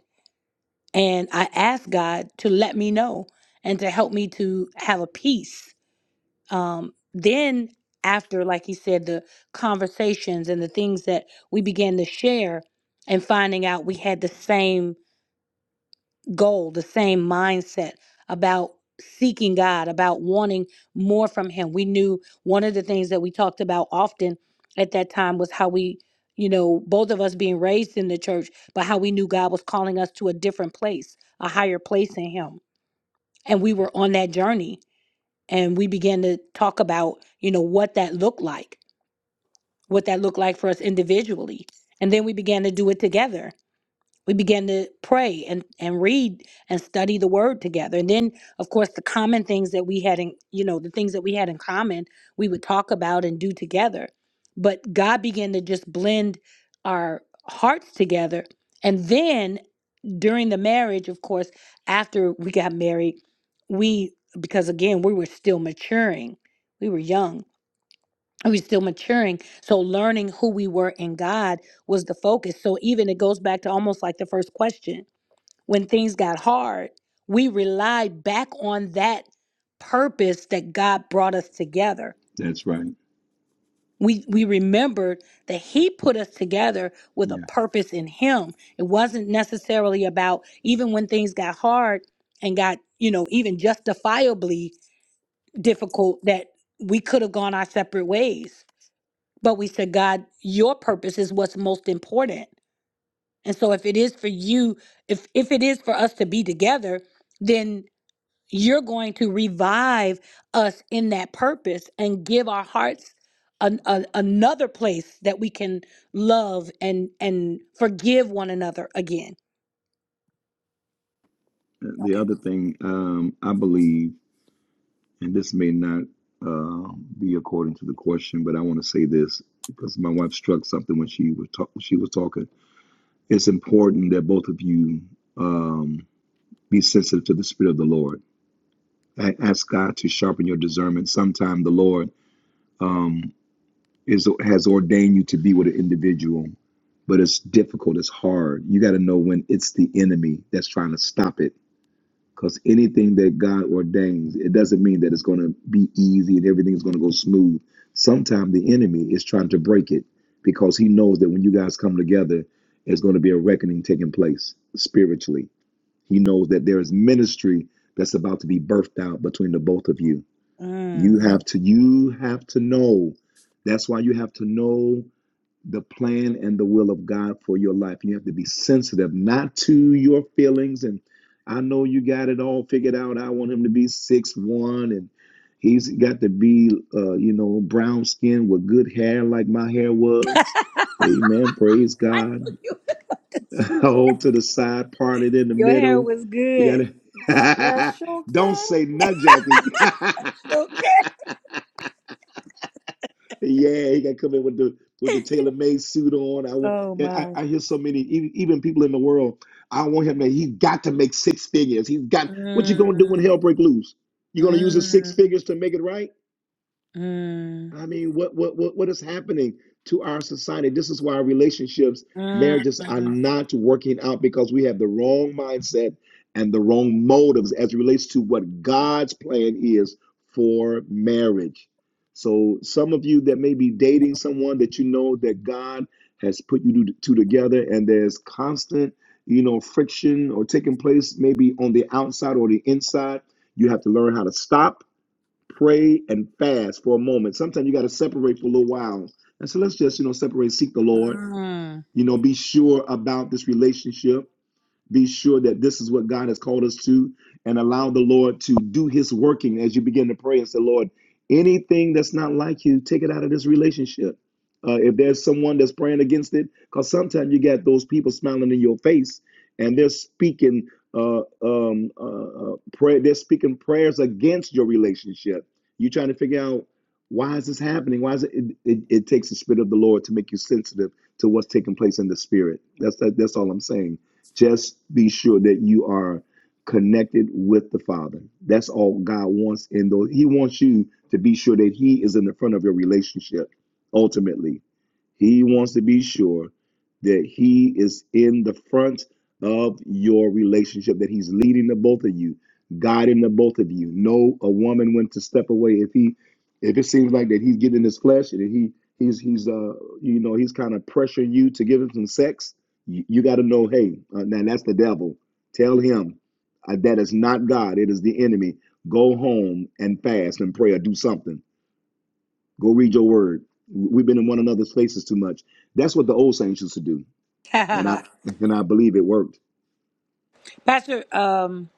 Speaker 1: And I asked God to let me know and to help me to have a peace. Um, then, after, like he said, the conversations and the things that we began to share, and finding out we had the same goal, the same mindset about seeking God, about wanting more from Him. We knew one of the things that we talked about often at that time was how we, you know, both of us being raised in the church, but how we knew God was calling us to a different place, a higher place in Him. And we were on that journey and we began to talk about, you know, what that looked like, what that looked like for us individually. And then we began to do it together we began to pray and, and read and study the word together and then of course the common things that we had in you know the things that we had in common we would talk about and do together but god began to just blend our hearts together and then during the marriage of course after we got married we because again we were still maturing we were young we were still maturing so learning who we were in god was the focus so even it goes back to almost like the first question when things got hard, we relied back on that purpose that God brought us together.
Speaker 2: That's right.
Speaker 1: We we remembered that He put us together with a
Speaker 2: Yeah.
Speaker 1: purpose in Him. It wasn't necessarily about even when things got hard and got you know even justifiably difficult that we could have gone our separate ways. But we said, God, Your purpose is what's most important. And so, if it is for you, if if it is for us to be together, then you're going to revive us in that purpose and give our hearts an, a, another place that we can love and and forgive one another again
Speaker 2: The
Speaker 1: okay
Speaker 2: other thing um, I believe, and this may not uh, be according to the question, but I want to say this because my wife struck something when she was talk- she was talking it's important that both of you um, be sensitive to the spirit of the Lord. A- Ask God to sharpen your discernment. Sometimes the Lord um, is has ordained you to be with an individual, but it's difficult. It's hard. You got to know when it's the enemy that's trying to stop it. Because anything that God ordains, it doesn't mean that it's going to be easy and everything is going to go smooth. Sometimes the enemy is trying to break it because he knows that when you guys come together, it's going to be a reckoning taking place spiritually he knows that there is ministry that's about to be birthed out between the both of you. You
Speaker 1: mm.
Speaker 2: have to you have to know. That's why you have to know the plan and the will of God for your life. You have to be sensitive not to your feelings and I know you got it all figured out. I want him to be six one, and he's got to be, uh, you know, brown skin with good hair like my hair was. Amen. Praise
Speaker 1: i
Speaker 2: God.
Speaker 1: knew you
Speaker 2: hold to the side, parted in the
Speaker 1: your hair
Speaker 2: middle.
Speaker 1: was good
Speaker 2: You gotta
Speaker 5: Special
Speaker 2: don't
Speaker 5: guest.
Speaker 2: say nut jacket.
Speaker 1: okay
Speaker 2: yeah, he gotta come in with the with the tailor made suit on. I want.
Speaker 1: Oh
Speaker 2: Yeah, I,
Speaker 1: my.
Speaker 2: I hear so many even, even people in the world. I want him. To, he's got to make six figures. He's got. What you gonna do when
Speaker 1: mm,
Speaker 2: hell break loose? You gonna use his six
Speaker 1: mm,
Speaker 2: figures to make it right?
Speaker 1: mm,
Speaker 2: I mean, what what what what is happening to our society? This is why relationships, marriages are
Speaker 1: mm.
Speaker 2: not working out because we have the wrong mindset and the wrong motives as it relates to what God's plan is for marriage. So some of you that may be dating someone that you know that God has put you two two together and there's constant, you know, friction or taking place maybe on the outside or the inside, you have to learn how to stop pray and fast for a moment. Sometimes you got to separate for a little while. And so let's just, you know, separate, seek the Lord,
Speaker 1: Mm.
Speaker 2: you know, be sure about this relationship be sure that this is what God has called us to and allow the Lord to do his working as you begin to pray and say, Lord, anything that's not like you, take it out of this relationship. Uh, if there's someone that's praying against it, because sometimes you got those people smiling in your face and they're speaking uh, um, uh, uh, prayer, they're speaking prayers against your relationship. you are trying to figure out why is this happening? Why is it? It, it, it takes the spirit of the Lord to make you sensitive to what's taking place in the spirit. That's that, that's all I'm saying. Just be sure that you are connected with the Father. That's all God wants in those. He wants you to be sure that He is in the front of your relationship. Ultimately, He wants to be sure that He is in the front of your relationship, that He's leading the both of you, guiding the both of you. Know a woman when to step away if he if it seems like that he's getting his flesh and he he's he's uh you know he's kind of pressuring you to give him some sex you, you got to know, hey, uh, now that's the devil. Tell him uh, that is not God. It is the enemy. Go home and fast and pray or do something. Go read your word. We've been in one another's faces too much. That's what the old saints used to do, and I and I believe it worked.
Speaker 1: Pastor, um,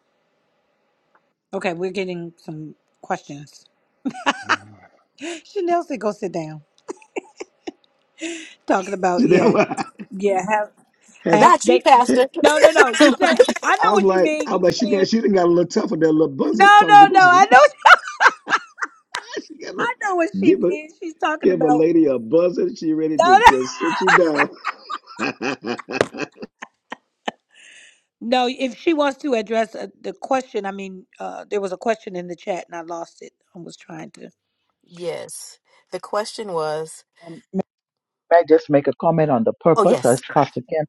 Speaker 1: okay, we're getting some questions. Chanel said, "Go sit down." Talking about yeah,
Speaker 2: Janelle,
Speaker 1: yeah. Have
Speaker 2: have,
Speaker 1: have
Speaker 6: Not you,
Speaker 1: they?
Speaker 2: I
Speaker 6: Pastor.
Speaker 1: No, no, no. You say I know
Speaker 2: was
Speaker 1: what you
Speaker 2: like,
Speaker 1: mean.
Speaker 2: I
Speaker 1: You
Speaker 2: was like, she got
Speaker 1: saying
Speaker 2: she done got a little tougher than a little buzzer.
Speaker 1: no,
Speaker 2: So I was
Speaker 1: no, no. I know.
Speaker 2: like, she got a,
Speaker 1: I know what she
Speaker 2: give a
Speaker 1: means. She's talking
Speaker 2: give a
Speaker 1: about
Speaker 2: lady a buzzer. She ready to
Speaker 1: no, no.
Speaker 2: just sit you down.
Speaker 1: No, if she wants to address uh, the question, I mean, uh, there was a question in the chat and I lost it. I was trying to.
Speaker 6: Yes. The question was,
Speaker 3: um May I just make a comment on the
Speaker 6: Oh
Speaker 3: purpose?
Speaker 6: yes,
Speaker 3: As Pastor Ken,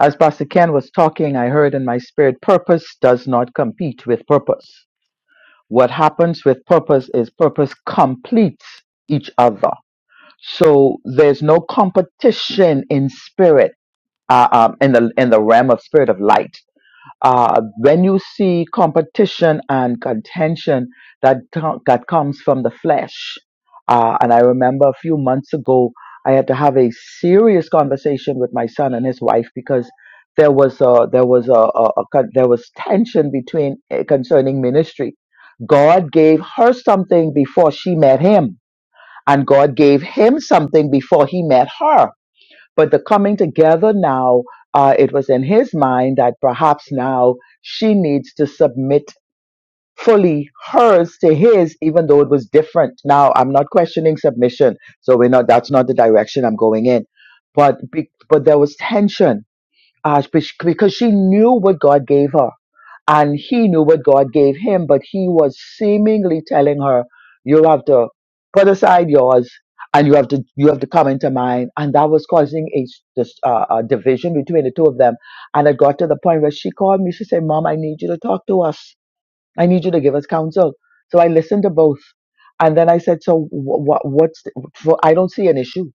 Speaker 3: as Pastor Ken was talking, I heard in my spirit, purpose does not compete with purpose. what happens with purpose is purpose completes each other. So there's no competition in spirit, uh, um, in the in the realm of spirit of light uh, when you see competition and contention that co- that comes from the flesh, uh, and I remember a few months ago I had to have a serious conversation with my son and his wife because there was a, there was a, a, a con- there was tension between eh, concerning ministry. God gave her something before she met him, and God gave him something before he met her but the coming together now, uh, it was in his mind that perhaps now she needs to submit fully hers to his, even though it was different. Now, I'm not questioning submission, so we're not. That's not the direction I'm going in, but be, but there was tension uh, be- because she knew what God gave her and he knew what God gave him, but he was seemingly telling her, "You have to put aside yours, and you have to you have to come into mine." And that was causing a, s- dis- uh, a division between the two of them. And it got to the point where she called me. She said, "Mom, I need you to talk to us. I need you to give us counsel." So I listened to both, and then I said, "So what? What's? The, for- I don't see an issue."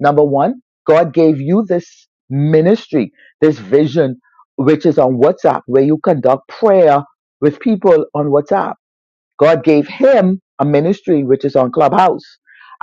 Speaker 3: Number one, God gave you this ministry, this vision, which is on WhatsApp, where you conduct prayer with people on WhatsApp God gave him a ministry which is on Clubhouse.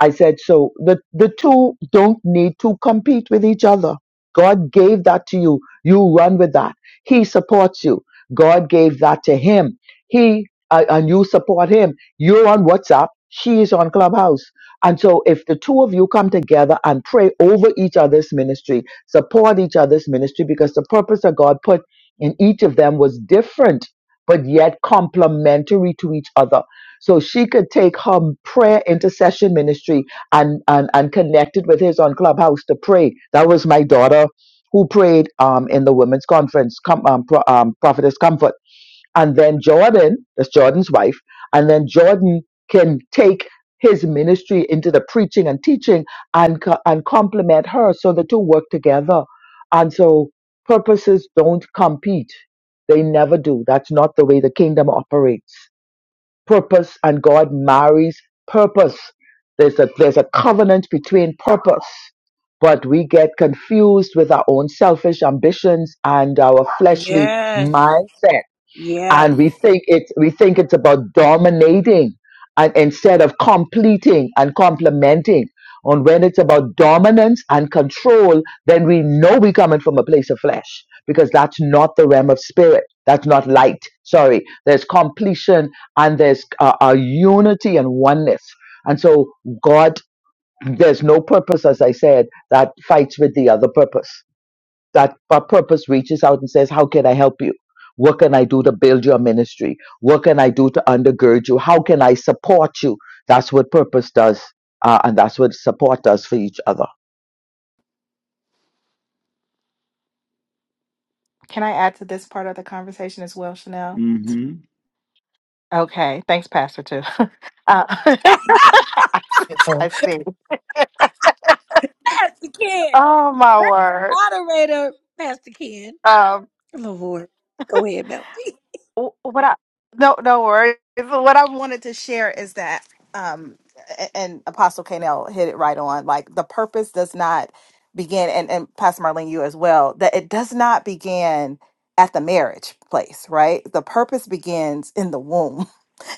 Speaker 3: I said, so the, the two don't need to compete with each other. God gave that to you. You run with that. He supports you. God gave that to him. He uh, and you support him. You're on WhatsApp. She is on Clubhouse. And so if the two of you come together and pray over each other's ministry, support each other's ministry because the purpose that God put in each of them was different but yet complementary to each other. So she could take her prayer intercession ministry and, and, and connect it with his on Clubhouse to pray. That was my daughter who prayed um, in the women's conference, com- um, Pro- um, Prophetess Comfort and then Jordan, that's Jordan's wife, and then Jordan can take his ministry into the preaching and teaching and co- and complement her so the two work together. And so purposes don't compete. They never do. That's not the way the kingdom operates. Purpose and God marries purpose. There's a there's a covenant between purpose. But we get confused with our own selfish ambitions and our fleshly
Speaker 1: Yes.
Speaker 3: mindset
Speaker 1: Yes.
Speaker 3: and we think it's we think it's about dominating and instead of completing and complementing and when it's about dominance and control then we know we're coming from a place of flesh because that's not the realm of spirit that's not light sorry there's completion and there's uh, a unity and oneness and so god there's no purpose as i said that fights with the other purpose that our purpose reaches out and says, How can I help you? What can I do to build your ministry? What can I do to undergird you? How can I support you? That's what purpose does. Uh, and that's what support does for each other.
Speaker 4: Can I add to this part of the conversation as well, Chanel?
Speaker 2: mm hmm
Speaker 4: Okay, thank you. Uh,
Speaker 6: so
Speaker 4: I see.
Speaker 1: Pastor Ken.
Speaker 4: Oh my
Speaker 1: Let the
Speaker 4: word.
Speaker 1: moderator, Pastor Ken. Lord. Go ahead, Melody.
Speaker 4: what I no no worries. What I wanted to share is that um a- and Apostle Canel hit it right on. Like the purpose does not begin and, and Pastor Marlene you as well, that it does not begin at the marriage place, right? The purpose begins in the womb.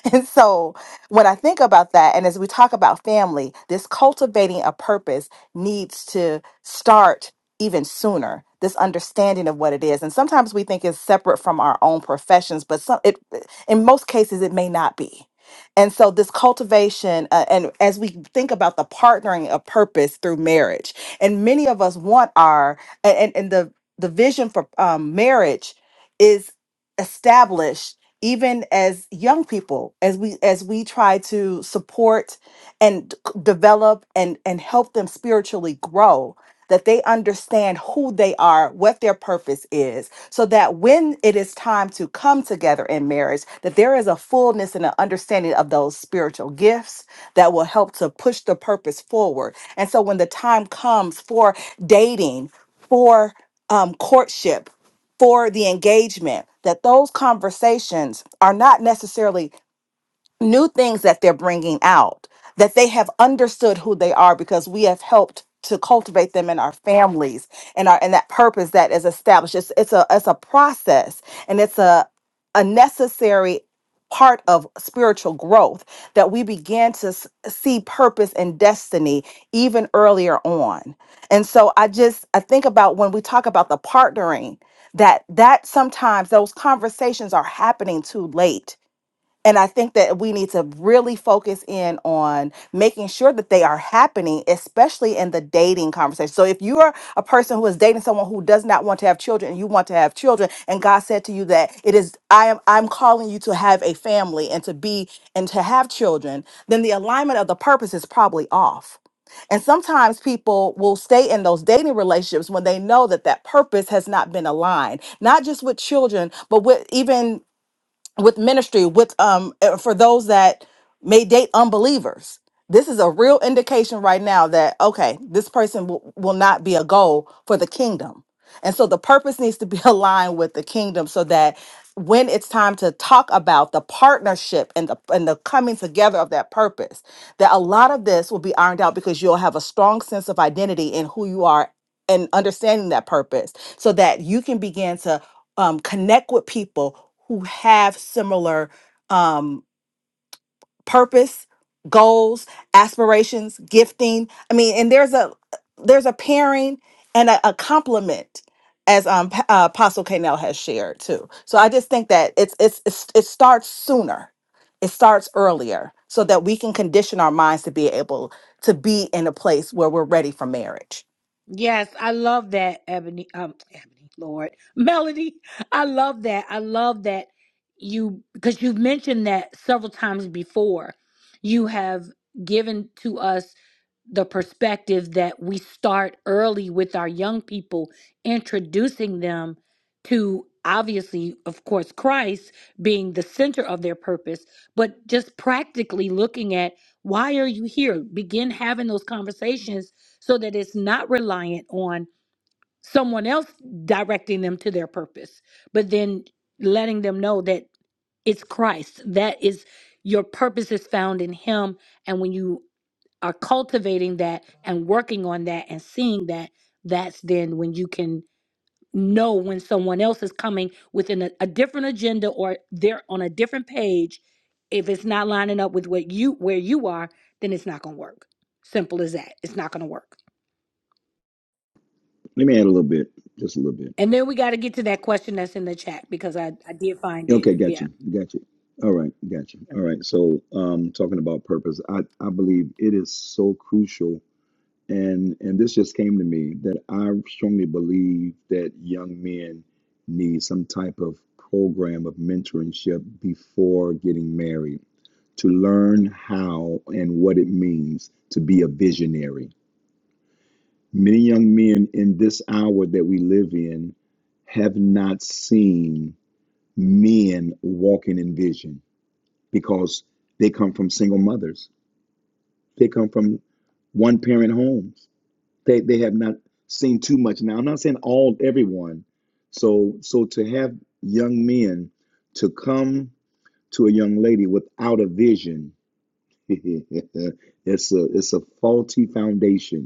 Speaker 4: And so when I think about that, and as we talk about family, this cultivating a purpose needs to start even sooner this understanding of what it is and sometimes we think it's separate from our own professions but some it in most cases it may not be and so this cultivation uh, and as we think about the partnering of purpose through marriage and many of us want our and and, and the the vision for um, marriage is established even as young people as we as we try to support and d- c- develop and and help them spiritually grow that they understand who they are what their purpose is so that when it is time to come together in marriage that there is a fullness and an understanding of those spiritual gifts that will help to push the purpose forward and so when the time comes for dating for um, courtship for the engagement that those conversations are not necessarily new things that they're bringing out that they have understood who they are because we have helped to cultivate them in our families and our and that purpose that is established it's, it's a it's a process and it's a a necessary part of spiritual growth that we begin to s- see purpose and destiny even earlier on and so i just i think about when we talk about the partnering that that sometimes those conversations are happening too late and I think that we need to really focus in on making sure that they are happening, especially in the dating conversation. So, if you are a person who is dating someone who does not want to have children and you want to have children, and God said to you that it is, I am, I'm calling you to have a family and to be and to have children, then the alignment of the purpose is probably off. And sometimes people will stay in those dating relationships when they know that that purpose has not been aligned, not just with children, but with even with ministry with um uh, for those that may date unbelievers this is a real indication right now that okay this person will, will not be a goal for the kingdom and so the purpose needs to be aligned with the kingdom so that when it's time to talk about the partnership and the and the coming together of that purpose that a lot of this will be ironed out because you'll have a strong sense of identity in who you are and understanding that purpose so that you can begin to um, connect with people who have similar um, purpose, goals, aspirations, gifting. I mean, and there's a there's a pairing and a, a complement, as um, Pa- uh, Apostle Kanell has shared too. So I just think that it's, it's it's it starts sooner, it starts earlier, so that we can condition our minds to be able to be in a place where we're ready for marriage.
Speaker 1: Yes, I love that, Ebony. Um, Ebony, Lord, Melody. I love that. I love that you because you've mentioned that several times before. You have given to us the perspective that we start early with our young people, introducing them to obviously, of course, Christ being the center of their purpose, but just practically looking at why are you here? Begin having those conversations so that it's not reliant on someone else directing them to their purpose, but then letting them know that it's Christ. That is your purpose is found in Him. And when you are cultivating that and working on that and seeing that that's then when you can know when someone else is coming with an, a different agenda or they're on a different page if it's not lining up with what you where you are then it's not going to work simple as that it's not going to work
Speaker 2: Let me add a little bit, just a little bit.
Speaker 1: and then we got to get to that question that's in the chat because i i did find it
Speaker 2: Okay, got
Speaker 1: yeah
Speaker 2: you, got you. All right, got you. All right. So, um, talking about purpose, I I believe it is so crucial, and and this just came to me that I strongly believe that young men need some type of program of mentorship before getting married to learn how and what it means to be a visionary. Many young men in this hour that we live in have not seen men walking in vision because they come from single mothers. They come from one parent homes. They they have not seen too much. Now I'm not saying all everyone. So so to have young men to come to a young lady without a vision, it's a it's a faulty foundation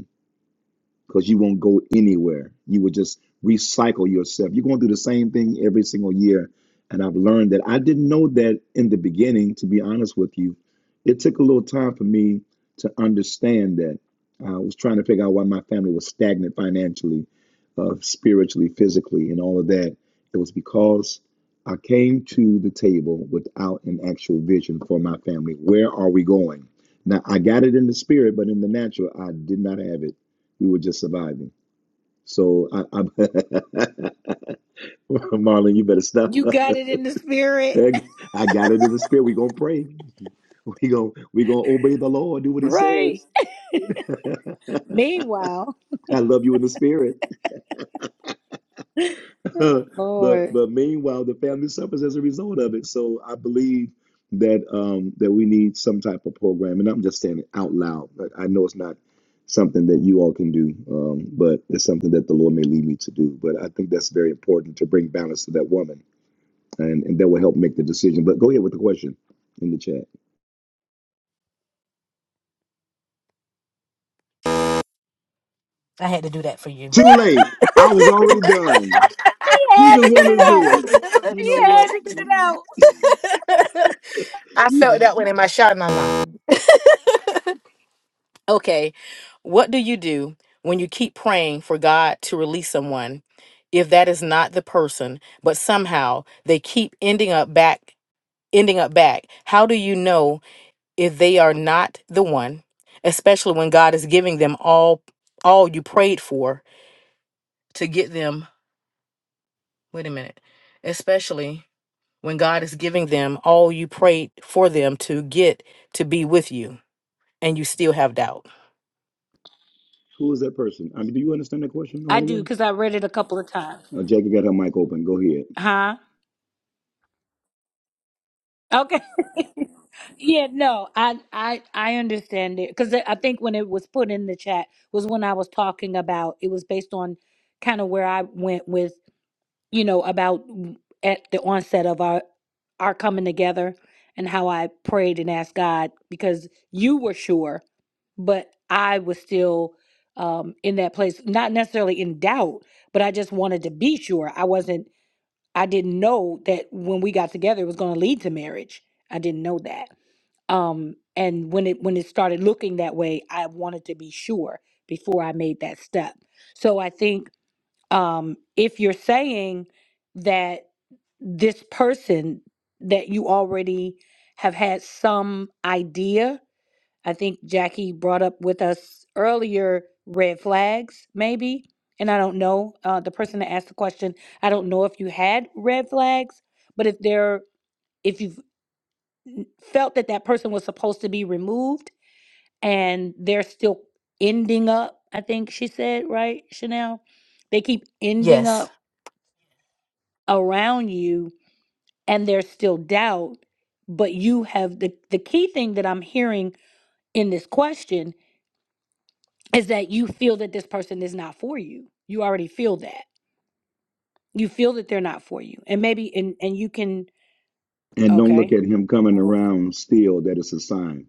Speaker 2: because you won't go anywhere. You will just recycle yourself. You're going to do the same thing every single year. And I've learned that I didn't know that in the beginning, to be honest with you. It took a little time for me to understand that. I was trying to figure out why my family was stagnant financially, uh, spiritually, physically, and all of that. It was because I came to the table without an actual vision for my family. Where are we going? Now, I got it in the spirit, but in the natural, I did not have it. We were just surviving. So I, I'm Marlon, you better stop.
Speaker 1: you got it in the spirit
Speaker 2: I got it in the spirit. We're gonna pray. We gonna we gonna obey the Lord, do what he
Speaker 1: right
Speaker 2: says.
Speaker 1: meanwhile
Speaker 2: I love you in the spirit.
Speaker 1: oh,
Speaker 2: but
Speaker 1: lord
Speaker 2: but meanwhile, the family suffers as a result of it. So I believe that um that we need some type of program. And I'm just saying it out loud. I know it's not something that you all can do, um, but it's something that the Lord may lead me to do. But I think that's very important to bring balance to that woman and, and that will help make the decision. But go ahead with the question in the chat.
Speaker 6: I had to do that for you.
Speaker 2: Too late. I was already done.
Speaker 1: he
Speaker 2: You
Speaker 1: had
Speaker 2: just
Speaker 1: to get
Speaker 2: wanted
Speaker 1: it
Speaker 2: to
Speaker 1: out
Speaker 2: do
Speaker 6: I
Speaker 2: it. You
Speaker 1: he
Speaker 2: know
Speaker 1: had
Speaker 2: what?
Speaker 1: to get it out
Speaker 6: felt
Speaker 2: You,
Speaker 6: that one in my shot, nah, nah. okay, what do you do when you keep praying for God to release someone if that is not the person, but somehow they keep ending up back ending up back? How do you know if they are not the one, especially when God is giving them all all you prayed for to get them. Wait a minute. Especially when God is giving them all you prayed for them to get to be with you and you still have doubt.
Speaker 2: who is that person? I mean, do you understand that question all
Speaker 1: I
Speaker 2: the
Speaker 1: do
Speaker 2: way?
Speaker 1: because I read it a couple of times.
Speaker 2: Uh, Jackie got her mic open. Go ahead.
Speaker 1: Huh? Okay. yeah. No, I I I understand it because I think when it was put in the chat was when I was talking about it was based on kind of where I went with you know about w- at the onset of our our coming together and how I prayed and asked God because you were sure, but I was still um in that place not necessarily in doubt but i just wanted to be sure i wasn't I didn't know that when we got together it was going to lead to marriage. I didn't know that. Um and when it when it started looking that way, I wanted to be sure before I made that step. So I think um if you're saying that this person that you already have had some idea I think Jackie brought up with us earlier red flags, maybe. And I don't know, uh, the person that asked the question, I don't know if you had red flags, but if there, if you felt that that person was supposed to be removed and they're still ending up, I think she said, right, Chanel? They keep ending
Speaker 6: Yes.
Speaker 1: up around you and there's still doubt, but you have the, the key thing that I'm hearing in this question is that you feel that this person is not for you. You already feel that. You feel that they're not for you. And maybe and and you can
Speaker 2: And don't look
Speaker 1: okay.
Speaker 2: at him coming
Speaker 1: Oh.
Speaker 2: around still. That is a sign.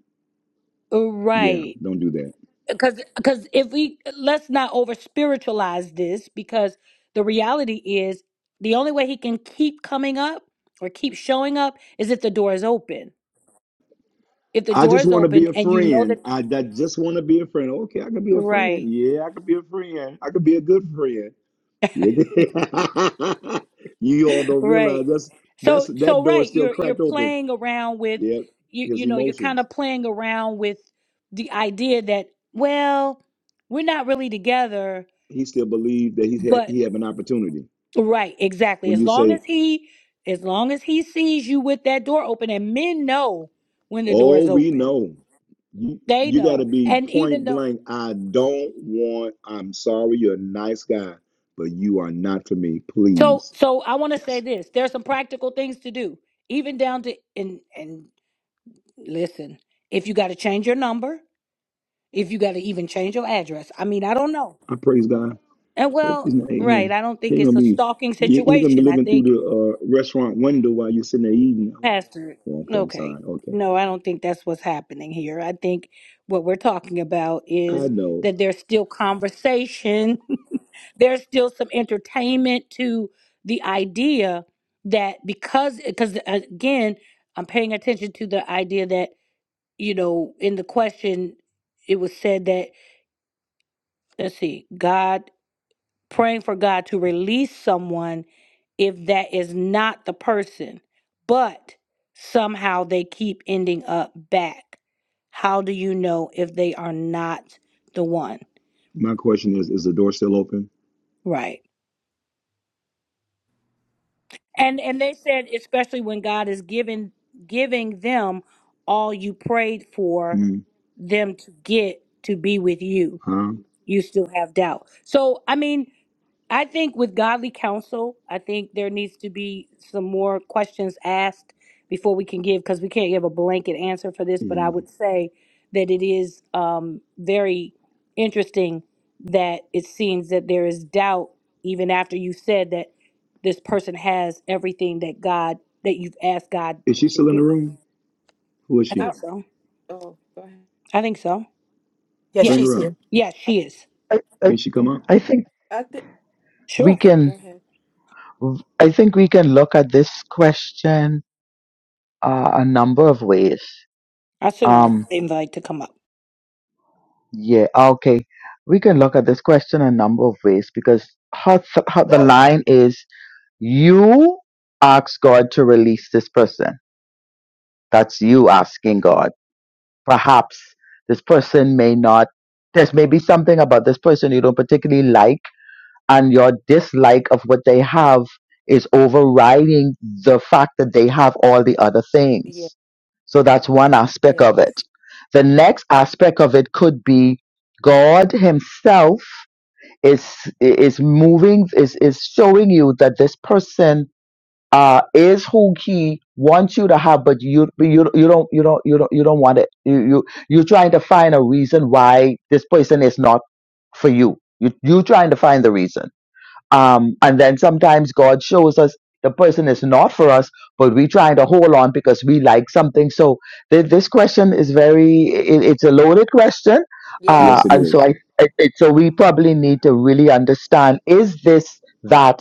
Speaker 2: Yeah,
Speaker 1: Right.
Speaker 2: don't do that.
Speaker 1: Cuz cuz if we let's not over spiritualize this because the reality is the only way he can keep coming up or keep showing up is if the door is open. If the
Speaker 2: I
Speaker 1: door
Speaker 2: just
Speaker 1: is
Speaker 2: want to be
Speaker 1: open
Speaker 2: a
Speaker 1: and you know
Speaker 2: friend.
Speaker 1: that
Speaker 2: I, I just want to be a friend. Okay, I can be a
Speaker 1: right
Speaker 2: friend. Yeah, I can be a friend. I can be a good friend. You get- You all don't realize
Speaker 1: Right.
Speaker 2: that's that's
Speaker 1: So
Speaker 2: that
Speaker 1: so
Speaker 2: door is
Speaker 1: right,
Speaker 2: still
Speaker 1: you're you're
Speaker 2: cracked open.
Speaker 1: playing around with
Speaker 2: Yep,
Speaker 1: you
Speaker 2: his
Speaker 1: you know, you're kind
Speaker 2: emotions.
Speaker 1: of playing around with the idea that well, we're not really together,
Speaker 2: He still believed that he had he
Speaker 1: but
Speaker 2: have an opportunity.
Speaker 1: right, exactly.
Speaker 2: When
Speaker 1: As
Speaker 2: you
Speaker 1: long
Speaker 2: say,
Speaker 1: as he as long as he sees you with that door open and men know when the door is
Speaker 2: "Oh, we
Speaker 1: open.
Speaker 2: know," you
Speaker 1: They
Speaker 2: you got to
Speaker 1: know.
Speaker 2: be
Speaker 1: And even
Speaker 2: point
Speaker 1: though
Speaker 2: blank. I don't want. I'm sorry. You're a nice guy, but you are not for me.
Speaker 1: so
Speaker 2: Please.
Speaker 1: so I want to say
Speaker 2: Yes.
Speaker 1: this, there's some practical things to do, even down to and and listen, if you got to change your number, if you got to even change your address. I mean, I don't know.
Speaker 2: I praise God.
Speaker 1: And
Speaker 2: Hope he's
Speaker 1: well,
Speaker 2: not.
Speaker 1: right,
Speaker 2: Amen.
Speaker 1: I don't
Speaker 2: He
Speaker 1: think
Speaker 2: ain't
Speaker 1: it's
Speaker 2: gonna
Speaker 1: a
Speaker 2: be.
Speaker 1: stalking
Speaker 2: He, he gonna be
Speaker 1: situation. I
Speaker 2: looking through
Speaker 1: think,
Speaker 2: the uh, restaurant window while you're sitting there eating.
Speaker 1: Pastor,
Speaker 2: Oh, okay. I'm
Speaker 1: okay,
Speaker 2: sorry. Okay.
Speaker 1: no, I don't think that's what's happening here. I think what we're talking about
Speaker 2: I
Speaker 1: is
Speaker 2: know.
Speaker 1: that there's still conversation, there's still some entertainment to the idea that because, because again, I'm paying attention to the idea that, you know, in the question, it was said that, let's see, God praying for God to release someone if that is not the person, but somehow they keep ending up back. How do you know if they are not the one?
Speaker 2: My question is: Is the door still open?
Speaker 1: Right. And and they said especially when God is giving giving them all you prayed for
Speaker 2: Hmm.
Speaker 1: them to get to be with you,
Speaker 2: Huh?
Speaker 1: you still have doubt. So I mean, I think with godly counsel, I think there needs to be some more questions asked before we can give, because we can't give a blanket answer for this. But I
Speaker 2: Yeah.
Speaker 1: would say that it is um, very interesting that it seems that there is doubt even after you said that this person has everything that God that you've asked God
Speaker 2: Is she
Speaker 1: to
Speaker 2: still in the
Speaker 1: give. them.
Speaker 2: room? Who is
Speaker 1: I
Speaker 2: she?
Speaker 5: I,
Speaker 1: think so.
Speaker 5: oh, go ahead.
Speaker 1: I think so.
Speaker 6: Yes,
Speaker 1: Yeah.
Speaker 2: Bring
Speaker 6: she's
Speaker 2: her
Speaker 6: here.
Speaker 2: up.
Speaker 1: Yeah, she is.
Speaker 3: I, I,
Speaker 2: Can she come up?
Speaker 3: I think
Speaker 5: I think.
Speaker 3: we
Speaker 1: Sure.
Speaker 3: can
Speaker 5: Go ahead.
Speaker 3: I think we can look at this question uh, a number of ways.
Speaker 1: I sent her an
Speaker 3: Um,
Speaker 1: invite to come up.
Speaker 3: yeah, okay. We can look at this question a number of ways because how, how the line is you ask God to release this person That's you asking God. Perhaps this person may not, there's maybe something about this person you don't particularly like, and your dislike of what they have is overriding the fact that they have all the other
Speaker 5: Yeah.
Speaker 3: things. So that's one aspect
Speaker 5: Yes.
Speaker 3: of it. The next aspect of it could be God Himself is is moving is is showing you that this person uh, is who he wants you to have, but you you you don't you don't you don't you don't want it. You you you're trying to find a reason why this person is not for you. You you're trying to find the reason. Um, and then sometimes God shows us the person is not for us, but we're trying to hold on because we like something. So th- this question is very, it, it's a loaded question. Uh,
Speaker 2: Yes, it
Speaker 3: and
Speaker 5: Yes.
Speaker 3: so
Speaker 2: is.
Speaker 3: I, it, it, so we probably need to really understand, is this that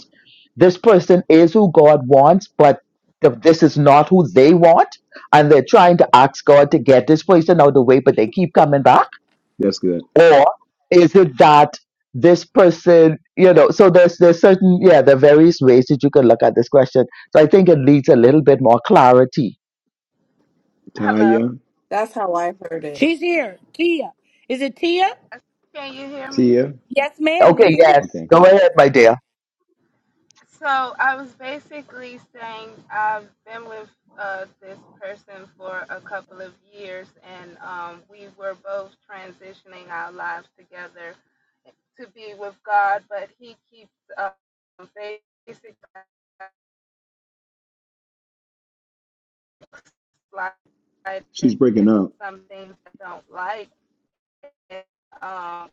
Speaker 3: this person is who God wants, but th- this is not who they want? And they're trying to ask God to get this person out of the way, but they keep coming back
Speaker 2: That's good.
Speaker 3: or is it that this person you know so there's there's certain yeah there are various ways that you can look at this question so i think it needs a little bit more clarity
Speaker 7: Hello.
Speaker 2: Taya,
Speaker 5: That's how I heard it.
Speaker 1: She's here. Tia. Is it Tia?
Speaker 7: Can you hear me?
Speaker 2: Tia.
Speaker 1: Yes, ma'am. We
Speaker 3: okay
Speaker 1: hear you.
Speaker 3: yes
Speaker 2: Okay.
Speaker 3: go ahead my dear
Speaker 7: So I was basically saying I've been with uh, this person for a couple of years, and um, we were both transitioning our lives together to be with God, but he keeps uh, basically sliding
Speaker 2: She's breaking up.
Speaker 7: some things I don't like. And, um,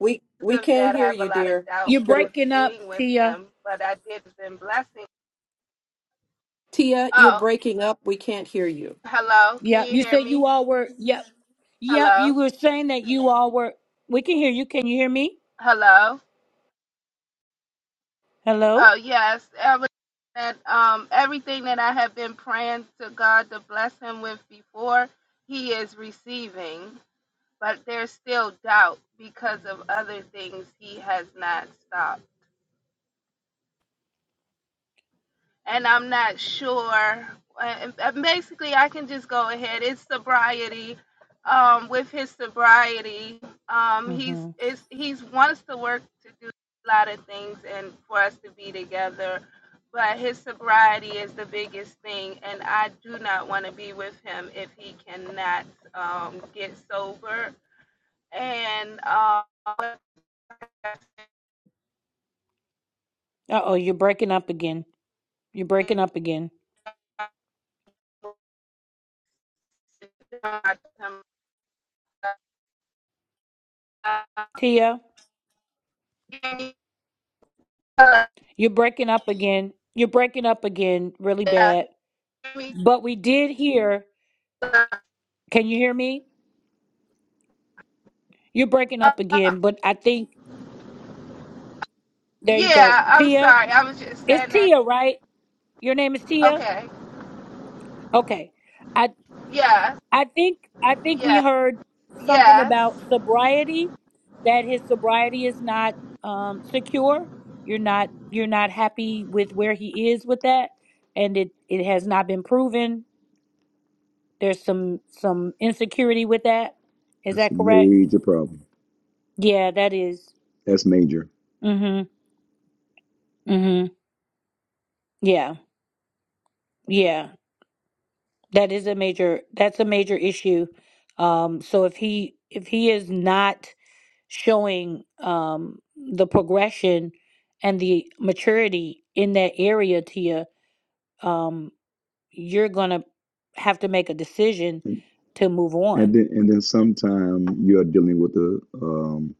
Speaker 5: We we
Speaker 7: because of
Speaker 5: can't
Speaker 7: that, I
Speaker 5: hear
Speaker 7: have a
Speaker 5: you,
Speaker 7: lot of
Speaker 5: dear.
Speaker 7: doubt
Speaker 1: You're
Speaker 5: You're,
Speaker 7: with
Speaker 1: breaking up,
Speaker 7: being with
Speaker 1: Tia.
Speaker 7: him, but I did been blessing.
Speaker 5: Tia, you're
Speaker 7: Oh,
Speaker 5: breaking up. We can't hear you.
Speaker 7: Hello, can
Speaker 1: Yep.
Speaker 7: you
Speaker 1: You
Speaker 7: hear
Speaker 1: said
Speaker 7: me?
Speaker 1: you all were yep. Yep. You
Speaker 7: Hello,
Speaker 1: were saying that you all were we can hear you. Can you hear me?
Speaker 7: hello.
Speaker 1: Hello?
Speaker 7: Oh yes, ever that um everything that I have been praying to God to bless him with before, he is receiving. But there's still doubt because of other things he has not stopped. and I'm not sure. And and basically, I can just go ahead. It's sobriety. Um, with his sobriety, um, he's
Speaker 1: Mm-hmm.
Speaker 7: is he's wants to work to do a lot of things and for us to be together, but his sobriety is the biggest thing, and I do not want to be with him if he cannot um, get sober. And uh,
Speaker 1: Uh oh, you're breaking up again. You're breaking up again. Tia, you're breaking up again. You're breaking up again really
Speaker 7: yeah,
Speaker 1: bad.
Speaker 7: me.
Speaker 1: But we did hear.
Speaker 7: Uh,
Speaker 1: Can you hear me? You're breaking up again, but I think there you go.
Speaker 7: yeah, I'm
Speaker 1: Tia,
Speaker 7: sorry. I was just
Speaker 1: it's
Speaker 7: saying that.
Speaker 1: Tia, right? Your name is Tia?
Speaker 7: Okay.
Speaker 1: Okay. I
Speaker 7: Yes.
Speaker 1: I think I think we
Speaker 7: Yes.
Speaker 1: heard something
Speaker 7: Yes.
Speaker 1: about sobriety that his sobriety is not um secure. You're not you're not happy with where he is with that and it it has not been proven. There's some some insecurity with that. Is
Speaker 2: That's a
Speaker 1: that correct?
Speaker 2: major problem.
Speaker 1: Yeah, that is.
Speaker 2: That's major.
Speaker 1: Mhm. Mhm. Yeah. Yeah. That is a major that's a major issue. Um, so if he if he is not showing um, the progression and the maturity in that area, Tia, um, you're gonna have to make a decision
Speaker 2: And,
Speaker 1: to move on.
Speaker 2: and then, and then, sometime you're dealing with a um,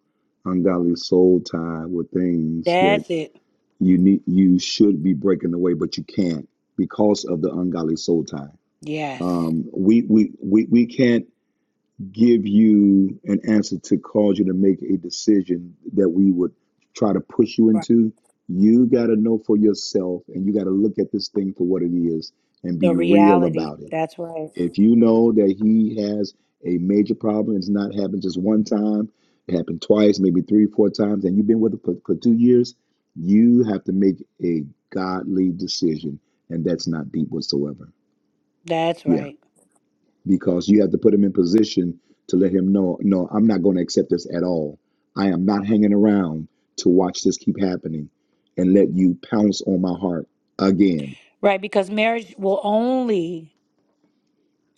Speaker 2: ungodly soul tie with things that
Speaker 1: That's it.
Speaker 2: you need, you should be breaking away, but you can't because of the ungodly soul tie.
Speaker 1: Yes.
Speaker 2: Um, we, we, we, we can't give you an answer to cause you to make a decision that we would try to push you
Speaker 1: Right.
Speaker 2: into. You got to know for yourself and you got to look at this thing for what it is and
Speaker 1: The
Speaker 2: be real
Speaker 1: reality.
Speaker 2: about it.
Speaker 1: That's right.
Speaker 2: If you know that he has a major problem, it's not happened just one time, it happened twice, maybe three, four times, and you've been with him for, for two years, you have to make a godly decision. And that's not deep whatsoever.
Speaker 1: That's
Speaker 2: Yeah
Speaker 1: right.
Speaker 2: because you have to put him in position to let him know no i'm not going to accept this at all i am not hanging around to watch this keep happening and let you pounce on my heart again
Speaker 1: Right, because marriage will only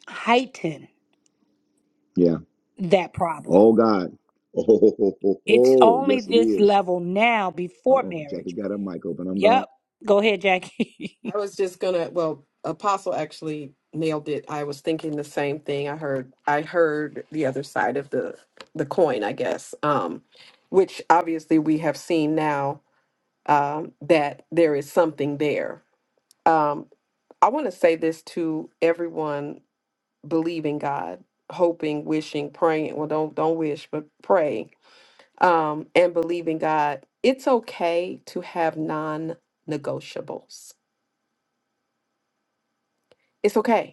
Speaker 1: heighten
Speaker 2: yeah
Speaker 1: that problem.
Speaker 2: oh god oh, oh, oh, oh,
Speaker 1: It's
Speaker 2: oh.
Speaker 1: only
Speaker 2: yes it
Speaker 1: this
Speaker 2: is
Speaker 1: level now before
Speaker 2: uh-oh jackie
Speaker 1: marriage.
Speaker 2: got her mic open i'm gone
Speaker 1: Yep. Go ahead, Jackie.
Speaker 5: I was just gonna, well, Apostle actually nailed it. I was thinking the same thing. I heard I heard the other side of the the coin, I guess. Um, which obviously we have seen now um that there is something there. Um, I want to say this to everyone believing God, hoping, wishing, praying. Well, don't don't wish, but pray. Um, and believing God, it's okay to have non-negotiables. It's okay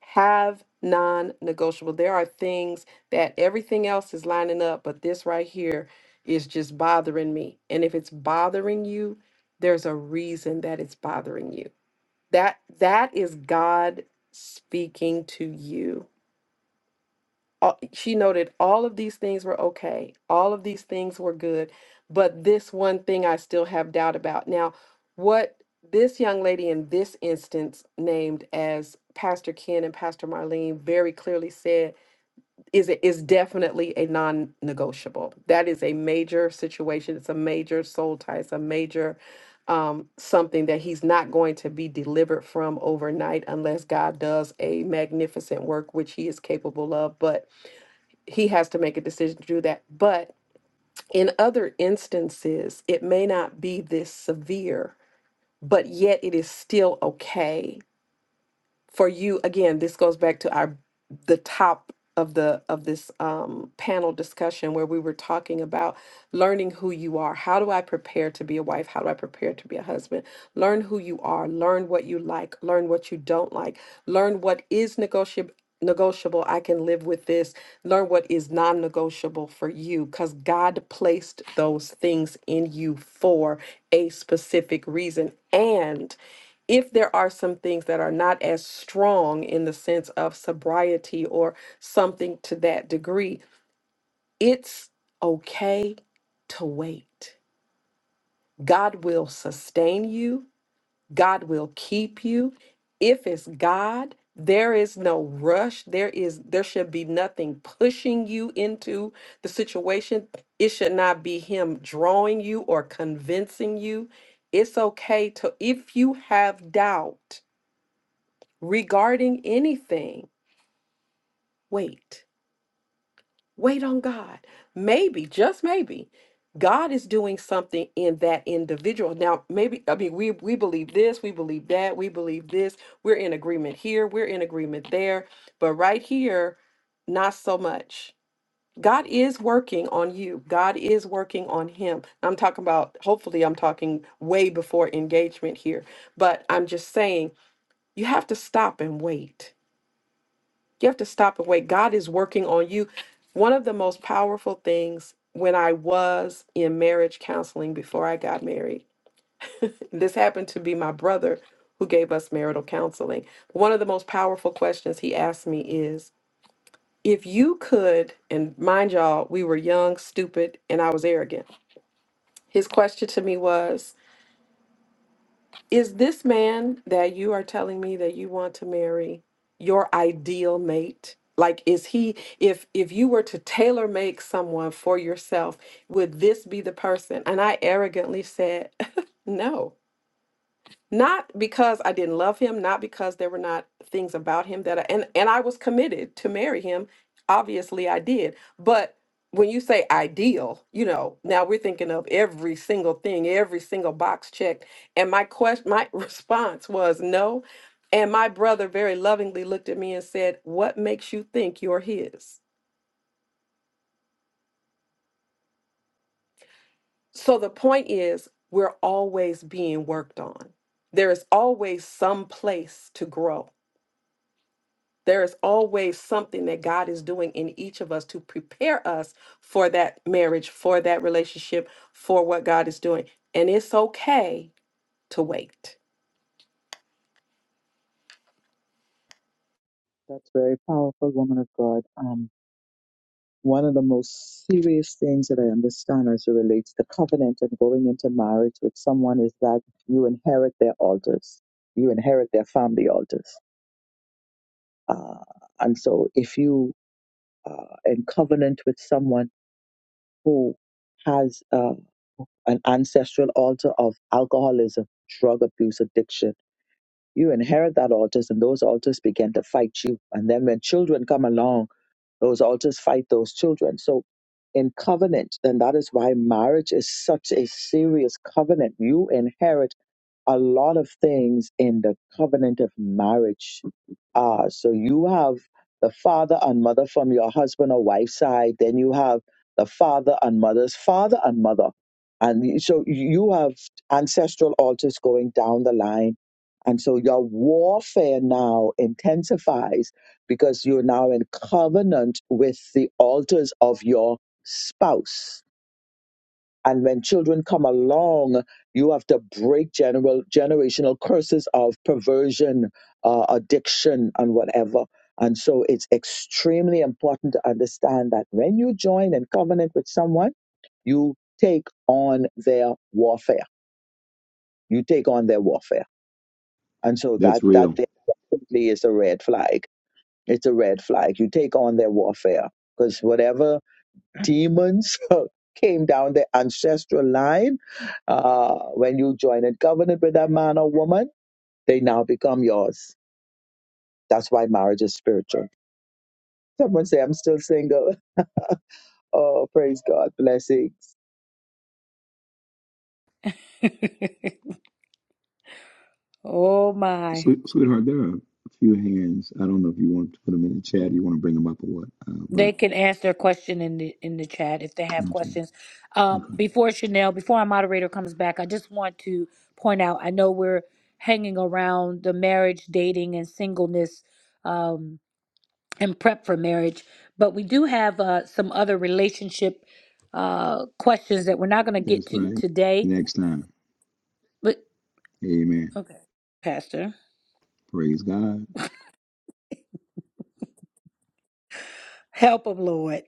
Speaker 5: have non-negotiable there are things that everything else is lining up but this right here is just bothering me and if it's bothering you there's a reason that it's bothering you that that is god speaking to you all- she noted all of these things were okay, all of these things were good, but this one thing I still have doubt about. Now, what this young lady in this instance named as Pastor Ken and Pastor Marlene very clearly said is it is definitely a non-negotiable. That is a major situation. It's a major soul tie. It's a major um, something that he's not going to be delivered from overnight unless God does a magnificent work, which he is capable of. But he has to make a decision to do that. But in other instances, it may not be this severe, but yet it is still okay for you again this goes back to our the top of the of this um, panel discussion where we were talking about learning who you are how do i prepare to be a wife how do i prepare to be a husband learn who you are learn what you like learn what you don't like learn what is negotiable negotiable i can live with this learn what is non-negotiable for you because god placed those things in you for a specific reason and if there are some things that are not as strong in the sense of sobriety or something to that degree, it's okay to wait. God will sustain you, God will keep you. If it's God, there is no rush. There is there should be nothing pushing you into the situation. It should not be him drawing you or convincing you. It's okay to if you have doubt regarding anything, wait. Wait on God. Maybe, just maybe, God is doing something in that individual. Now, maybe, I mean, we, we believe this, we believe that, we believe this. We're in agreement here, we're in agreement there. But right here, not so much. God is working on you. God is working on him. I'm talking about, hopefully, I'm talking way before engagement here, but I'm just saying you have to stop and wait You have to stop and wait. God is working on you. One of the most powerful things when I was in marriage counseling before I got married, this happened to be my brother who gave us marital counseling. One of the most powerful questions he asked me is if you could, and mind y'all, we were young, stupid, and I was arrogant. His question to me was, Is this man that you are telling me that you want to marry your ideal mate? Like is he if if you were to tailor make someone for yourself, would this be the person? And I arrogantly said, "No." Not because I didn't love him, not because there were not things about him that I, and and I was committed to marry him. Obviously, I did. But when you say ideal, you know, now we're thinking of every single thing, every single box checked. And my question, my response was no. And my brother very lovingly looked at me and said, What makes you think you're his? So the point is, we're always being worked on. There is always some place to grow There is always something that God is doing in each of us to prepare us for that marriage, for that relationship, for what God is doing. And it's okay to wait.
Speaker 3: That's very powerful, woman of God. Um, one as it relates to covenant and going into marriage, that you inherit their altars, you inherit their family altars, uh, and so if you uh, and someone who has uh. an ancestral altar of alcoholism, drug abuse, addiction. You inherit that altars, and those altars begin to fight you. And then when children come along, those altars fight those children. So in covenant, then that is why marriage is such a serious covenant. You inherit a lot of things in the covenant of marriage Ah, so you have the father and mother from your husband or wife's side. Then you have the father and mother's father and mother. And y- so you have ancestral altars going down the line. And so your warfare now intensifies because you're now in covenant with the altars of your spouse and when children come along, you have to break general generational curses of perversion, uh, addiction, and whatever. And so it's extremely important to understand that when you join in covenant with someone, you take on their warfare. You take on their warfare. And so
Speaker 2: that's
Speaker 3: that that
Speaker 2: real
Speaker 3: definitely is a red flag. It's a red flag. You take on their warfare because whatever demons came down the ancestral line. Uh, when you join in covenant with that man or woman, they now become yours. That's why marriage is spiritual. Someone say, I'm still single. Oh, praise God. Blessings.
Speaker 1: oh my.
Speaker 2: Sweet, sweetheart there are a few hands i don't know if you want to put them in the chat you want to bring them up or what uh, but
Speaker 1: They can ask their question in the in the chat if they have
Speaker 2: in chat
Speaker 1: questions. Um,
Speaker 2: okay
Speaker 1: before Chanel, before our moderator comes back, I just want to point out. I know we're hanging around the marriage, dating, and singleness, um, and prep for marriage, but we do have uh, some other relationship uh, questions that we're not going to get
Speaker 2: that's
Speaker 1: to
Speaker 2: right
Speaker 1: today.
Speaker 2: next time
Speaker 1: But
Speaker 2: amen
Speaker 1: okay, Pastor.
Speaker 2: praise god
Speaker 1: Help them, Lord.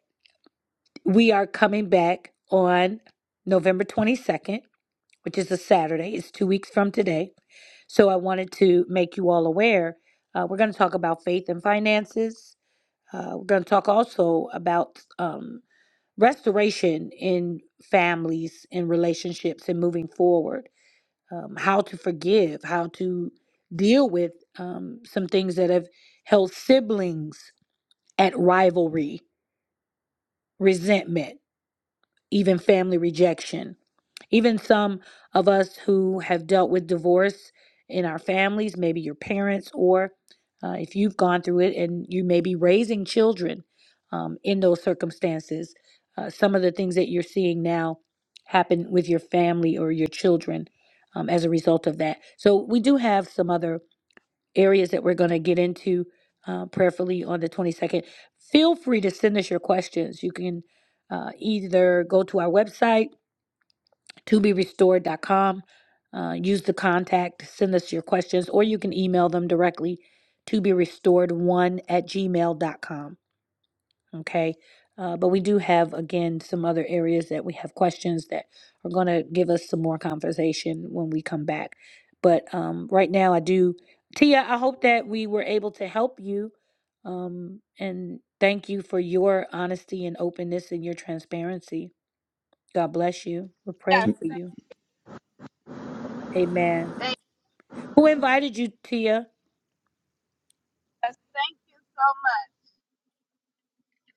Speaker 1: We are coming back on November 22nd, which is a Saturday. It's two weeks from today. So I wanted to make you all aware. Uh, we're going to talk about faith and finances. Uh, we're going to talk also about um, restoration in families and relationships and moving forward, um, how to forgive, how to deal with um, some things that have held siblings at rivalry, resentment even family rejection. Even some of us who have dealt with divorce in our families, maybe your parents, or uh, if you've gone through it and you may be raising children um, in those circumstances, uh, some of the things that you're seeing now happen with your family or your children um, as a result of that. So, we do have some other areas that we're going to get into uh, prayerfully on the 22nd. Feel free to send us your questions. You can uh, either go to our website, toberestored.com, uh, use the contact, send us your questions, or you can email them directly to be restored1 at gmail dot com. Okay. Uh, but we do have, again, some other areas that we have questions that are going to give us some more conversation when we come back. But um, right now, I do, Tia, I hope that we were able to help you. Um, and thank you for your honesty and openness and your transparency. God bless you. We're
Speaker 7: Yes.
Speaker 2: Okay.
Speaker 1: praying for you. Amen.
Speaker 7: Thank,
Speaker 1: Who invited you, Tia?
Speaker 7: yes. Thank you so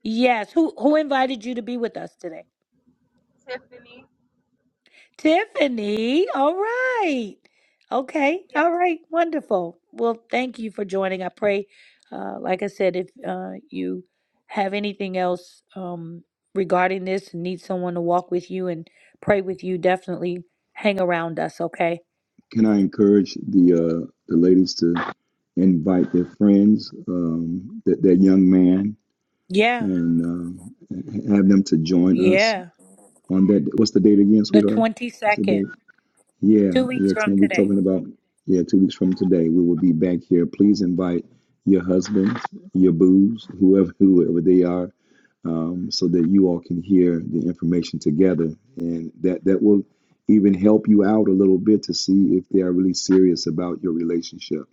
Speaker 1: Yes. Who who invited you to be with us today?
Speaker 7: much, Tiffany.
Speaker 1: Tiffany, all right. Okay, all right, wonderful. Well, thank you for joining. I pray, uh, like I said, if uh, you have anything else um, regarding this and need someone to walk with you and pray with you, definitely hang around us, okay?
Speaker 2: Can I encourage the uh, the ladies to invite their friends, um, that that young man,
Speaker 1: Yeah,
Speaker 2: and um, have them to join us
Speaker 1: yeah.
Speaker 2: on that? What's the date again,
Speaker 1: The
Speaker 2: sweetheart? What's the
Speaker 1: 22nd,
Speaker 2: date? Yeah,
Speaker 1: two weeks
Speaker 2: yeah.
Speaker 1: from
Speaker 2: Tim, we're
Speaker 1: today.
Speaker 2: talking about yeah, two weeks from today, we will be back here. Please invite your husbands, your boos, whoever whoever they are um, so that you all can hear the information together, and that that will even help you out a little bit to see if they are really serious about your relationship.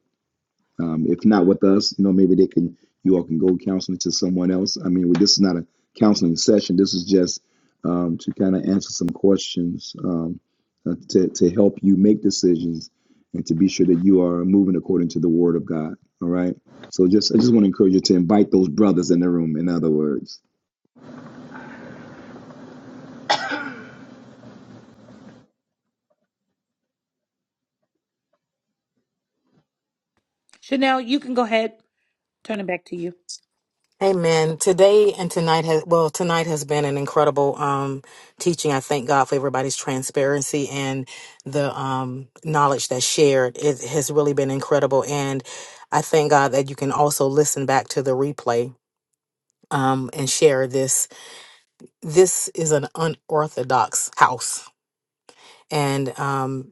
Speaker 2: Um, if not with us, you know, maybe they can you all can go counseling to someone else. I mean, this is not a counseling session. This is just um, to kind of answer some questions um, uh, to to help you make decisions and to be sure that you are moving according to the Word of God. All right. So just I just want to encourage you to invite those brothers in the room. In other words.
Speaker 1: Chanel, you can go ahead, turn it back to you.
Speaker 6: Amen. Today and tonight has well, tonight has been an incredible um teaching. I thank God for everybody's transparency and the um knowledge that's shared. It has really been incredible and I thank God that you can also listen back to the replay um and share this. This is an unorthodox house. And um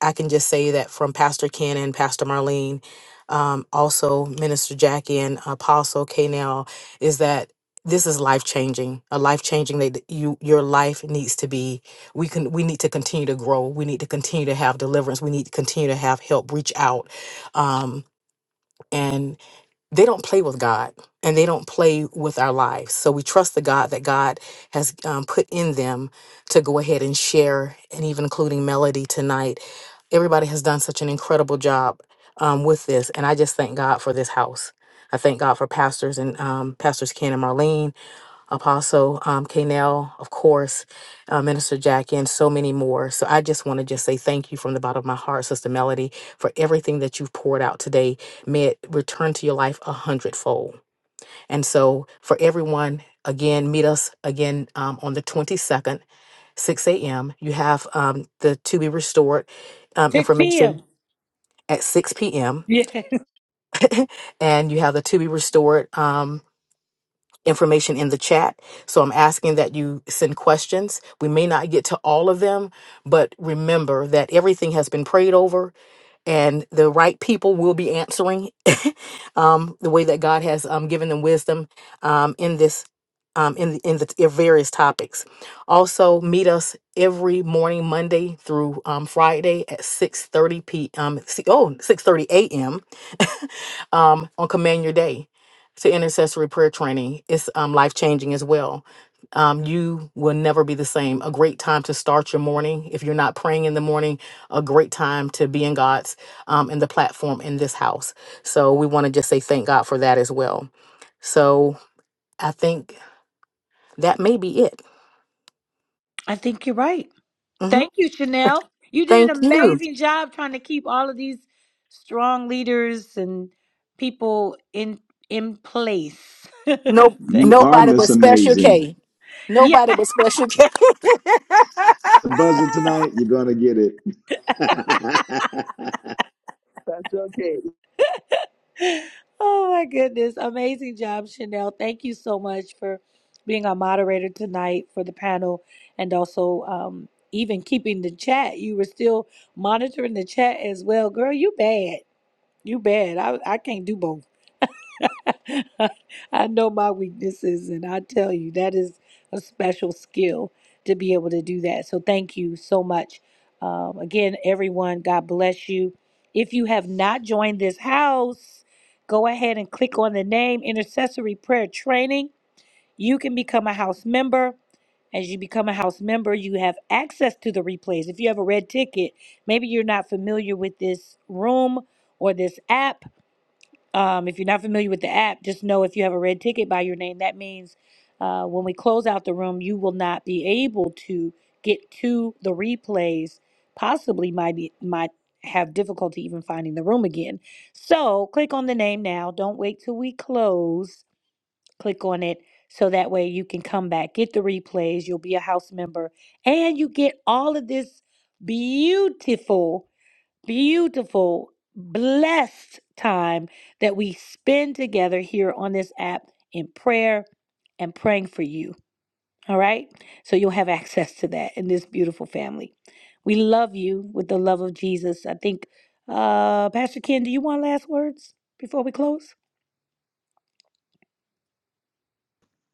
Speaker 6: I can just say that from Pastor Ken and Pastor Marlene, um, also Minister Jackie and Apostle Kanell, is that this is life changing. A life changing that you your life needs to be. We can we need to continue to grow. We need to continue to have deliverance. We need to continue to have help reach out, um, and they don't play with God and they don't play with our lives. So we trust the God that God has um, put in them to go ahead and share, and even including Melody tonight. Everybody has done such an incredible job um, with this, and I just thank God for this house. I thank God for pastors and um, pastors Ken and Marlene. Apostle um, Kanell, of course, uh, Minister Jackie, and so many more. So I just want to just say thank you from the bottom of my heart, Sister Melody, for everything that you've poured out today. May it return to your life a hundredfold. And so for everyone, again, meet us again um, on the 22nd, 6 a.m. You have um, the To Be Restored um,
Speaker 1: 6
Speaker 6: information
Speaker 1: p.m.
Speaker 6: at 6 p.m.
Speaker 1: Yeah.
Speaker 6: And you have the To Be Restored. um, information in the chat. So I'm asking that you send questions. We may not get to all of them, but remember that everything has been prayed over and the right people will be answering um, the way that God has um, given them wisdom um, in this um, in the- in the in various topics. Also, meet us every morning, Monday through um, Friday at six thirty p.m. si- Oh, six thirty a.m. um, on Command Your Day to intercessory prayer training. It's um, life changing as well. Um, you will never be the same. A great time to start your morning if you're not praying in the morning. A great time to be in God um, and the platform in this house. So we want to just say thank God for that as well. So I think that may be it.
Speaker 1: I think you're right.
Speaker 6: hmm
Speaker 1: Thank you, Chanel. You did
Speaker 6: Thank
Speaker 1: an
Speaker 6: you.
Speaker 1: amazing job trying to keep all of these strong leaders and people in in place.
Speaker 6: No,
Speaker 2: You
Speaker 1: Thank-
Speaker 2: are
Speaker 6: nobody but
Speaker 2: Miss
Speaker 6: Special
Speaker 2: Amazing.
Speaker 6: K.
Speaker 1: yeah.
Speaker 6: Nobody but Special K.
Speaker 2: The buzzer tonight, you're gonna get it.
Speaker 3: That's okay.
Speaker 1: Oh my goodness. Amazing job, Chanel. Thank you so much for being our moderator tonight for the panel and also um even keeping the chat. You were still monitoring the chat as well. Girl, you bad. You bad. I I can't do both. I know my weaknesses, and I tell you, that is a special skill to be able to do that. So, thank you so much. Um, again, everyone, God bless you. If you have not joined this house, go ahead and click on the name Intercessory Prayer Training. You can become a house member. As you become a house member, you have access to the replays. If you have a red ticket, maybe you're not familiar with this room or this app um, if you're not familiar with the app, just know if you have a red ticket by your name, that means uh, when we close out the room, you will not be able to get to the replays. Possibly might be, might have difficulty even finding the room again. So click on the name now. Don't wait till we close. Click on it so that way you can come back, get the replays. You'll be a house member, and you get all of this beautiful beautiful, blessed time that we spend together here on this app in prayer and praying for you. All right? So you'll have access to that in this beautiful family. We love you with the love of Jesus. I think, uh, Pastor Ken, do you want last words before we close?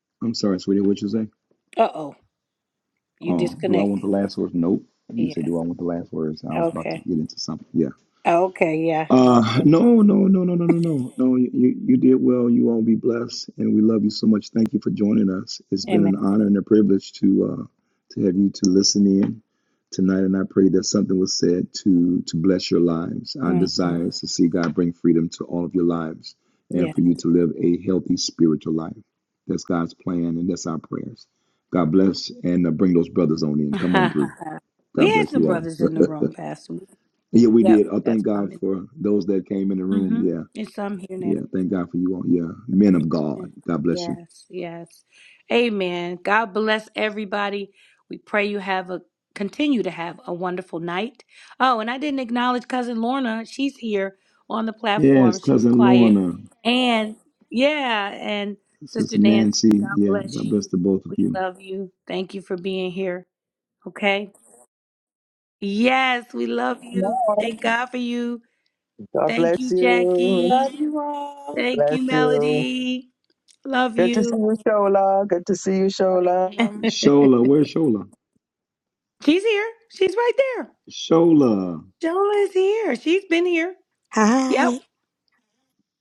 Speaker 2: I'm sorry, sweetie, what you say?
Speaker 1: Uh oh, you
Speaker 2: Oh, do I want the
Speaker 1: disconnected.
Speaker 2: last words? Nope. You said,
Speaker 1: Yeah.
Speaker 2: do I want the last words? I was about to
Speaker 1: Okay.
Speaker 2: get into something. Yeah.
Speaker 1: Okay. Yeah.
Speaker 2: Uh,
Speaker 1: Okay.
Speaker 2: no, no, no, no, no, no, no, no. You you you did well. You all be blessed, and we love you so much. Thank you for joining us. It's been
Speaker 1: Amen.
Speaker 2: an honor and a privilege to uh, to have you to listen in tonight, and I pray that something was said to to bless your lives. Our
Speaker 1: hmm
Speaker 2: desire is to see God bring freedom to all of your lives, and
Speaker 1: Yeah.
Speaker 2: for you to live a healthy spiritual life. That's God's plan, and that's our prayers. God bless, and uh, bring those brothers on in. Come on through.
Speaker 1: we
Speaker 2: God
Speaker 1: had
Speaker 2: bless
Speaker 1: some
Speaker 2: you
Speaker 1: brothers in the
Speaker 2: all.
Speaker 1: room, Pastor.
Speaker 2: Yeah, we
Speaker 1: Yep.
Speaker 2: did. I thank
Speaker 1: That's what I
Speaker 2: God
Speaker 1: meant.
Speaker 2: for those that came in the room.
Speaker 1: Mm-hmm.
Speaker 2: Yeah,
Speaker 1: It's I'm here now.
Speaker 2: yeah. Thank God for you all. Yeah, men of
Speaker 1: Yeah.
Speaker 2: God. God bless you.
Speaker 1: Yes, yes. Amen. God bless everybody. We pray you have a continue to have a wonderful night. Oh, and I didn't acknowledge cousin Lorna. She's here on the
Speaker 2: Yes,
Speaker 1: platform. She was
Speaker 2: cousin
Speaker 1: quiet.
Speaker 2: Lorna,
Speaker 1: And yeah, and
Speaker 2: sister
Speaker 1: Sister Nancy,
Speaker 2: Nancy.
Speaker 1: God
Speaker 2: Yeah,
Speaker 1: bless
Speaker 2: God bless
Speaker 1: you.
Speaker 2: the both of
Speaker 1: We
Speaker 2: you.
Speaker 1: love you. Thank you for being here. Okay. Yes, we love
Speaker 3: No.
Speaker 1: you. Thank God for you.
Speaker 3: God
Speaker 1: Thank
Speaker 3: bless
Speaker 1: you,
Speaker 3: you.
Speaker 1: Jackie.
Speaker 5: Love you all.
Speaker 1: Thank
Speaker 3: Bless
Speaker 1: you,
Speaker 3: you.
Speaker 1: Melody. Love
Speaker 3: Good to see
Speaker 1: you.
Speaker 3: you, Shola. Good to see you, Shola.
Speaker 4: Amen.
Speaker 2: Shola,
Speaker 1: She's
Speaker 2: where's Shola?
Speaker 1: here. She's right there.
Speaker 2: Shola.
Speaker 1: Shola is here. She's been here.
Speaker 8: Hi.
Speaker 1: Yep.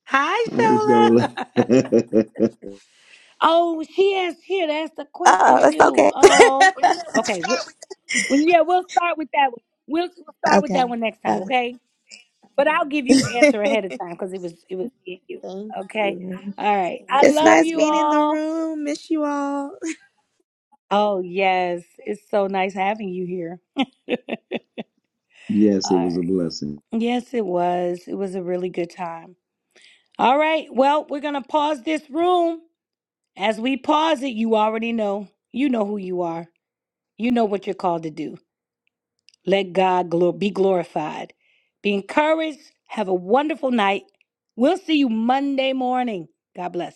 Speaker 1: Hi,
Speaker 2: Hi, Shola.
Speaker 1: Shola. oh, she is here. That's the question
Speaker 8: Oh, it's
Speaker 1: too.
Speaker 8: okay.
Speaker 1: Oh, okay. Well, well, yeah, we'll start with that one. We'll, we'll start with that
Speaker 8: okay.
Speaker 1: one next time,
Speaker 8: Love
Speaker 1: okay? But I'll give you the
Speaker 8: it.
Speaker 1: answer ahead of time because it was it was in you.
Speaker 8: Thank
Speaker 1: Okay.
Speaker 8: you.
Speaker 1: All right. I
Speaker 8: It's
Speaker 1: love
Speaker 8: nice
Speaker 1: you
Speaker 8: being in the
Speaker 1: all.
Speaker 8: room. Miss you all.
Speaker 1: Oh yes, it's so nice having you here.
Speaker 2: yes,
Speaker 1: All
Speaker 2: it was a
Speaker 1: right.
Speaker 2: blessing.
Speaker 1: Yes, it was. It was a really good time. All right. Well, we're going to pause this room. As we pause it, you already know. You know who you are. You know what you're called to do. Let God glor- be glorified. Be encouraged. Have a wonderful night. We'll see you Monday morning. God bless.